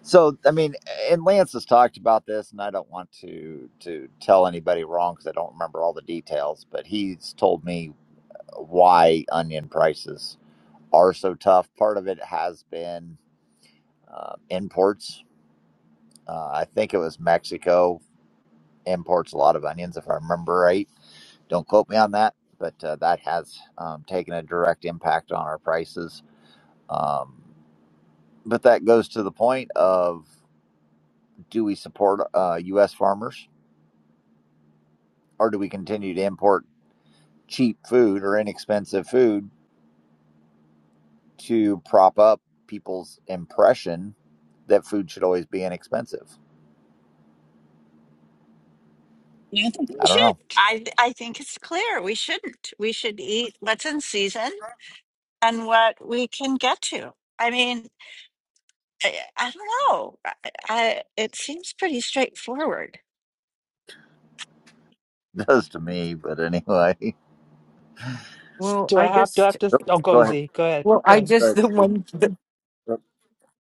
S1: So, I mean, and Lance has talked about this, and I don't want to to tell anybody wrong because I don't remember all the details. But he's told me why onion prices are so tough. Part of it has been uh, imports. Uh, I think it was Mexico imports a lot of onions, if I remember right. Don't quote me on that, but uh, that has um, taken a direct impact on our prices. Um, but that goes to the point of do we support uh, U.S. farmers? or do we continue to import cheap food or inexpensive food to prop up people's impression that food should always be inexpensive?
S6: I don't think we
S1: I don't
S6: should.
S1: know.
S6: I, I think it's clear we shouldn't. We should eat what's in season and what we can get to. I mean, I, I don't know. I, I, it seems pretty straightforward.
S1: It does to me, but anyway.
S10: Well,
S5: Do I
S10: I
S5: have, do I
S10: just,
S5: have to? Oh,
S1: Go
S5: Gozi,
S1: ahead.
S5: Z. Go ahead.
S10: well,
S5: Go
S10: I
S5: ahead.
S1: Go
S10: just, the
S1: Z.
S10: one, the,
S1: Uh,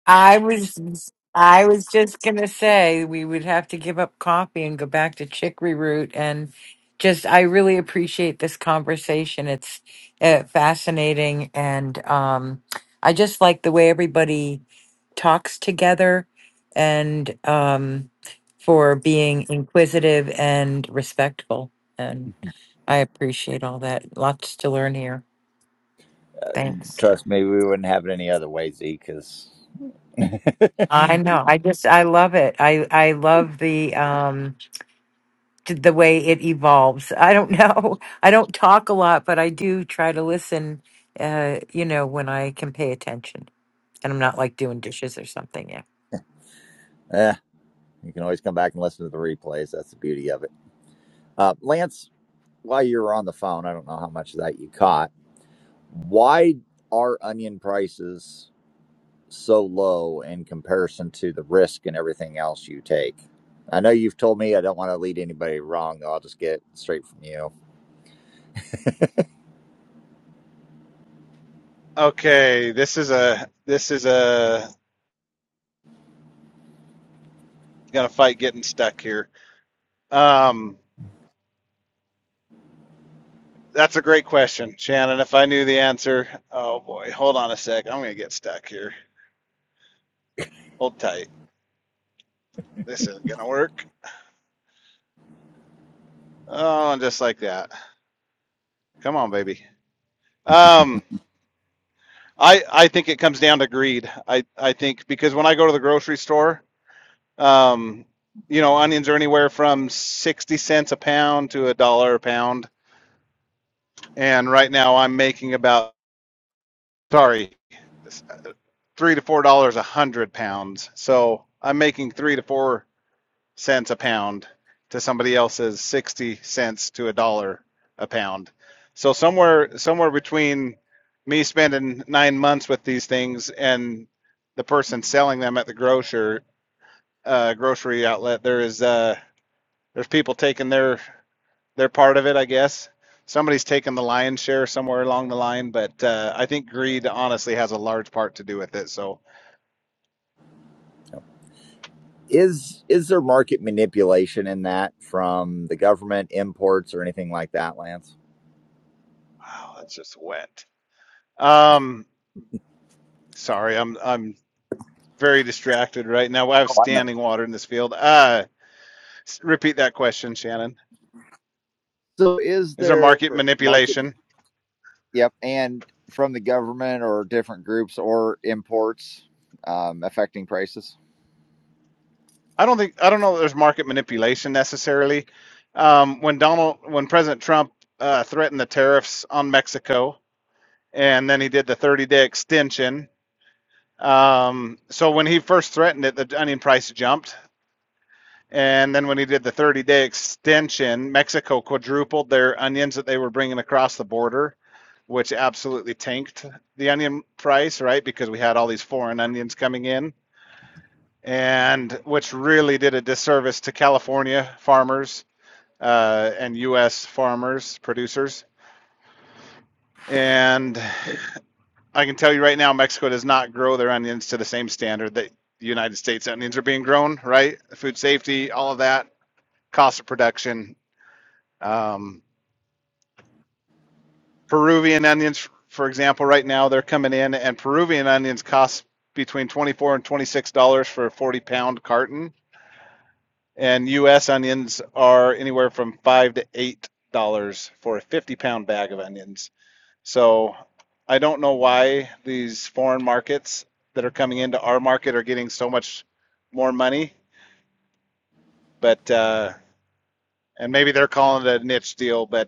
S10: I was, I was just gonna say we would have to give up coffee and go back to chicory root and just, I really appreciate this conversation. It's uh, fascinating and um, I just like the way everybody talks together and um, for being inquisitive and respectful. And I appreciate all that. Lots to learn here. Thanks.
S1: Trust me, we wouldn't have it any other way, Z, because eh,
S10: I know. I just I love it. I I love the um t- the way it evolves. I don't know. I don't talk a lot, but I do try to listen uh you know when I can pay attention. And I'm not like doing dishes or something. yeah.
S1: you can always come back and listen to the replays. That's the beauty of it. Uh, Lance, while you were on the phone, I don't know how much of that you caught. Why are onion prices? so low in comparison to the risk and everything else you take. I know you've told me I don't want to lead anybody wrong. though. I'll just get straight from you.
S8: Okay, this is a this is a gonna fight getting stuck here. Um, That's a great question, Shannon. If I knew the answer, oh boy, hold on a sec. I'm gonna get stuck here. Hold tight. This isn't gonna work. Oh, and just like that. Come on, baby. Um, I I think it comes down to greed. I I think because when I go to the grocery store, um, you know, onions are anywhere from sixty cents a pound to a dollar a pound, and right now I'm making about sorry, three to four dollars a hundred pounds. So I'm making three to four cents a pound to somebody else's 60 cents to a dollar a pound. So somewhere somewhere between me spending 9 months with these things and the person selling them at the grocer uh, grocery outlet there is uh, there's people taking their their part of it, I guess. Somebody's taking the lion's share somewhere along the line, but uh, I think greed honestly has a large part to do with it. So,
S1: Is is there market manipulation in that from the government imports or anything like that, Lance?
S8: wow, that's just wet. Um, sorry, I'm I'm very distracted right now. I have
S1: Oh, I know.
S8: standing water in this field. Uh, repeat that question, Shannon.
S1: So is
S8: Is there
S1: there
S8: market
S1: market?
S8: manipulation?
S1: Yep, and from the government or different groups or imports um, affecting prices?
S8: I don't think I don't know that there's market manipulation necessarily. Um, when Donald, when President Trump uh, threatened the tariffs on Mexico, and then he did the 30-day extension. Um, so when he first threatened it, the onion price jumped And then when he did the 30 day extension, Mexico quadrupled their onions that they were bringing across the border, which absolutely tanked the onion price, right? Because we had all these foreign onions coming in, and which really did a disservice to California farmers uh, and U.S. farmers, producers. And I can tell you right now, Mexico does not grow their onions to the same standard that the United States onions are being grown, right? Food safety, all of that, cost of production, Um, Peruvian onions, for example, right now they're coming in, and Peruvian onions cost between twenty-four and twenty-six dollars for a forty-pound carton, and U.S. onions are anywhere from five to eight dollars for a fifty-pound bag of onions. So I don't know why these foreign markets that are coming into our market are getting so much more money, but uh, and maybe they're calling it a niche deal, but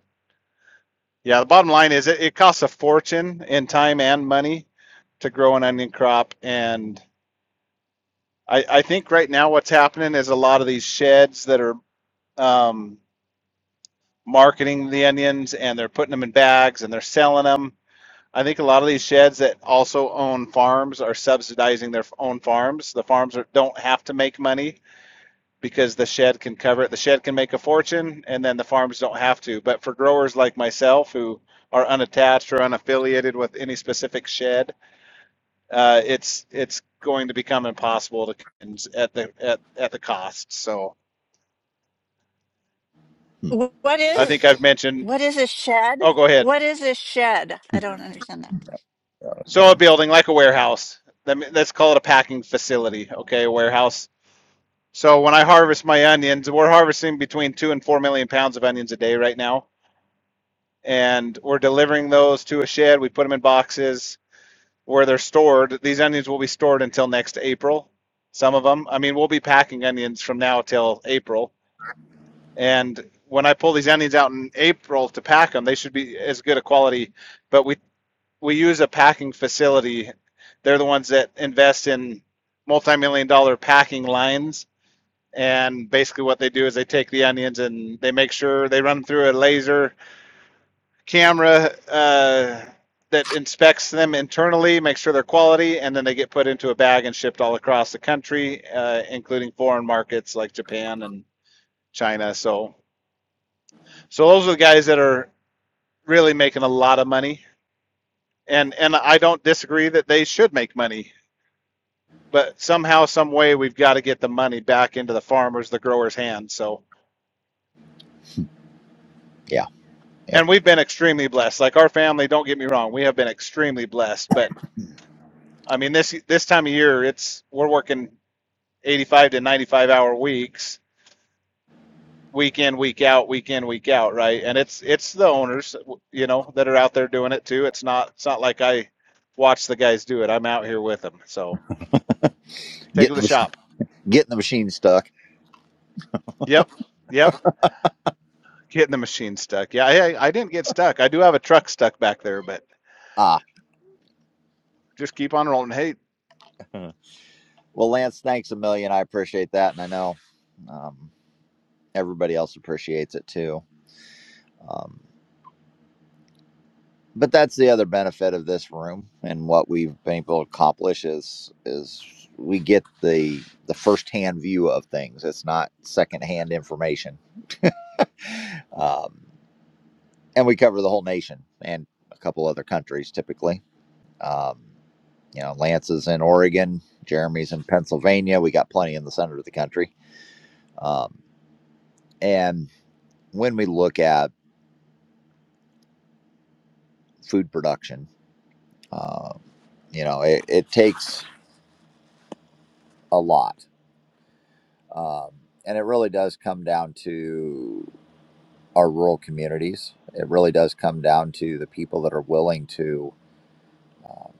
S8: Yeah, the bottom line is it, it costs a fortune in time and money to grow an onion crop. And I, I think right now what's happening is a lot of these sheds that are um, marketing the onions and they're putting them in bags and they're selling them. I think a lot of these sheds that also own farms are subsidizing their own farms. The farms are, don't have to make money because the shed can cover it. The shed can make a fortune, and then the farms don't have to. But for growers like myself who are unattached or unaffiliated with any specific shed, uh, it's it's going to become impossible to at the at, at the cost. So
S1: Hmm.
S6: What
S8: I
S6: is
S8: think I've mentioned.
S6: what is a shed?
S8: Oh, go ahead.
S6: What is a shed?
S1: Oh,
S6: I don't understand that.
S8: So a
S1: coming.
S8: building like a warehouse. let's call it a packing facility. Okay, a warehouse. So when I harvest my onions, we're harvesting between two and four million pounds of onions a day right now and we're delivering those to a shed. We put them in boxes where they're stored. These onions will be stored until next April. Some of them, I mean, we'll be packing onions from now till April. And when I pull these onions out in April to pack them, they should be as good a quality. But we we use a packing facility. They're the ones that invest in multi-million dollar packing lines. And basically, what they do is they take the onions and they make sure they run them through a laser camera uh, that inspects them internally, makes sure they're quality, and then they get put into a bag and shipped all across the country, uh, including foreign markets like Japan and China. So, so those are the guys that are really making a lot of money, and and I don't disagree that they should make money, but somehow, some way, we've got to get the money back into the farmers, the growers' hands. So.
S1: Yeah. Yep.
S8: And we've been extremely blessed. Like our family, don't get me wrong, we have been extremely blessed. But I mean, this this time of year, it's we're working 85 to 95 hour weeks, week in, week out, week in, week out, right? And it's it's the owners, you know, that are out there doing it too. It's not it's not like I watch the guys do it. I'm out here with them. So take it to the
S1: Getting the
S8: shop.
S1: getting the machine stuck.
S8: Yep, yep. Getting the machine stuck. Yeah, I, I didn't get stuck. I do have a truck stuck back there, but
S1: Ah.
S8: just keep on rolling. Hey,
S1: Well, Lance, thanks a million. I appreciate that, and I know um, everybody else appreciates it too. Um, but that's the other benefit of this room and what we've been able to accomplish is is we get the the firsthand view of things. It's not secondhand information, um, and we cover the whole nation and a couple other countries typically. Um, you know, Lance is in Oregon, Jeremy's in Pennsylvania. We got plenty in the center of the country, um, and when we look at food production. Uh, you know, it, it takes a lot. Um, and it really does come down to our rural communities. It really does come down to the people that are willing to um,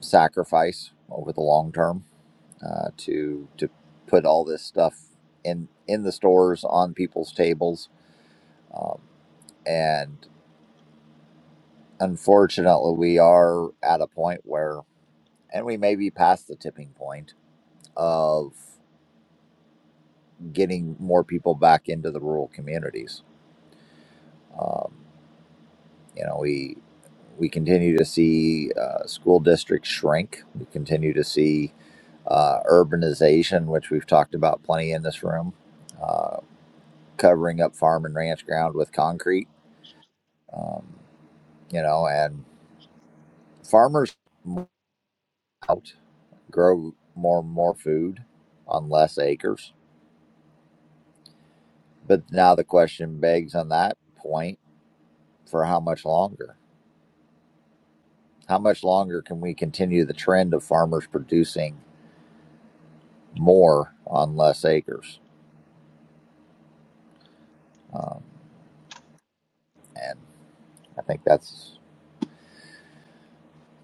S1: sacrifice over the long term uh, to to put all this stuff in in the stores on people's tables. Um, and unfortunately, we are at a point where, and we may be past the tipping point of getting more people back into the rural communities. Um, you know, we we continue to see uh, school districts shrink. We continue to see uh, urbanization, which we've talked about plenty in this room, uh, covering up farm and ranch ground with concrete. Um, you know, and farmers move out grow more and more food on less acres. But now the question begs on that point for how much longer? How much longer can we continue the trend of farmers producing more on less acres? Um, and I think that's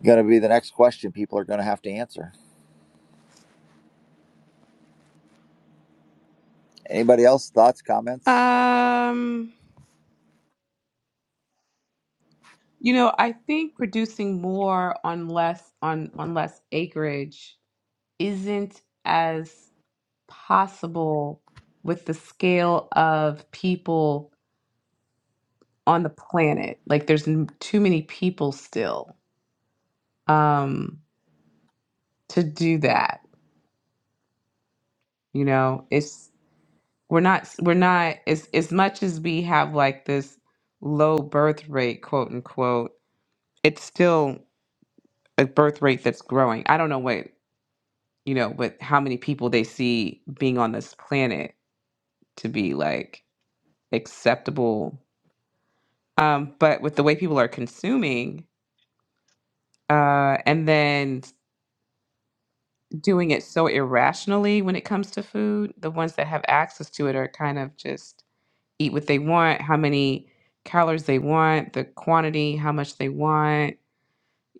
S1: going to be the next question people are going to have to answer. Anybody else? Thoughts, comments?
S9: Um, you know, I think producing more on less on on less acreage isn't as possible with the scale of people on the planet. Like there's n- too many people still. um to do that you know it's we're not we're not as as much as we have like this low birth rate quote unquote it's still a birth rate that's growing i don't know what you know what how many people they see being on this planet to be like acceptable um but with the way people are consuming uh and then doing it so irrationally when it comes to food the ones that have access to it are kind of just eat what they want, how many calories they want, the quantity, how much they want,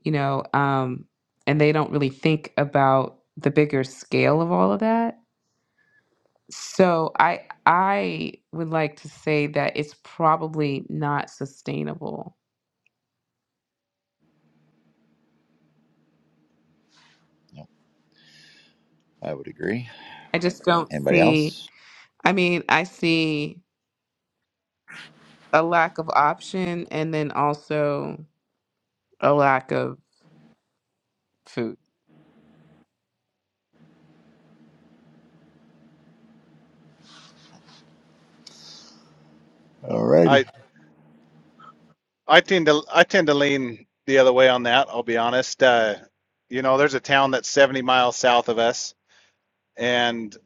S9: you know, um, and they don't really think about the bigger scale of all of that. So I I would like to say that it's probably not sustainable.
S1: No, I would agree.
S9: I just don't
S1: Anybody
S9: see
S1: else?
S9: I mean, I see a lack of option and then also a lack of food.
S1: Alrighty.
S8: I I tend to I tend to lean the other way on that. I'll be honest. Uh, you know, there's a town that's 70 miles south of us, and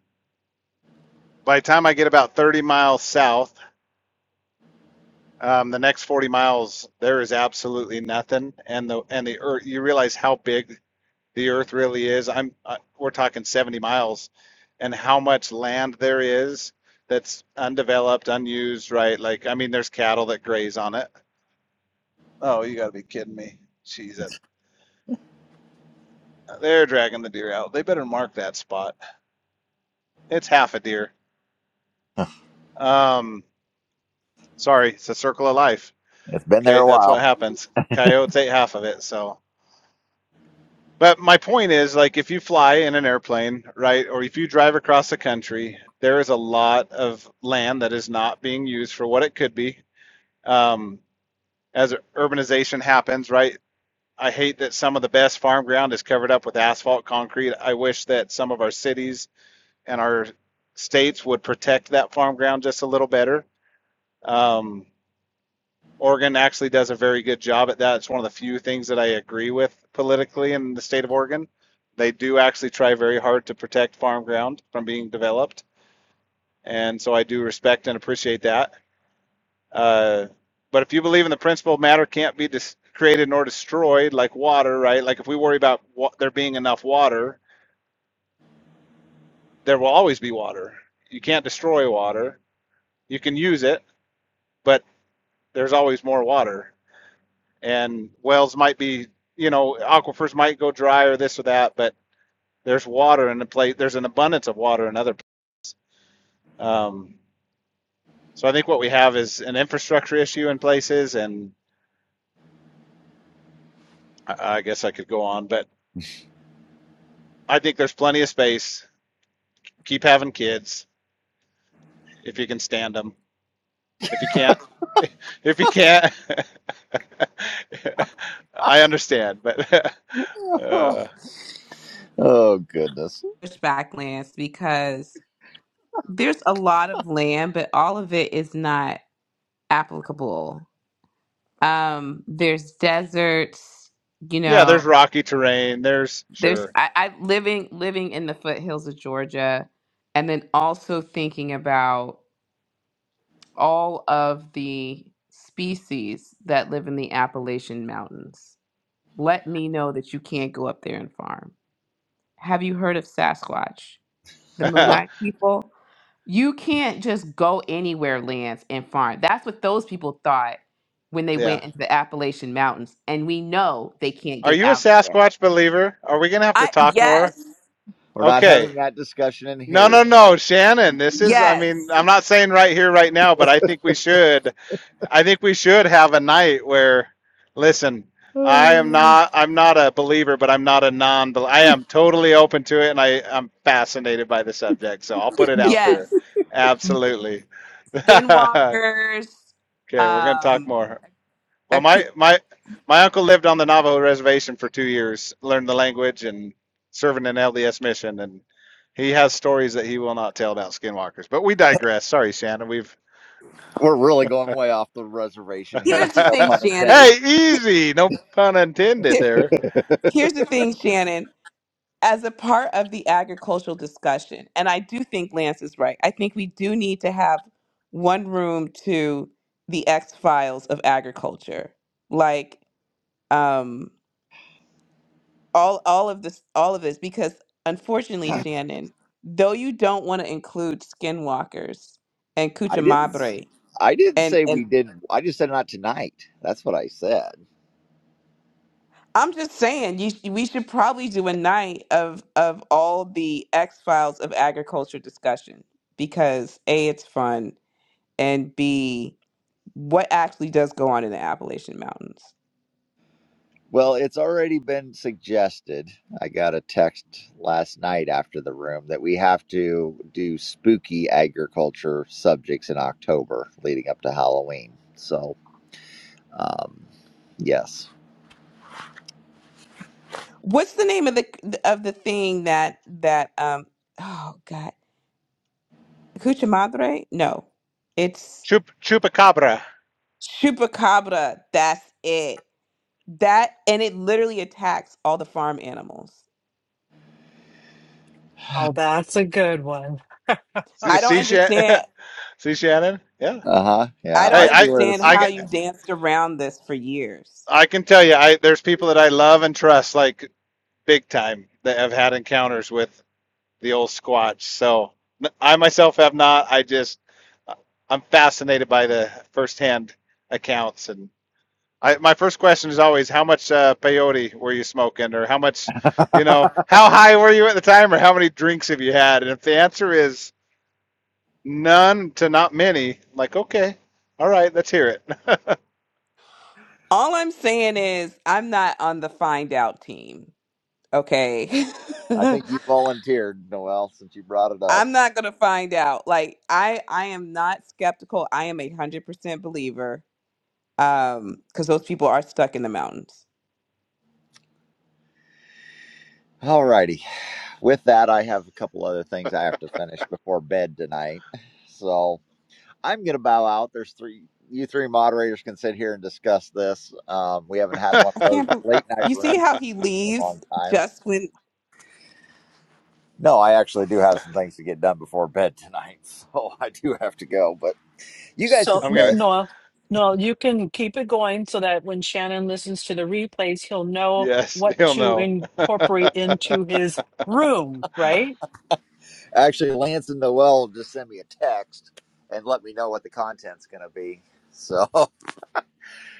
S8: By the time I get about 30 miles south, um, the next 40 miles there is absolutely nothing, and the and the earth. You realize how big the earth really is. I'm uh, we're talking 70 miles, and how much land there is that's undeveloped, unused. Right? Like I mean, there's cattle that graze on it. Oh, you got to be kidding me! Jeez, that, they're dragging the deer out. They better mark that spot. It's half a deer. Um, sorry, it's a circle of life.
S1: It's been
S8: Okay,
S1: there a
S8: that's what
S1: while.
S8: happens. Coyotes ate half of it, so But my point is, like, if you fly in an airplane, right, or if you drive across the country, there is a lot of land that is not being used for what it could be. Um, as urbanization happens, right, I hate that some of the best farm ground is covered up with asphalt concrete. I wish that some of our cities and our states would protect that farm ground just a little better. Um, Oregon actually does a very good job at that. It's one of the few things that I agree with politically in the state of Oregon. They do actually try very hard to protect farm ground from being developed, and so I do respect and appreciate that. Uh, but if you believe in the principle, matter can't be dis- created nor destroyed like water, right? Like if we worry about wa- there being enough water, there will always be water. You can't destroy water. You can use it, but there's always more water. and wells might be, you know, aquifers might go dry or this or that, but there's water in the place. There's an abundance of water in other. places. Um, so I think what we have is an infrastructure issue in places, and I, I guess I could go on, but I think there's plenty of space. Keep having kids if you can stand them. If you can't, if you can't, I understand, but uh,
S1: oh, goodness.
S9: Pushback lands because there's a lot of land, but all of it is not applicable. Um, there's deserts, you
S8: Yeah, there's
S9: know.
S8: rocky terrain. There's
S9: There's
S8: sure.
S9: I, I living living in the foothills of Georgia, and then also thinking about all of the species that live in the Appalachian Mountains. Let me know that you can't go up there and farm. Have you heard of Sasquatch, the Moonite people? You can't just go anywhere, Lance, and farm. That's what those people thought when they
S8: Yeah.
S9: went into the Appalachian Mountains. And we know they can't
S8: Are
S9: get
S8: you a
S9: out of there.
S8: Sasquatch believer? Are we gonna have to
S9: I
S8: talk more?
S9: yes,
S1: We're not
S8: Okay.
S1: having that discussion in
S8: No,
S1: here,
S8: no, no,
S1: though.
S8: Shannon. This is, I mean,
S9: yes,
S8: I'm not saying right here, right now, but I think we should. I think we should have a night where, listen, I am not, I'm not a believer, but I'm not a non. I am totally open to it, and I, I'm fascinated by the subject. So I'll put it out there.
S9: yes.
S8: Absolutely.
S9: Skinwalkers.
S8: Okay, we're gonna talk
S9: Um,
S8: more. Well,
S9: a
S8: my
S9: coo-
S8: my my uncle lived on the Navajo reservation for two years, learned the language, and serving an LDS mission, and he has stories that he will not tell about skinwalkers. But we digress. Sorry, Shannon. We've
S1: We're really going way off the reservation here.
S9: here's the
S1: No
S9: thing,
S1: pun
S9: Shannon.
S1: intended.
S8: hey, easy. No pun intended
S9: Here,
S8: there.
S9: here's the thing, Shannon. as a part of the agricultural discussion, and I do think Lance is right. I think we do need to have one room to the X files of agriculture, like um, all all of this, all of this, because unfortunately, Shannon, though you don't want to include skinwalkers and
S1: I didn't.
S9: Cuchamabre,
S1: I didn't
S9: and
S1: say
S9: and
S1: we didn't. I just said not tonight. That's what I said.
S9: I'm just saying, you sh- we should probably do a night of of all the X files of agriculture discussion because a it's fun and B, what actually does go on in the Appalachian Mountains?
S1: Well, it's already been suggested. I got a text last night after the room that we have to do spooky agriculture subjects in October leading up to Halloween. So, um, yes.
S9: What's the name of the of the thing that that um oh god cucha madre? No, it's
S8: Chup chupacabra.
S9: chupacabra. That's it. That and it literally attacks all the farm animals.
S5: Oh, that's a good one.
S8: See,
S9: I don't
S8: see, Sha-
S9: understand.
S8: see Shannon. Yeah.
S1: Uh huh.
S9: I
S1: Yeah,
S9: don't
S8: Hey,
S1: I see
S8: I
S1: where
S9: understand
S1: this is
S8: I
S9: how
S8: can
S1: going.
S9: you've danced around this for years.
S8: I can tell you, I there's people that I love and trust like big time that have had encounters with the old Squatch. So I myself have not. I just I'm fascinated by the firsthand accounts. And I, my first question is always, how much uh, peyote were you smoking, or how much, you know, how high were you at the time, or how many drinks have you had? And if the answer is none to not many, I'm like okay, all right, let's hear it.
S9: All I'm saying is, I'm not on the find out team. Okay.
S1: I think you
S9: I'm
S1: volunteered, Noel, since you brought it up.
S9: not going to find out. Like, I, I am not skeptical. I am a 100% believer Um, because those people are stuck in the mountains.
S1: All righty. With that, I have a couple other things I have to finish before bed tonight. So, I'm going to bow out. There's three, you three moderators can sit here and discuss this. Um, we haven't had one
S9: I
S1: of those
S9: can't believe
S1: late night
S9: you see
S1: rooms
S9: how he
S1: in a
S9: leaves
S1: long time.
S9: just when
S1: No, I actually do have some things to get done before bed tonight, so I do have to go. But you guys can
S5: So,
S8: I'm
S5: n-
S8: gonna.
S1: stay.
S5: Noel, no, you can keep it going so that when Shannon listens to the replays, he'll know
S8: Yes,
S5: what
S8: he'll
S5: to
S8: know.
S5: incorporate into his room, right?
S1: Actually, Lance and Noel just send me a text and let me know what the content's going to be. So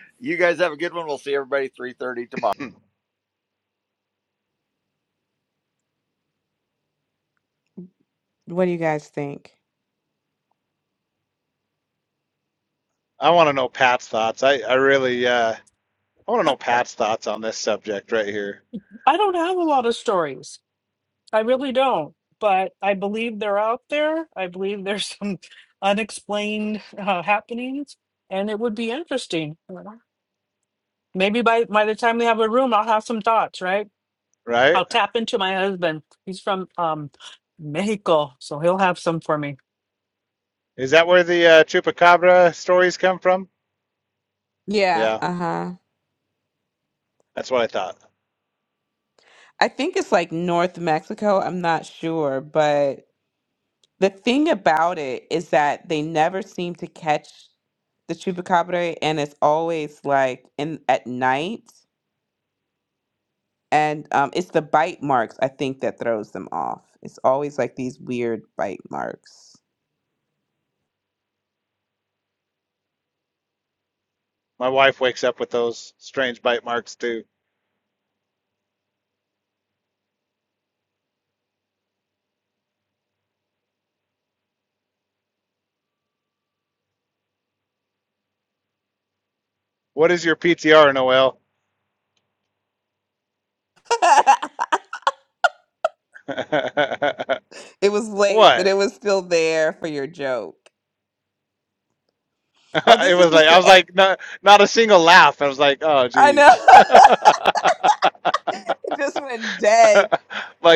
S1: you guys have a good one. We'll see everybody 3:30 tomorrow.
S9: What do you guys think?
S8: I want to know Pat's thoughts. I, I really, uh, I want to know Pat's thoughts on this subject right here.
S5: I don't have a lot of stories. I really don't, but I believe they're out there. I believe there's some unexplained uh, happenings, and it would be interesting. Maybe by by the time we have a room, I'll have some thoughts, right?
S8: Right?
S5: I'll tap into my husband. He's from um Mexico, so he'll have some for me.
S8: Is that where the uh, chupacabra stories come from?
S9: Yeah,
S8: Yeah,
S9: uh-huh.
S8: that's what I thought.
S9: I think it's like North Mexico, I'm not sure, but the thing about it is that they never seem to catch the chupacabra and it's always like in at night and um it's the bite marks I think that throws them off. It's always like these weird bite marks.
S8: My wife wakes up with those strange bite marks too. What is your PTR, Noel?
S9: It was late, but it
S8: what?
S9: was still there for your joke. Oh,
S8: it
S9: this is
S8: was like
S9: just
S8: I was
S9: a.
S8: like not not a single laugh. I was like, oh
S9: I know.
S8: geez. like
S9: it just went dead.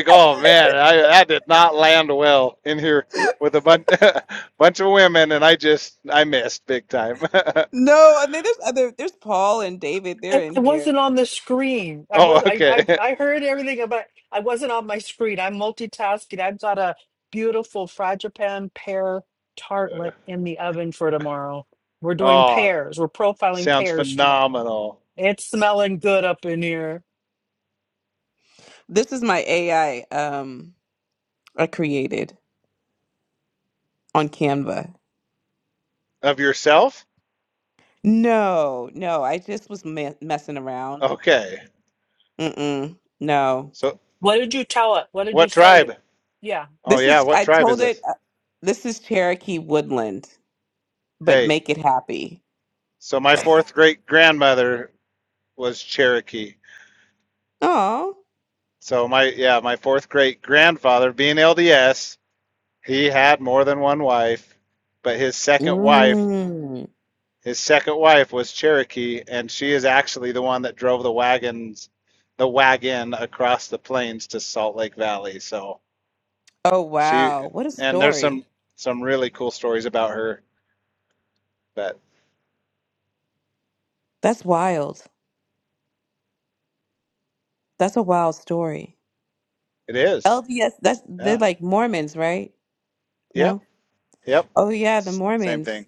S8: oh man, I that did not land well in here with a bunch bunch of women, and I just I missed big time.
S9: No, I mean there's other there's Paul and David, they're
S5: I, I
S9: in here.
S5: wasn't on the screen. I
S8: Oh,
S5: was I,
S8: okay.
S5: I I heard everything about I wasn't on my screen. I'm multitasking. I've got a beautiful fragipan pear tartlet in the oven for tomorrow. We're doing
S8: Oh,
S5: pears. We're profiling
S8: sounds
S5: pears tomorrow.
S8: phenomenal.
S5: It's smelling good up in here.
S9: This is my AI um I created on Canva.
S8: Of yourself?
S9: No, no, I just was me- messing around.
S8: Okay.
S9: Mm-mm. No.
S8: So,
S5: What did you tell it? What did you
S8: what
S5: say to
S8: tribe?
S5: Yeah.
S8: Oh,
S9: This
S8: yeah,
S9: is
S8: what
S9: I
S8: tribe is
S9: told it
S8: this?
S9: uh, this is Cherokee Woodland, but
S8: Hey,
S9: make it happy.
S8: so my fourth great grandmother was Cherokee.
S9: Oh.
S8: So, my, yeah, my fourth great grandfather, being LDS, he had more than one wife, but his second wife,
S9: Mm.
S8: his second wife was Cherokee, and she is actually the one that drove the wagons, the wagon across the plains to Salt Lake Valley. So,
S9: Oh
S8: She
S9: wow. What a
S8: and there's
S9: story.
S8: some some really cool stories about her. But
S9: That's wild. That's a wild story.
S8: it is.
S9: LDS, that's they're
S8: Yeah.
S9: like Mormons, right?
S8: Yep.
S9: No?
S8: Yep.
S9: Oh, yeah, the
S8: S- Same
S9: Mormons.
S8: thing.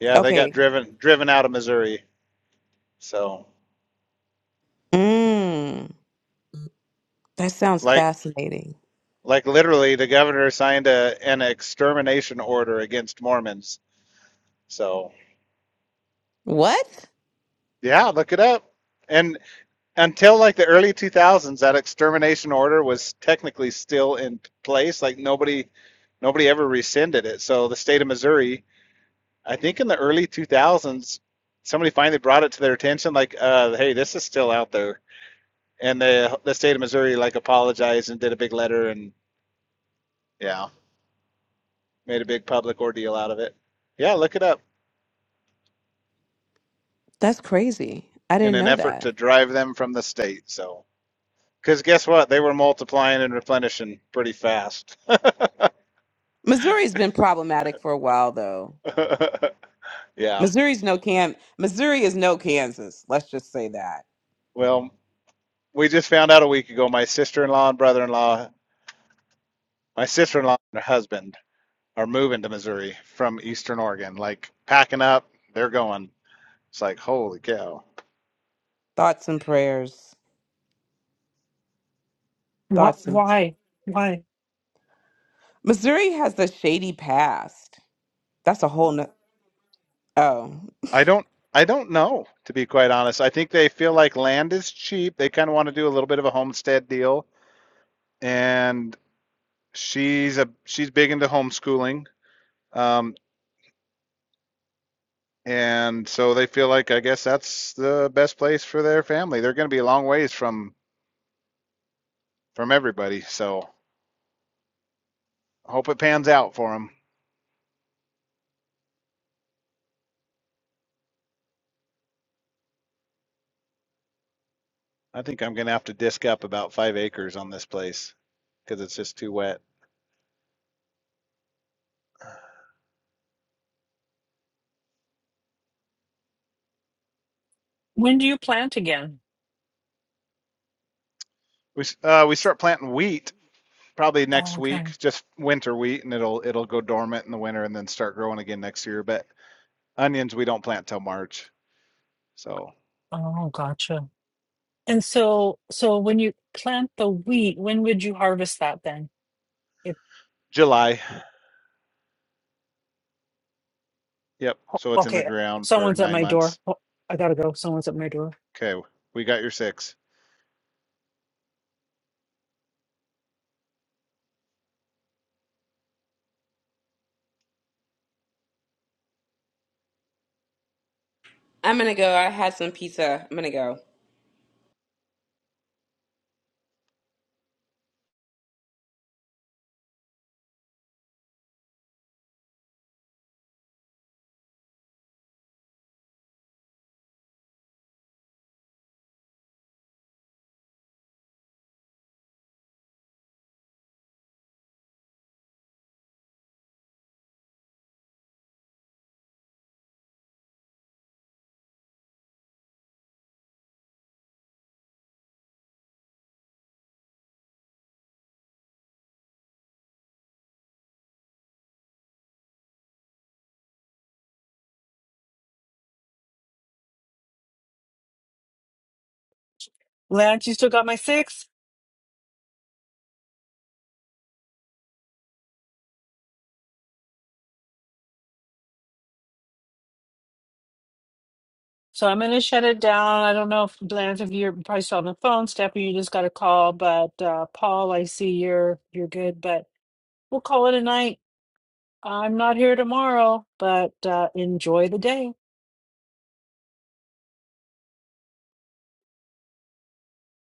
S8: Yeah, they got
S9: Okay.
S8: driven driven out of Missouri. So
S9: Mm, that sounds
S8: like
S9: fascinating.
S8: like literally the governor signed a an extermination order against Mormons. So
S9: What?
S8: yeah, look it up. And until like the early 2000s, that extermination order was technically still in place. Like nobody nobody ever rescinded it. So the state of Missouri I think in the early 2000s, somebody finally brought it to their attention, like, uh, "Hey, this is still out there." And the the state of Missouri like apologized and did a big letter and yeah, made a big public ordeal out of it. Yeah, look it up
S9: That's crazy. I
S8: in
S9: didn't
S8: an
S9: know
S8: effort
S9: that.
S8: to drive them from the state. So, because guess what, they were multiplying and replenishing pretty fast.
S9: Missouri's been problematic for a while, though.
S8: yeah.
S9: Missouri's no can. Missouri is no Kansas. Let's just say that.
S8: Well, we just found out a week ago. My sister-in-law and brother-in-law, my sister-in-law and her husband are moving to Missouri from Eastern Oregon, like packing up, they're going. It's like, holy cow.
S9: Thoughts and prayers.
S5: What
S9: Thoughts and.
S5: why? Why?
S9: Missouri has a shady past. That's a whole no. Oh.
S8: I don't I don't know, to be quite honest. I think they feel like land is cheap. They kind of want to do a little bit of a homestead deal. And she's a she's big into homeschooling. Um, and so they feel like I guess that's the best place for their family. They're going to be a long ways from from everybody. So hope it pans out for them. I think I'm gonna have to disc up about five acres on this place because it's just too wet.
S5: when do you plant again?
S8: We uh, we start planting wheat probably
S5: Oh,
S8: next
S5: okay.
S8: week, just winter wheat, and it'll it'll go dormant in the winter and then start growing again next year. But onions we don't plant till March, so
S5: Oh gotcha. And so, so when you plant the wheat, when would you harvest that then? If
S8: July. Yep. So it's in the
S5: okay,
S8: ground for
S5: someone's at
S8: nine
S5: my door.
S8: months.
S5: Oh, I gotta go. Someone's at my door.
S8: Okay, we got your six.
S9: I'm gonna go. I had some pizza. I'm gonna go.
S5: Lance, you still got my six? So I'm gonna shut it down. I don't know if Lance, if you're probably still on the phone, Stephanie, you just got a call. But uh, Paul, I see you're you're good, but we'll call it a night. I'm not here tomorrow, but uh, enjoy the day.